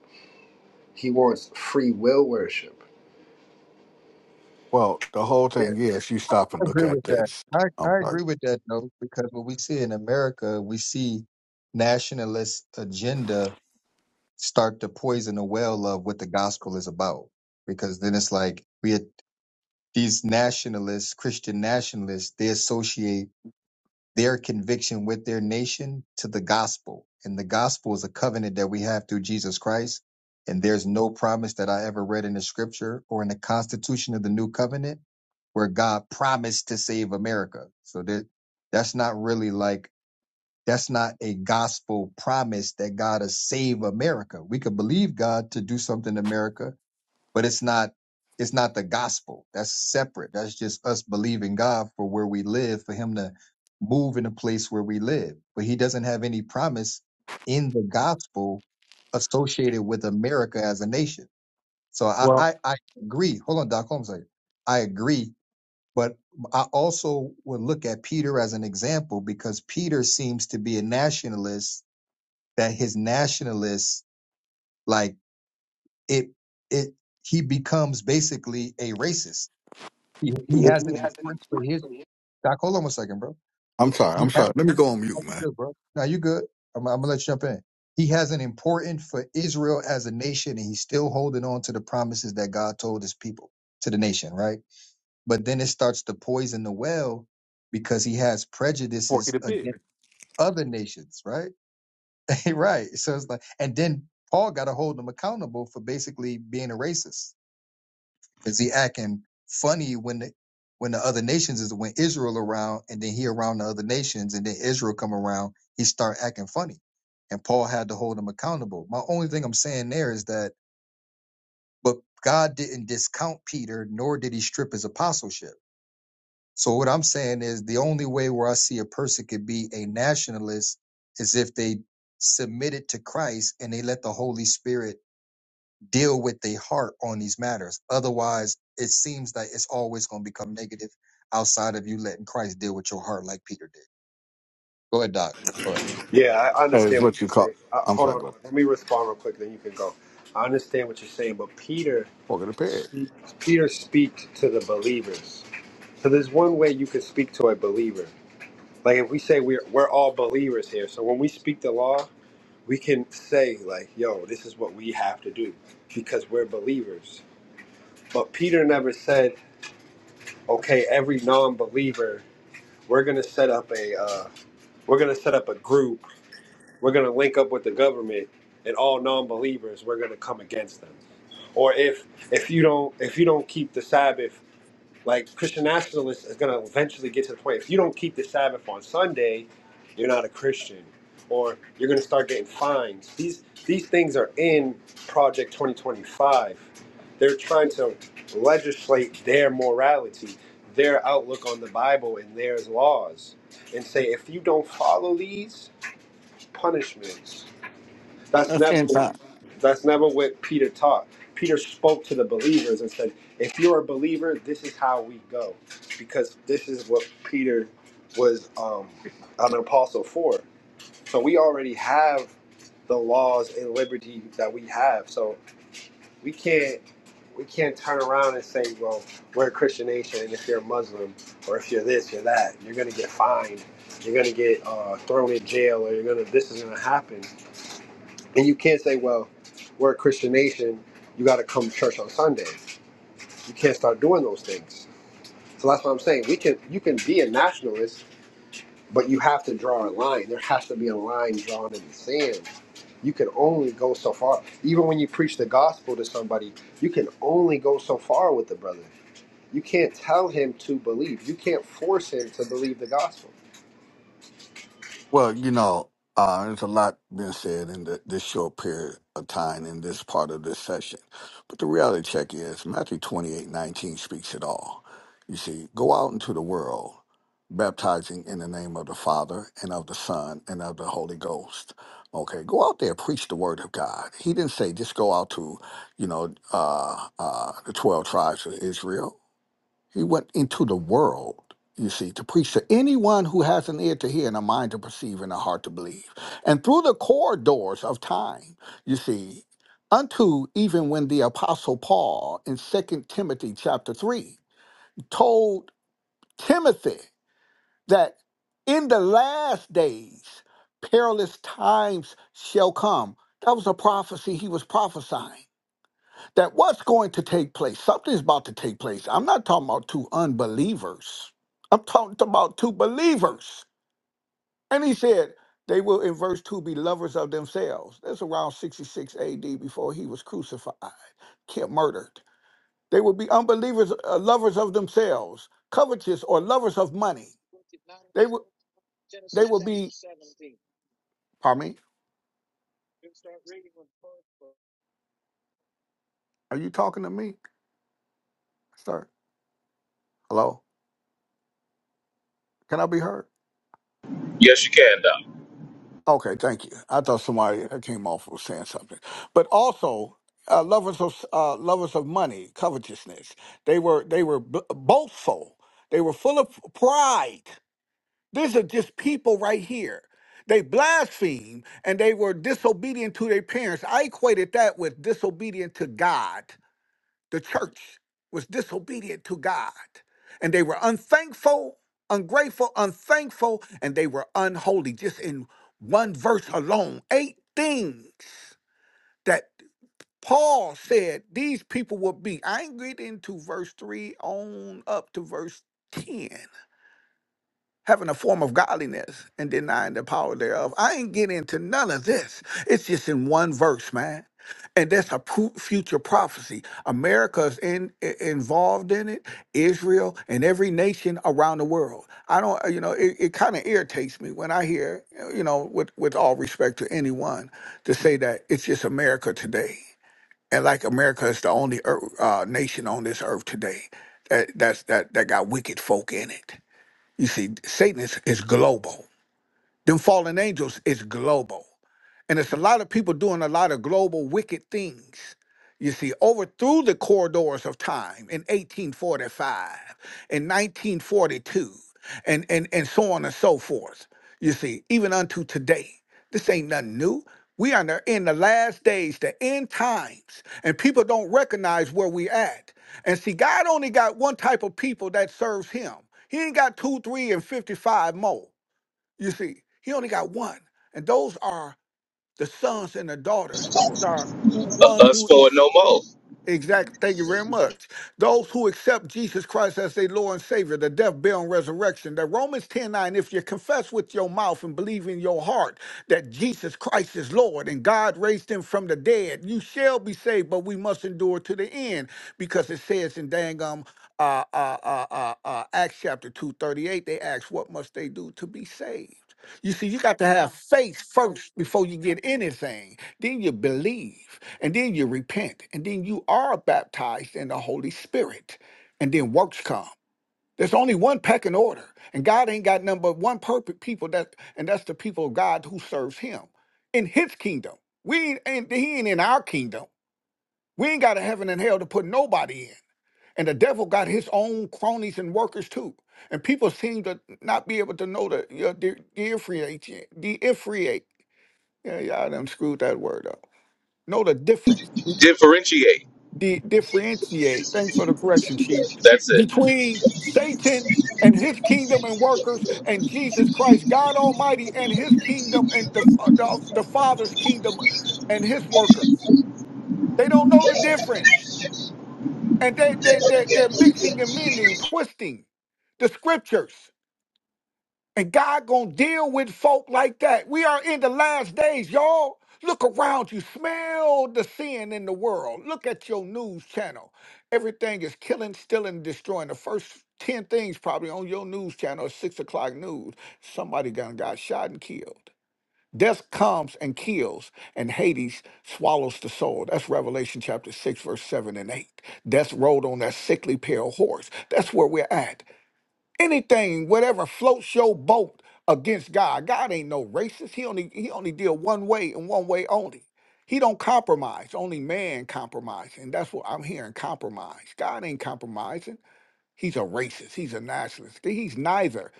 Speaker 7: He wants free will worship.
Speaker 5: Well, the whole
Speaker 2: yeah,
Speaker 5: thing is you stop
Speaker 2: i
Speaker 5: and look
Speaker 2: agree
Speaker 5: at
Speaker 2: with that
Speaker 5: this.
Speaker 2: I,
Speaker 5: I'm
Speaker 2: I
Speaker 5: sorry.
Speaker 2: agree with that though because what we see in america we see nationalist agenda start to poison the well of what the gospel is about. Because then it's like we had these nationalists, Christian nationalists, they associate their conviction with their nation to the gospel. And the gospel is a covenant that we have through Jesus Christ. And there's no promise that I ever read in the scripture or in the constitution of the new covenant where God promised to save America. So that that's not really like that's not a gospel promise that God is save America. We could believe God to do something in America, but it's not it's not the gospel. That's separate. That's just us believing God for where we live, for him to move in a place where we live. But he doesn't have any promise in the gospel associated with America as a nation. So I
Speaker 5: Well,
Speaker 2: I, I agree. Hold on, Doc Holmes. I I agree but I also would look at Peter as an example because Peter seems to be a nationalist that his nationalist like it it he becomes basically a racist. He, he has an importance for his Doc, hold on one second, bro. He,
Speaker 5: I'm sorry.
Speaker 2: he
Speaker 5: I'm
Speaker 2: has,
Speaker 5: sorry. Let me go on mute,
Speaker 2: no, you
Speaker 5: man.
Speaker 2: good, bro. No, you good. I'm, I'm gonna let you jump in. He has an importance for Israel as a nation, and he's still holding on to the promises that God told his people to the nation, right? but then it starts to poison the well because he has
Speaker 6: Porky
Speaker 2: prejudices
Speaker 6: the pig.
Speaker 2: against other nations, right? right. So it's like, and then Paul got to hold him accountable for basically being a racist because he acting funny when the when the other nations is when Israel around, and then he around the other nations, and then Israel come around, he start acting funny, and Paul had to hold him accountable. My only thing I'm saying there is that, but God didn't discount Peter, nor did he strip his apostleship So what I'm saying is the only way where I see a person could be a nationalist is if they submitted to Christ and they let the Holy Spirit deal with their heart on these matters. Otherwise, it seems like it's always going to become negative outside of you letting Christ deal with your heart like Peter did. Go ahead, Doc. Go ahead.
Speaker 7: Yeah, I
Speaker 5: That Is
Speaker 7: understand what
Speaker 5: what you
Speaker 7: you're
Speaker 5: call.
Speaker 7: saying. Uh,
Speaker 5: I'm
Speaker 7: hold
Speaker 5: sorry.
Speaker 7: on,
Speaker 5: Go.
Speaker 7: let me respond real quick, then you can go. I understand what you're saying, but Peter,
Speaker 5: Walk of the pig.
Speaker 7: speak- Peter speaks to the believers. So there's one way you can speak to a believer. Like if we say we're we're all believers here, so when we speak the law, we can say like, "Yo, this is what we have to do," because we're believers. But Peter never said, "Okay, every non-believer, we're gonna set up a uh, we're gonna set up a group." We're going to link up with the government and all non-believers. We're going to come against them. Or if if you don't if you don't keep the Sabbath, like Christian nationalists is going to eventually get to the point. If you don't keep the Sabbath on Sunday, you're not a Christian, or you're going to start getting fines. These these things are in Project 2025. They're trying to legislate their morality, their outlook on the Bible and their laws, and say if you don't follow these punishments that's
Speaker 5: That's
Speaker 7: never
Speaker 5: end
Speaker 7: what
Speaker 5: time.
Speaker 7: that's never what Peter taught. Peter spoke to the believers and said, "If you're a believer, this is how we go," because this is what Peter was um, an apostle for. So we already have the laws and liberty that we have. So we can't we can't turn around and say, "Well, we're a Christian nation, and if you're a Muslim or if you're this, or that, you're gonna get fined, you're gonna get uh, thrown in jail, or you're gonna this is gonna happen." And you can't say, well, we're a Christian nation. You got to come to church on Sunday. You can't start doing those things. So that's what I'm saying. We can, you can be a nationalist, but you have to draw a line. There has to be a line drawn in the sand. You can only go so far. Even when you preach the gospel to somebody, you can only go so far with the brother. You can't tell him to believe. You can't force him to believe the gospel.
Speaker 5: Well, you know, uh, there's a lot been said in the, this short period of time in this part of this session. But the reality check is Matthew 28 19 speaks it all. You see, go out into the world, baptizing in the name of the Father and of the Son and of the Holy Ghost. Okay, go out there, preach the word of God. He didn't say just go out to, you know, uh, uh, the 12 tribes of Israel. He went into the world, you see, to preach to anyone who has an ear to hear and a mind to perceive and a heart to believe. And through the corridors of time, you see, unto even when the apostle Paul in Second Timothy chapter 3 told Timothy that in the last days perilous times shall come. That was a prophecy he was prophesying that what's going to take place, something's about to take place. I'm not talking about two unbelievers. I'm talking about two believers. And he said, they will in verse 2 be lovers of themselves. That's around 66 AD before he was crucified, killed, murdered. They will be unbelievers, uh, lovers of themselves, covetous or lovers of money. They will, they will be, pardon me, are you talking to me? Sir, hello? Can I be heard?
Speaker 6: Yes, you can, Doc.
Speaker 5: Okay, thank you. I thought somebody that came off was saying something, but also uh, lovers of uh, lovers of money, covetousness. They were they were b- boastful. They were full of pride. These are just people right here. They blaspheme and they were disobedient to their parents. I equated that with disobedient to God the church was disobedient to God and they were unthankful, ungrateful, unthankful, and they were unholy. Just in one verse alone, eight things that Paul said these people will be. I ain't get into verse 3 on up to verse 10 having a form of godliness and denying the power thereof. I ain't getting into none of this. It's just in one verse, man. And that's a pro- future prophecy. America's in, i- involved in it, Israel, and every nation around the world. I don't, uh, you know, it, it kind of irritates me when I hear, you know, with, with all respect to anyone, to say that it's just America today. And like America is the only ear- uh, nation on this earth today that, that's, that, that got wicked folk in it you see, Satan is, is global. Them fallen angels is global. And it's a lot of people doing a lot of global wicked things. You see, over through the corridors of time in 1845, in 1942, and, and, and so on and so forth. You see, even unto today. This ain't nothing new. We are in the in the last days, the end times, and people don't recognize where we at. And see, God only got one type of people that serves him. He ain't got two, three, and 55 more. You see, he only got one. And those are the sons and the daughters. Those are who
Speaker 6: Uh,
Speaker 5: ones
Speaker 6: us
Speaker 5: who
Speaker 6: for no more.
Speaker 5: Exactly. Thank you very much. Those who accept Jesus Christ as their Lord and Savior, the death, burial, and resurrection. That Romans 10 9. if you confess with your mouth and believe in your heart that Jesus Christ is Lord and God raised him from the dead, you shall be saved, but we must endure to the end because it says in dang um, uh, uh, uh, uh, uh, Acts chapter 238, they ask, What must they do to be saved? You see, you got to have faith first before you get anything. Then you believe and then you repent, and then you are baptized in the Holy Spirit, and then works come. There's only one pecking order, and God ain't got number one perfect people that, and that's the people of God who serves Him in His kingdom. We ain't, He ain't in our kingdom. We ain't got a heaven and hell to put nobody in, and the devil got his own cronies and workers too. And people seem to not be able to know the you know, differentiate, differentiate. Yeah, y'all done screwed that word up. Know the difference
Speaker 6: Differentiate.
Speaker 5: di- differentiate. Thanks for the correction, Chief.
Speaker 6: That's it.
Speaker 5: Between Satan and his kingdom and workers, and Jesus Christ, God Almighty, and his kingdom and the, the, the Father's kingdom and his workers. They don't know the difference. And they, they, they, they're mixing and mending, twisting the scriptures. And God gonna deal with folk like that. We are in the last days, y'all. Look around you. Smell the sin in the world. Look at your news channel. Everything is killing, stealing, and destroying. The first 10 things probably on your news channel at 6 o'clock news. Somebody got, got shot and killed. Death comes and kills, and Hades swallows the soul. That's Revelation chapter 6, verse 7 and 8. Death rode on that sickly pale horse. That's where we're at anything, whatever floats your boat against God. God ain't no racist. He only he only deal one way and one way only. He don't compromise. Only man compromise, and that's what I'm hearing. Compromise. God ain't compromising. He's a racist. He's a nationalist. He's neither.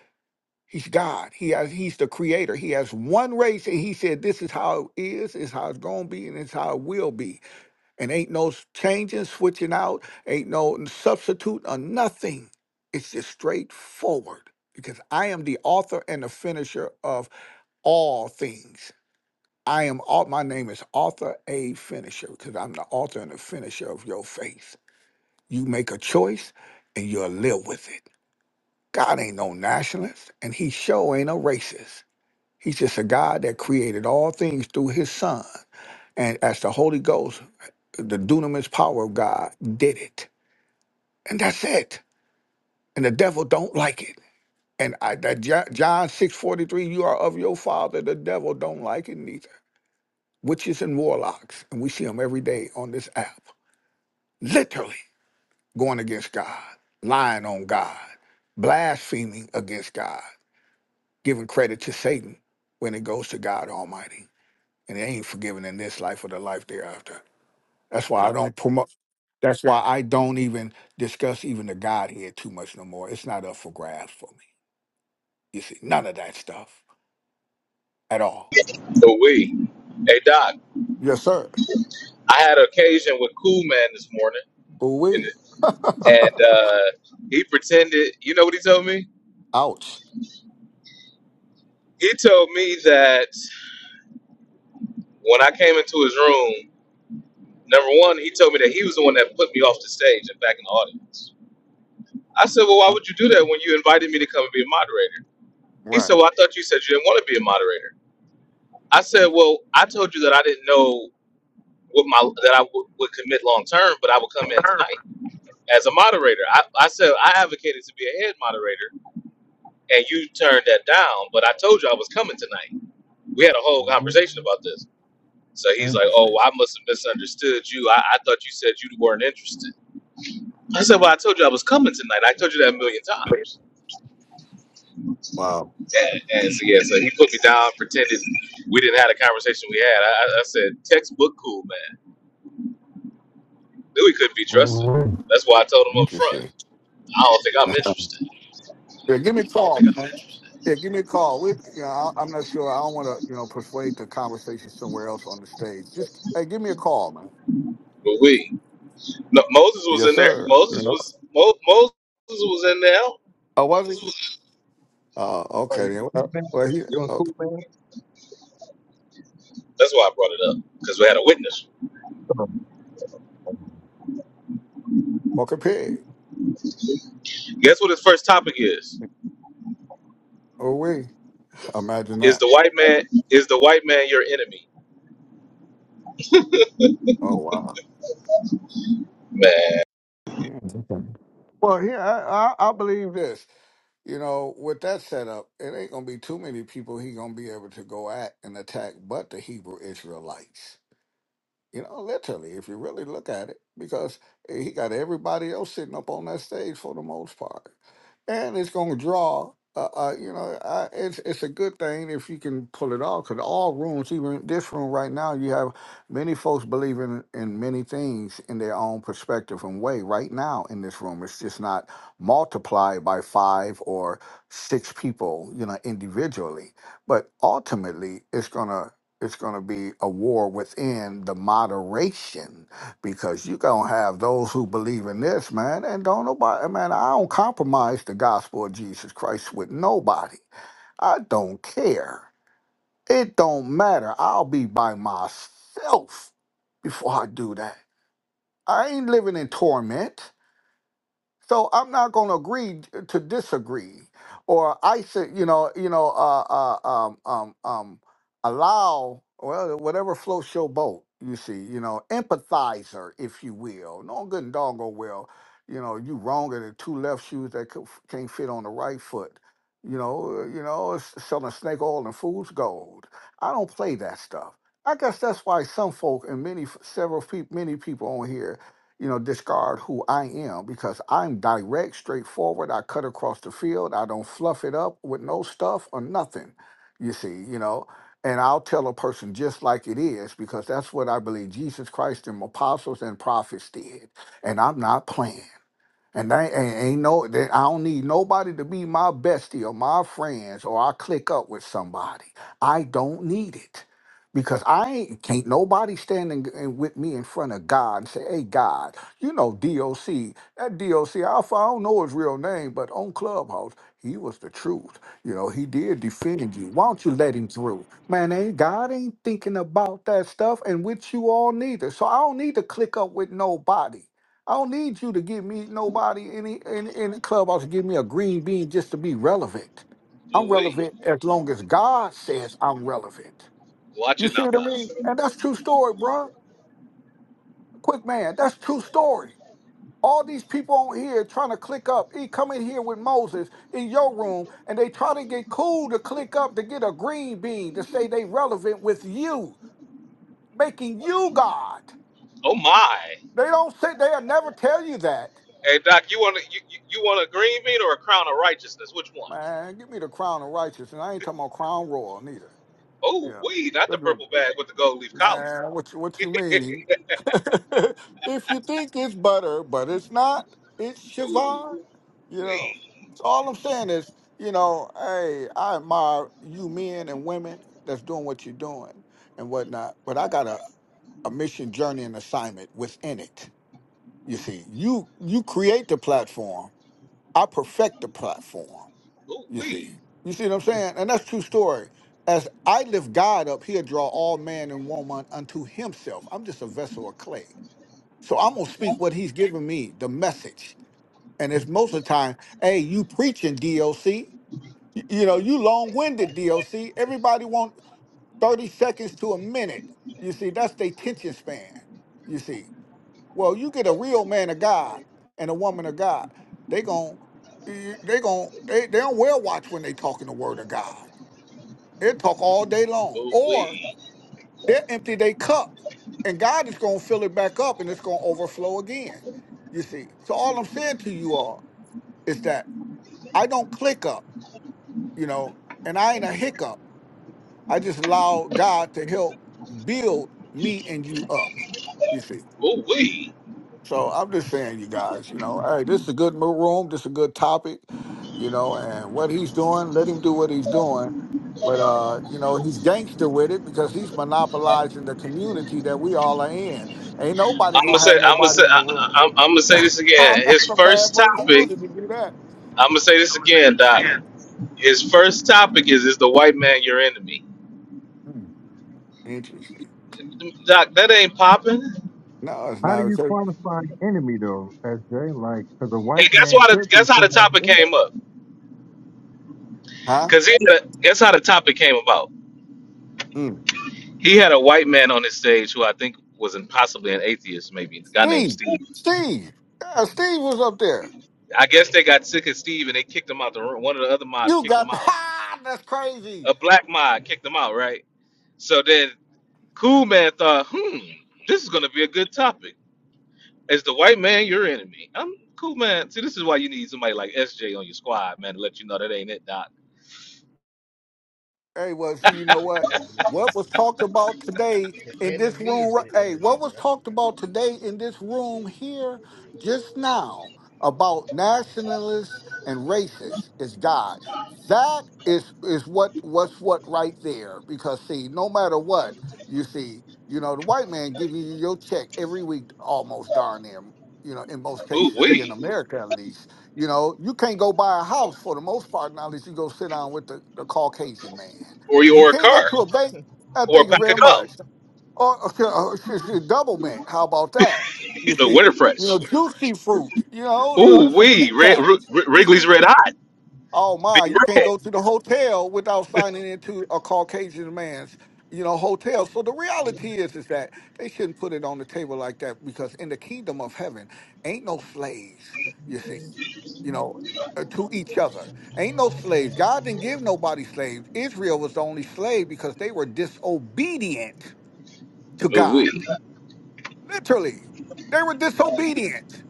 Speaker 5: He's God. He has. He's the creator. He has one race, and he said, "This is how it is. It's how it's gonna be, and it's how it will be." and ain't no s- changing, switching out, ain't no n- substitute or nothing. It's just straightforward because I am the author and the finisher of all things. I am all, my name is Author A Finisher because I'm the author and the finisher of your faith. You make a choice and you'll live with it. God ain't no nationalist and he sure ain't a racist. He's just a God that created all things through his son. And as the Holy Ghost, the dunamis power of God did it And that's it. And the devil don't like it. And I, that Jo- John 6:43, you are of your father, the devil don't like it neither. Witches and warlocks, and we see them every day on this app. Literally going against God, lying on God, blaspheming against God, giving credit to Satan when it goes to God Almighty. And it ain't forgiven in this life or the life thereafter. That's why I don't promote that's why I don't even discuss even the Godhead too much no more. It's not up for grabs for me. You see, none of that stuff at all.
Speaker 6: The we. Hey, Doc.
Speaker 5: Yes, sir.
Speaker 6: I had an occasion with Cool Man this morning,
Speaker 5: Oh,
Speaker 6: and,
Speaker 5: we
Speaker 6: and uh, he pretended. You know what he told me?
Speaker 5: Ouch.
Speaker 6: He told me that when I came into his room, number one, he told me that he was the one that put me off the stage and back in the audience. I said, "Well, why would you do that when you invited me to come and be a moderator?" He
Speaker 5: Right.
Speaker 6: said, "Well, I thought you said you didn't want to be a moderator." I said, "Well, I told you that I didn't know." What my that I would would commit long term, but I would come in tonight as a moderator. I, I said I advocated to be a head moderator and you turned that down. But I told you I was coming tonight. We had a whole conversation
Speaker 5: Mm,
Speaker 6: about this. So he's like, oh,
Speaker 5: Interesting.
Speaker 6: I must have misunderstood you. I, I thought you said you weren't interested. I said, well, I told you I was coming tonight. I told you that a million times.
Speaker 5: Wow.
Speaker 6: Yeah. And so, yeah, so he put me down, pretended we didn't have the conversation we had. I, I I said, textbook cool, man. Knew we couldn't be trusted.
Speaker 5: Mhm.
Speaker 6: That's why I told him up
Speaker 5: Interesting.
Speaker 6: front, I don't think I'm interested.
Speaker 5: Yeah, give me a call. Yeah, give me a call. We, you know, I, I'm not sure. I don't want to, you know, persuade the conversation somewhere else on the stage. Just hey, give me a call, man.
Speaker 6: But we, no, Moses was
Speaker 5: Yes,
Speaker 6: in there.
Speaker 5: sir. You
Speaker 6: Moses
Speaker 5: know,
Speaker 6: was, Mo, Moses was in there.
Speaker 5: oh, was he? Uh,
Speaker 2: Oh,
Speaker 5: okay
Speaker 2: you
Speaker 5: then. Well,
Speaker 2: man,
Speaker 5: well, he
Speaker 2: you a cool
Speaker 5: okay.
Speaker 2: man.
Speaker 6: That's why I brought it up, because we had a witness
Speaker 2: So,
Speaker 5: Walker Pig.
Speaker 6: Guess what his first topic is?
Speaker 5: Oh, we imagine
Speaker 6: Is
Speaker 5: that.
Speaker 6: the white man is the white man your enemy?
Speaker 5: Oh, wow.
Speaker 6: Man,
Speaker 5: Yeah, definitely. Well, here I, I I believe this. You know, with that setup, it ain't gonna be too many people he gonna be able to go at and attack, but the Hebrew Israelites. You know, literally, if you really look at it, because he got everybody else sitting up on that stage for the most part, and it's going to draw. Uh, uh, you know, I, it's it's a good thing if you can pull it off, because all rooms, even this room right now, you have many folks believing in many things in their own perspective and way. Right now in this room, it's just not multiplied by five or six people, you know, individually, but ultimately, it's gonna it's going to be a war within the moderation because you're going to have those who believe in this, man. And don't nobody, man, I don't compromise the gospel of Jesus Christ with nobody. I don't care. It don't matter. I'll be by myself before I do that. I ain't living in torment. So I'm not going to agree to disagree, or I said, you know, you know, uh, uh, um, um, um, allow well, whatever floats your boat. You see, you know, empathizer, if you will. No good and doggone well, you know, you wronger than two left shoes that co- can't fit on the right foot. You know, uh, you know, it's selling snake oil and fool's gold. I don't play that stuff. I guess that's why some folk and many, f- several people, many people on here you know, discard who I am because I'm direct, straightforward. I cut across the field. I don't fluff it up with no stuff or nothing, you see, you know. And I'll tell a person just like it is because that's what I believe Jesus Christ and apostles and prophets did. And I'm not playing. And I ain't, ain't no, they, I don't need nobody to be my bestie or my friends or I click up with somebody. I don't need it because I ain't, can't nobody standing with me in front of God and say, hey, God, you know, DOC, that DOC Alpha, I don't know his real name, but on Clubhouse, he was the truth. You know, he did defend you. Why don't you let him through? Man, ain't God ain't thinking about that stuff and with you all neither. So I don't need to click up with nobody. I don't need you to give me nobody any any any clubhouse to give me a green bean just to be relevant. I'm
Speaker 6: ooh
Speaker 5: relevant as long as God says I'm relevant.
Speaker 6: watch
Speaker 5: You
Speaker 6: it
Speaker 5: see
Speaker 6: now,
Speaker 5: what I
Speaker 6: Doc.
Speaker 5: mean? And that's true story, bruh. Quick man, that's true story. All these people on here trying to click up, he come in here with Moses in your room, and they try to get cool to click up to get a green bean to say they relevant with you, making you God.
Speaker 6: Oh my!
Speaker 5: They don't say they'll never tell you that.
Speaker 6: Hey, Doc, you want to you, you you want a green bean or a crown of righteousness? Which one?
Speaker 5: Man, give me the crown of righteousness. And I ain't talking about crown royal neither.
Speaker 6: Oh
Speaker 5: Yeah.
Speaker 6: wee, not the
Speaker 5: Good drink.
Speaker 6: purple bag with the gold leaf collar.
Speaker 5: Man, what you, what you mean? if you think it's butter, but it's not, it's
Speaker 6: Ooh
Speaker 5: Siobhan. You know.
Speaker 6: wee,
Speaker 5: So all I'm saying is, you know, hey, I admire you men and women that's doing what you're doing and whatnot. But I got a, a mission, journey, and assignment within it. You see, you you create the platform. I perfect the platform.
Speaker 6: ooh
Speaker 5: You see,
Speaker 6: wee,
Speaker 5: you see what I'm saying, and that's true story. As I lift God up, He'll draw all man and woman unto Himself. I'm just a vessel of clay, so I'm gonna speak what He's given me, the message. And it's most of the time, hey, you preaching DOC, you know, you long-winded DOC. Everybody want 30 seconds to a minute. You see, that's their tension span. You see, well, you get a real man of God and a woman of God, they gon' they gon' they they don't wear watch when they talking the word of God. They'll talk all day long.
Speaker 6: ooh
Speaker 5: Or
Speaker 6: wee,
Speaker 5: they'll empty their cup and God is going to fill it back up and it's going to overflow again. You see. So all I'm saying to you all is that I don't click up, you know, and I ain't a hiccup. I just allow God to help build me and you up. You see.
Speaker 6: ooh wee.
Speaker 5: So I'm just saying, you guys, you know, hey, this is a good mo- room. This is a good topic, you know, and what he's doing, let him do what he's doing. But, uh, you know, he's gangster with it because he's monopolizing the community that we all are in. Ain't nobody
Speaker 6: I'm gonna
Speaker 5: going to
Speaker 6: say
Speaker 5: have
Speaker 6: I'm gonna say
Speaker 5: nobody in the
Speaker 6: I,
Speaker 5: room.
Speaker 6: I, I'm gonna say this again.
Speaker 5: I'm
Speaker 6: His
Speaker 5: a bad
Speaker 6: first
Speaker 5: motor
Speaker 6: topic.
Speaker 5: student to do that.
Speaker 6: I'm gonna say this again, Doc. His first topic is is the white man your enemy?
Speaker 5: Hmm, interesting.
Speaker 6: Doc, that ain't popping. And
Speaker 5: No, it's
Speaker 2: How do
Speaker 5: not.
Speaker 2: you
Speaker 5: It's a-
Speaker 2: qualify an enemy though, SJ? Like, because a white
Speaker 6: guess
Speaker 2: man
Speaker 6: why? The,
Speaker 2: could be
Speaker 6: guess how the
Speaker 2: somebody's
Speaker 6: topic
Speaker 2: enemy.
Speaker 6: came up?
Speaker 5: Huh?
Speaker 6: Cause he had a, guess how the topic came about.
Speaker 5: Mm.
Speaker 6: He had a white man on his stage who I think was an, possibly an atheist, maybe a guy named
Speaker 5: Steve,
Speaker 6: Steve.
Speaker 5: Steve. Yeah, Steve was up there.
Speaker 6: I guess they got sick of Steve and they kicked him out the room. One of the other mods
Speaker 5: You
Speaker 6: kicked
Speaker 5: got,
Speaker 6: him out.
Speaker 5: ha, that's crazy.
Speaker 6: A black mod kicked him out, right? So then Cool Man thought, hmm, this is gonna be a good topic. Is the white man your enemy? I'm Cool Man. See, this is why you need somebody like SJ on your squad, man, to let you know that ain't it, Doc.
Speaker 5: Hey, well, see, you know
Speaker 4: Like,
Speaker 5: what?
Speaker 4: man, your
Speaker 5: What was
Speaker 4: enemy.
Speaker 5: talked about today
Speaker 4: The
Speaker 5: in this
Speaker 4: enemy
Speaker 5: room?
Speaker 4: is
Speaker 5: ri-
Speaker 4: the
Speaker 5: Hey, what
Speaker 4: enemy,
Speaker 5: was
Speaker 4: right?
Speaker 5: talked about today in this room here just now about
Speaker 4: Sometimes that's
Speaker 5: nationalists and racists is God. That is is what what's what right there. Because see, no matter what, you see, you know, the white man giving you your check every week, almost darn near, you know, in most
Speaker 6: Ooh
Speaker 5: cases here in
Speaker 6: wee,
Speaker 5: America at least you know, you can't go buy a house for the most part now that you go sit down with the, the Caucasian man.
Speaker 6: or
Speaker 5: You
Speaker 6: your or a
Speaker 5: can't go
Speaker 6: car.
Speaker 5: to a bank. I
Speaker 6: or a
Speaker 5: thank you
Speaker 6: pack of
Speaker 5: very
Speaker 6: gum.
Speaker 5: much. Or, or, or, shit, shit, double mint. How about that?
Speaker 6: You
Speaker 5: You
Speaker 6: know,
Speaker 5: see,
Speaker 6: Winter
Speaker 5: you know,
Speaker 6: Fresh.
Speaker 5: juicy fruit. You know,
Speaker 6: Well,
Speaker 5: some
Speaker 6: Ooh
Speaker 5: some
Speaker 6: wee,
Speaker 5: Tic
Speaker 6: red,
Speaker 5: Tacs.
Speaker 6: Wr-
Speaker 5: You see,
Speaker 6: Wrigley's Red Hot,
Speaker 5: Oh
Speaker 6: Big
Speaker 5: my, you can't
Speaker 6: Red.
Speaker 5: go to the hotel without signing into a Caucasian man's, you know, hotel. So the reality is is that they shouldn't put it on the table like that because in the kingdom of heaven ain't no slaves, you see, you know, uh, to each other. Ain't no slaves. God didn't give nobody slaves. Israel was the only slave because they were disobedient to
Speaker 6: Ooh
Speaker 5: God.
Speaker 6: wee.
Speaker 5: Literally. They were disobedient.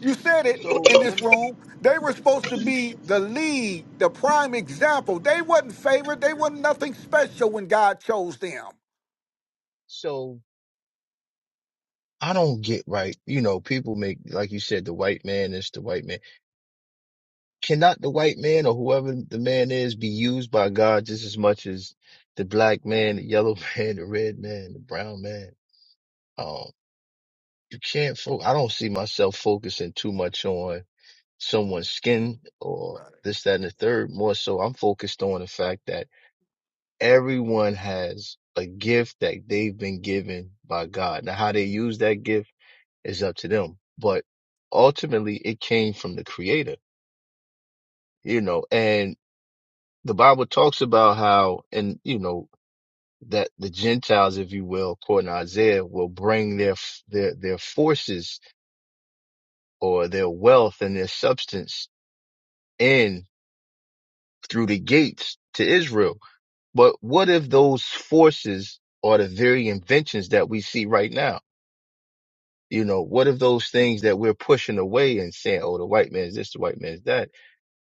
Speaker 5: You said it
Speaker 4: so.
Speaker 5: in
Speaker 4: Let
Speaker 5: this
Speaker 4: me.
Speaker 5: room. They were supposed to be the lead, the prime example. They wasn't favored. They wasn't nothing special when God chose them.
Speaker 4: So I don't get right. You know, people make like you said, the white man is the white man. Cannot the white man or whoever the man is be used by God just as much as the black man, the yellow man, the red man, the brown man? Um, you can't fo- I don't see myself focusing too much on someone's skin or
Speaker 5: Right.
Speaker 4: this, that, and the third. More so, I'm focused on the fact that everyone has a gift that they've been given by God. Now, how they use that gift is up to them, but ultimately it came from the creator, you know, and the Bible talks about how, and you know, that the Gentiles, if you will, according to Isaiah, will bring their, f- their, their forces or their wealth and their substance in through the gates to Israel. But what if those forces are the very inventions that we see right now? You know, what if those things that we're pushing away and saying, oh, the white man is this, the white man is that.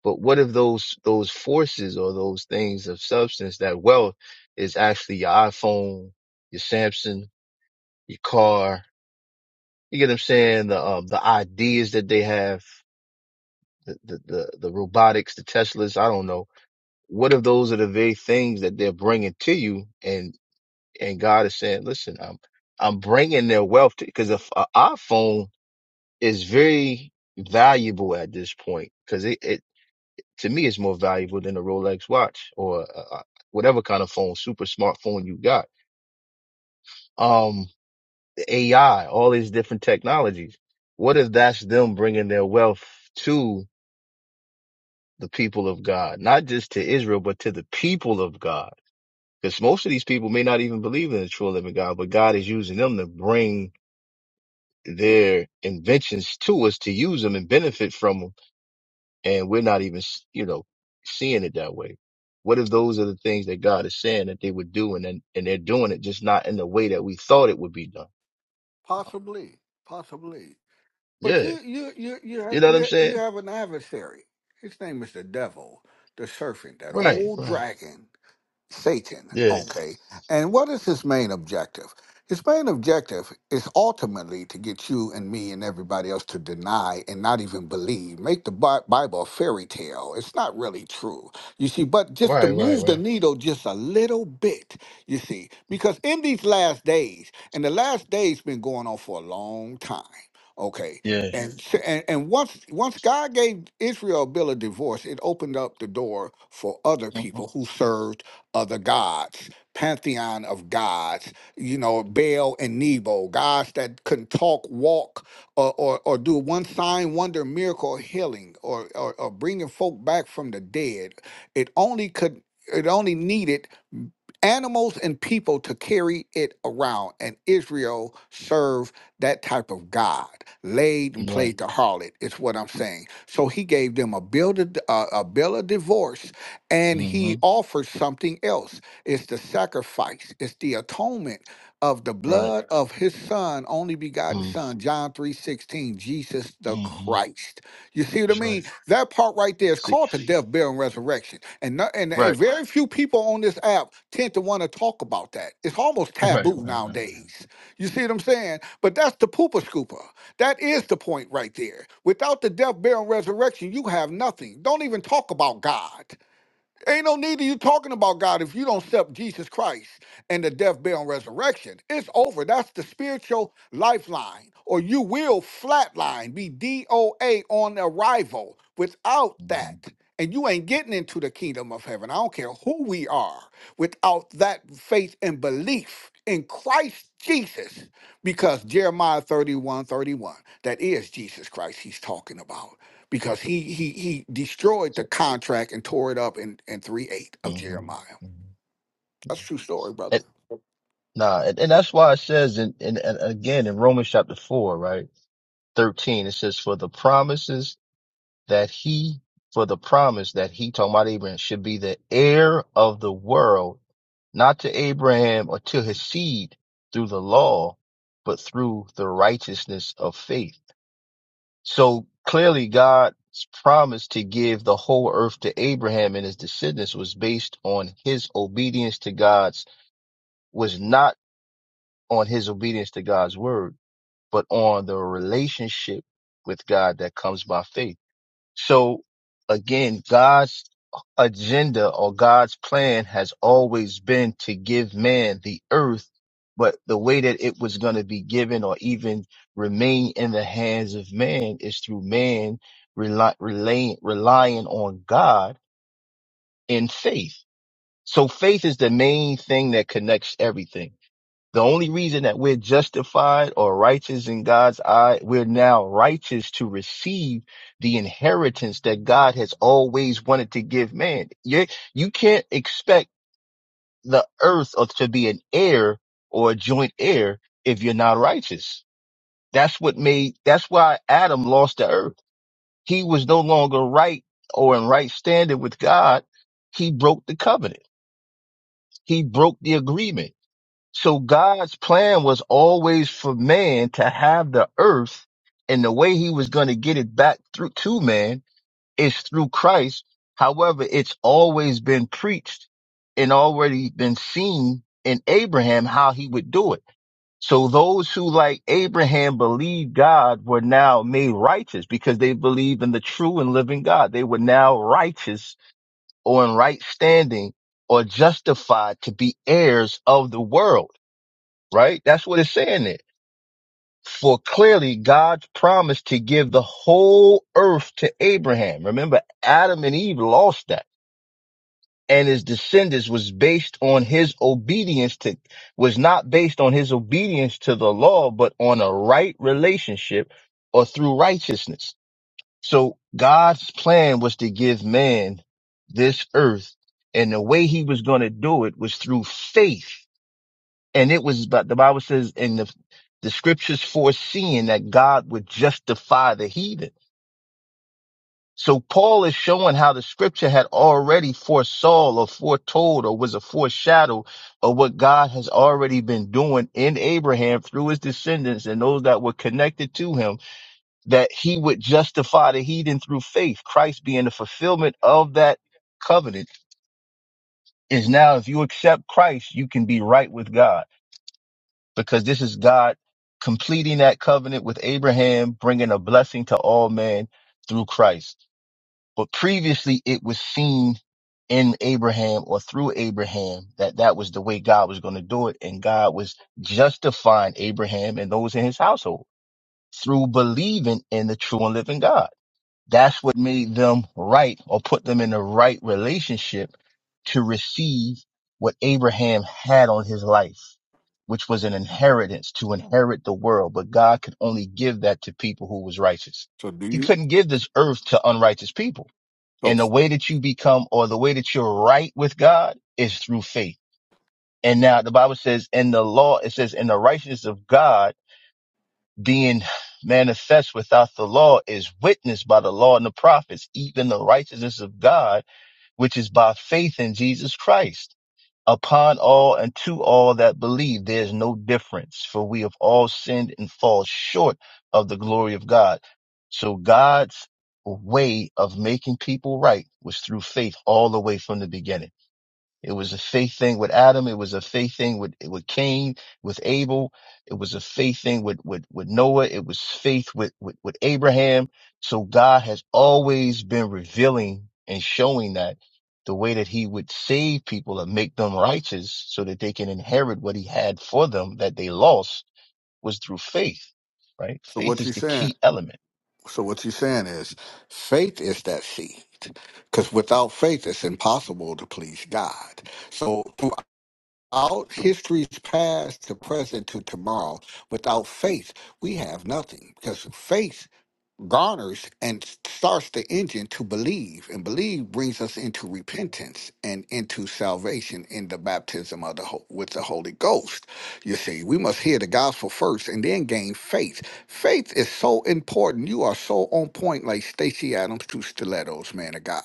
Speaker 4: But what if those, those forces or those things of substance, that wealth is actually your iPhone, your Samsung, your car. You get what I'm saying? The, um, the ideas that they have, the, the, the, the robotics, the Teslas. I don't know what if those are the very things that they're bringing to you and and god is saying listen i'm i'm bringing their wealth to because if an iphone is very valuable at this point because it, it to me is more valuable than a rolex watch or a, a- whatever kind of phone super smartphone you got um ai all these different technologies what if that's them bringing their wealth to the people of god not just to israel but to the people of god Because most of these people may not even believe in the true and living God, but God is using them to bring their inventions to us to use them and benefit from them. And we're not even, you know, seeing it that way. What if those are the things that God is saying that they would do and then, and they're doing it just not in the way that we thought it would be done?
Speaker 5: Possibly. Possibly. But
Speaker 4: Yeah.
Speaker 5: you, you, you, you, ha-
Speaker 4: You know what I'm
Speaker 5: you, you
Speaker 4: saying?
Speaker 5: have an adversary. His name is the devil, the serpent, that Right.
Speaker 4: Right.
Speaker 5: old
Speaker 4: Right.
Speaker 5: dragon. Satan.
Speaker 4: Yeah.
Speaker 5: Okay. And what is his main objective? His main objective is ultimately to get you and me and everybody else to deny and not even believe. Make the Bi- Bible a fairy tale. It's not really true. You see, but just to
Speaker 4: Right. Right.
Speaker 5: move Right. the
Speaker 4: Right.
Speaker 5: needle just a little bit, you see, because in these last days, and the last days been going on for a long time, okay?
Speaker 4: Yeah.
Speaker 5: And, Yes. s- and and once once God gave Israel a bill of divorce, it opened up the door for other
Speaker 4: Mhm.
Speaker 5: people who served of the gods, pantheon of gods, you know, Baal and Nebo, gods that can talk, walk, or, or, or do one sign, wonder, miracle, or healing, or, or, or bringing folk back from the dead. It only could, it only needed animals and people to carry it around. And Israel served that type of God, laid and
Speaker 4: Right.
Speaker 5: played the harlot, is what I'm saying. So he gave them a, bill to, uh, a bill of divorce and
Speaker 4: hmm
Speaker 5: he offered something else. It's the sacrifice, it's the atonement of the
Speaker 4: Right.
Speaker 5: blood of his son, only begotten
Speaker 4: Mm-hmm.
Speaker 5: son, John 3 16, Jesus the
Speaker 4: Mm-hmm.
Speaker 5: Christ. You see what I
Speaker 4: That's
Speaker 5: mean?
Speaker 4: right.
Speaker 5: That part right there is
Speaker 4: See.
Speaker 5: called the death, burial, and resurrection. And, no- and and
Speaker 4: Right.
Speaker 5: very few people on this app tend to want to talk about that. It's almost
Speaker 4: Right.
Speaker 5: taboo
Speaker 4: Right. Right. right.
Speaker 5: nowadays. You see what I'm saying? But that's the pooper scooper. That is the point right there. Without the death, burial, and resurrection, you have nothing. Don't even talk about God. Ain't no need of you talking about God if you don't accept Jesus Christ and the death, burial, and resurrection. It's over. That's the spiritual lifeline, or you will flatline, be DOA on arrival. Without
Speaker 4: Mhm.
Speaker 5: that, and you ain't getting into the kingdom of heaven. I don't care who we are. Without that faith and belief in Christ Jesus, because Jeremiah 31, 31, that is Jesus Christ he's talking about because he he he destroyed the contract and tore it up in in three eight of
Speaker 4: hmm
Speaker 5: Jeremiah. That's a true story, brother.
Speaker 4: And, nah, and, and that's why it says, in, in, and again, in Romans chapter 4, right, 13, it says, for the promises that he, for the promise that he, talking about Abraham, should be the heir of the world, not to Abraham or to his seed through the law, but through the righteousness of faith. So clearly God's promise to give the whole earth to Abraham and his descendants was based on his obedience to God's was not on his obedience to God's word, but on the relationship with God that comes by faith. So again, God's agenda or God's plan has always been to give man the earth, but the way that it was going to be given or even remain in the hands of man is through man rely, relying, relying on God in faith. So faith is the main thing that connects everything the only reason that we're justified or righteous in God's eye, we're now righteous to receive the inheritance that God has always wanted to give man. You, you can't expect the earth or to be an heir or a joint heir if you're not righteous. That's what made, that's why Adam lost the earth. He was no longer right or in right standing with God. He broke the covenant. He broke the agreement So God's plan was always for man to have the earth, and the way he was going to get it back through to man is through Christ. However, it's always been preached and already been seen in Abraham how he would do it. So those who like Abraham believed God were now made righteous because they believed in the true and living God. They were now righteous or in right standing or justified to be heirs of the world right? That's what it's saying there. For clearly God's promise to give the whole earth to Abraham. Remember, Adam and Eve lost that. And his descendants was based on his obedience to, was not based on his obedience to the law, but on a right relationship or through righteousness. So God's plan was to give man this earth. And the way he was going to do it was through faith and it was, but the Bible says in the, the scriptures foreseeing that God would justify the heathen. So Paul is showing how the scripture had already foresaw or foretold or was a foreshadow of what God has already been doing in Abraham through his descendants and those that were connected to him, that he would justify the heathen through faith. Christ being the fulfillment of that covenant is now, if you accept Christ, you can be right with God. because this is God completing that covenant with Abraham, bringing a blessing to all men through Christ. But previously it was seen in Abraham or through Abraham that that was the way God was going to do it. And God was justifying Abraham and those in his household through believing in the true and living God. That's what made them right or put them in the right relationship to receive what Abraham had on his life, which was an inheritance to inherit the world. But God could only give that to people who was righteous.
Speaker 5: So do
Speaker 4: He
Speaker 5: you?
Speaker 4: couldn't give this earth to unrighteous people. And the way that you become or the way that you're right with God is through faith. And now the Bible says in the law, it says in the righteousness of God, being manifest without the law is witnessed by the law and the prophets, even the righteousness of God, which is by faith in Jesus Christ. Upon all and to all that believe, there is no difference, for we have all sinned and fall short of the glory of God. So God's way of making people right was through faith all the way from the beginning. It was a faith thing with Adam. It was a faith thing with, with Cain, with Abel. It was a faith thing with, with, with Noah. It was faith with, with, with Abraham. So God has always been revealing and showing that the way that he would save people and make them righteous so that they can inherit what he had for them that they lost was through faith, right?
Speaker 5: So
Speaker 4: Faith
Speaker 5: what you
Speaker 4: is the
Speaker 5: saying?
Speaker 4: key element.
Speaker 5: So what you saying is, faith is that seed, because without faith, it's impossible to please God. So out history's past to present to tomorrow. Without faith, we have nothing because faith garners and starts the engine to believe, and believe brings us into repentance and into salvation in the baptism of the Ho- with the Holy Ghost. You see, we must hear the gospel first and then gain faith. Faith is so important. You are so on point, like Stacy Adams to Stilettos, man of God,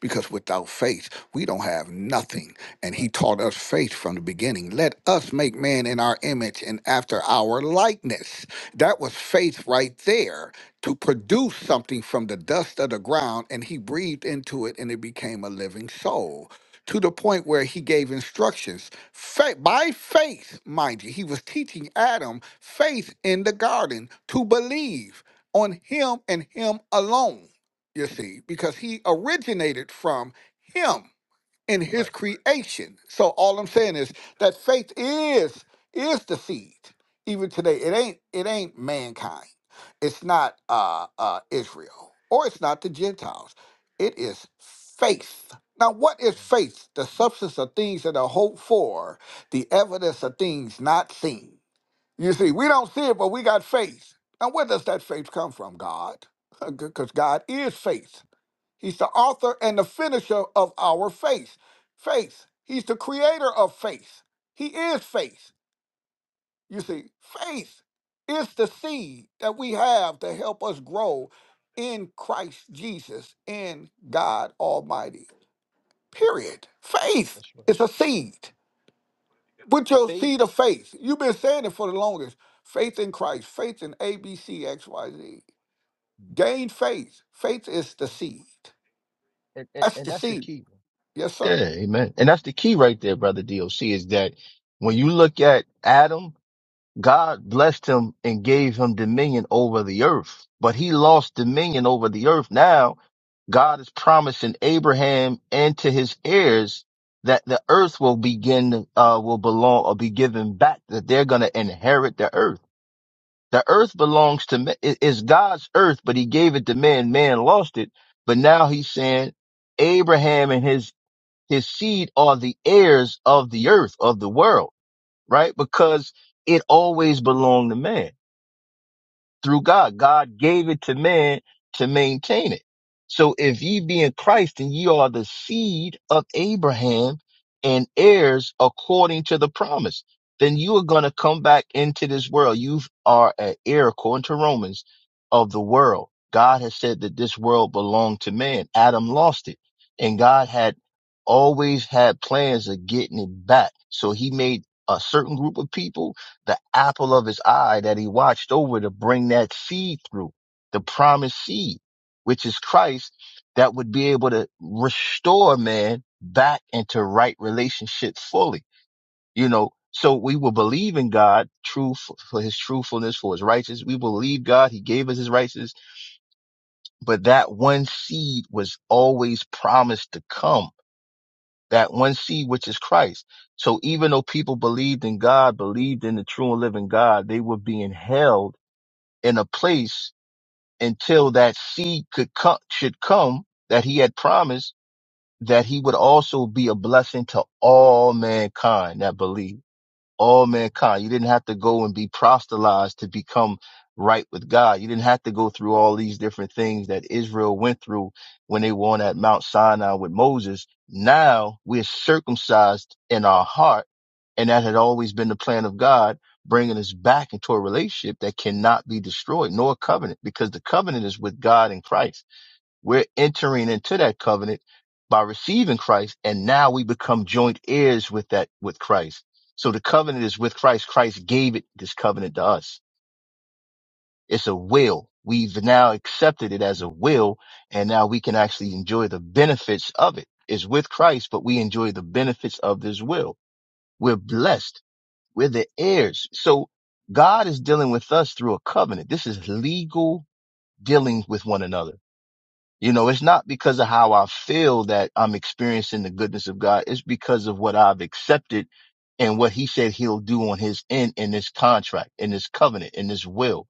Speaker 5: because without faith, we don't have nothing. And he taught us faith from the beginning. Let us make man in our image and after our likeness. That was faith right there to produce something from the dust of the ground. And he breathed into it and it became a living soul to the point where he gave instructions Fa- by faith, mind you. He was teaching Adam faith in the garden to believe on him and him alone, you see, because he originated from him in his
Speaker 4: Right.
Speaker 5: creation. So all I'm saying is that faith is is the seed. Even today, it ain't it ain't mankind. It's not uh, uh, Israel or it's not the Gentiles. It is faith. Now, what is
Speaker 4: right.
Speaker 5: faith? The substance of things that are hoped for, the evidence of things not seen. You see, we
Speaker 4: hmm
Speaker 5: don't see it, but we got faith. Now, where does that faith come from, God? Because God is faith. He's the author and the finisher of our faith. Faith. He's the creator of faith. He is faith. You see, faith is the seed that we have to help us grow in Christ Jesus, in God Almighty. Period. Faith
Speaker 4: That's right.
Speaker 5: is a seed. Put your
Speaker 4: Faith.
Speaker 5: seed of faith. You've been saying it for the longest. Faith in Christ, faith in ABCXYZ.
Speaker 4: Mhm.
Speaker 5: Gain faith. Faith is the
Speaker 4: Right.
Speaker 5: seed.
Speaker 4: And, and
Speaker 5: That's
Speaker 4: and
Speaker 5: the
Speaker 4: that's the
Speaker 5: seed.
Speaker 4: key.
Speaker 5: Yes, sir.
Speaker 4: Yeah, amen. And that's the key right there, brother DOC, is that when you look at Adam, God blessed him and gave him dominion over the earth, but he lost dominion over the earth. Now God is promising Abraham and to his heirs that the earth will begin, uh, will belong or be given back, that they're going to inherit the earth. The earth belongs to man. It is God's earth, but he gave it to man. Man lost it. But now he's saying, Abraham and his his seed are the heirs of the earth, of the world, right? Because it always belonged to man through God. God gave it to man to maintain it. So if ye be in Christ, then ye are the seed of Abraham and heirs according to the promise. Then you are going to come back into this world. You are an heir, according to Romans, of the world. God has said that this world belonged to man. Adam lost it. And God had always had plans of getting it back. So he made a certain group of people the apple of his eye that he watched over to bring that seed through, the promised seed, which is Christ that would be able to restore man back into right relationship fully. You know, so we will believe in God true for, for his truthfulness, for his righteousness. We believe God. He gave us his righteousness, but that one seed was always promised to come that one seed, which is Christ. So even though people believed in God, believed in the true and living God, they were being held in a place until that seed could come, should come that he had promised that he would also be a blessing to all mankind that believe all mankind. You didn't have to go and be proselytized to become right with God. You didn't have to go through all these different things that Israel went through when they were on at Mount Sinai with Moses. Now we're circumcised in our heart. And that had always been the plan of God, bringing us back into a relationship that cannot be destroyed, nor a covenant, because the covenant is with God and Christ. We're entering into that covenant by receiving Christ, and now we become joint heirs with that, with Christ. So the covenant is with Christ. Christ gave it, this covenant to us. It's a will. We've now accepted it as a will, and now we can actually enjoy the benefits of it. It's with Christ, but we enjoy the benefits of this will. We're blessed. We're the heirs. So God is dealing with us through a covenant. This is legal dealing with one another. You know, it's not because of how I feel that I'm experiencing the goodness of God. It's because of what I've accepted and what he said he'll do on his end in this contract, in this covenant, in this will.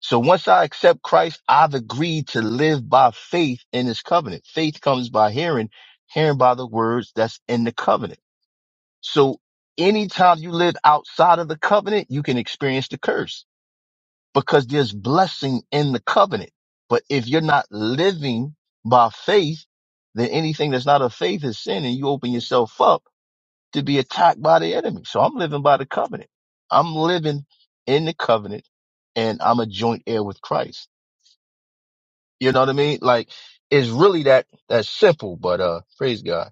Speaker 4: So once I accept Christ, I've agreed to live by faith in his covenant. Faith comes by hearing, hearing by the words that's in the covenant. So anytime you live outside of the covenant, you can experience the curse because there's blessing in the covenant. But if you're not living by faith, then anything that's not of faith is sin and you open yourself up to be attacked by the enemy. So I'm living by the covenant. I'm living in the covenant and I'm a joint heir with Christ. You know what I mean? Like it's really that, that simple, but, uh, praise God.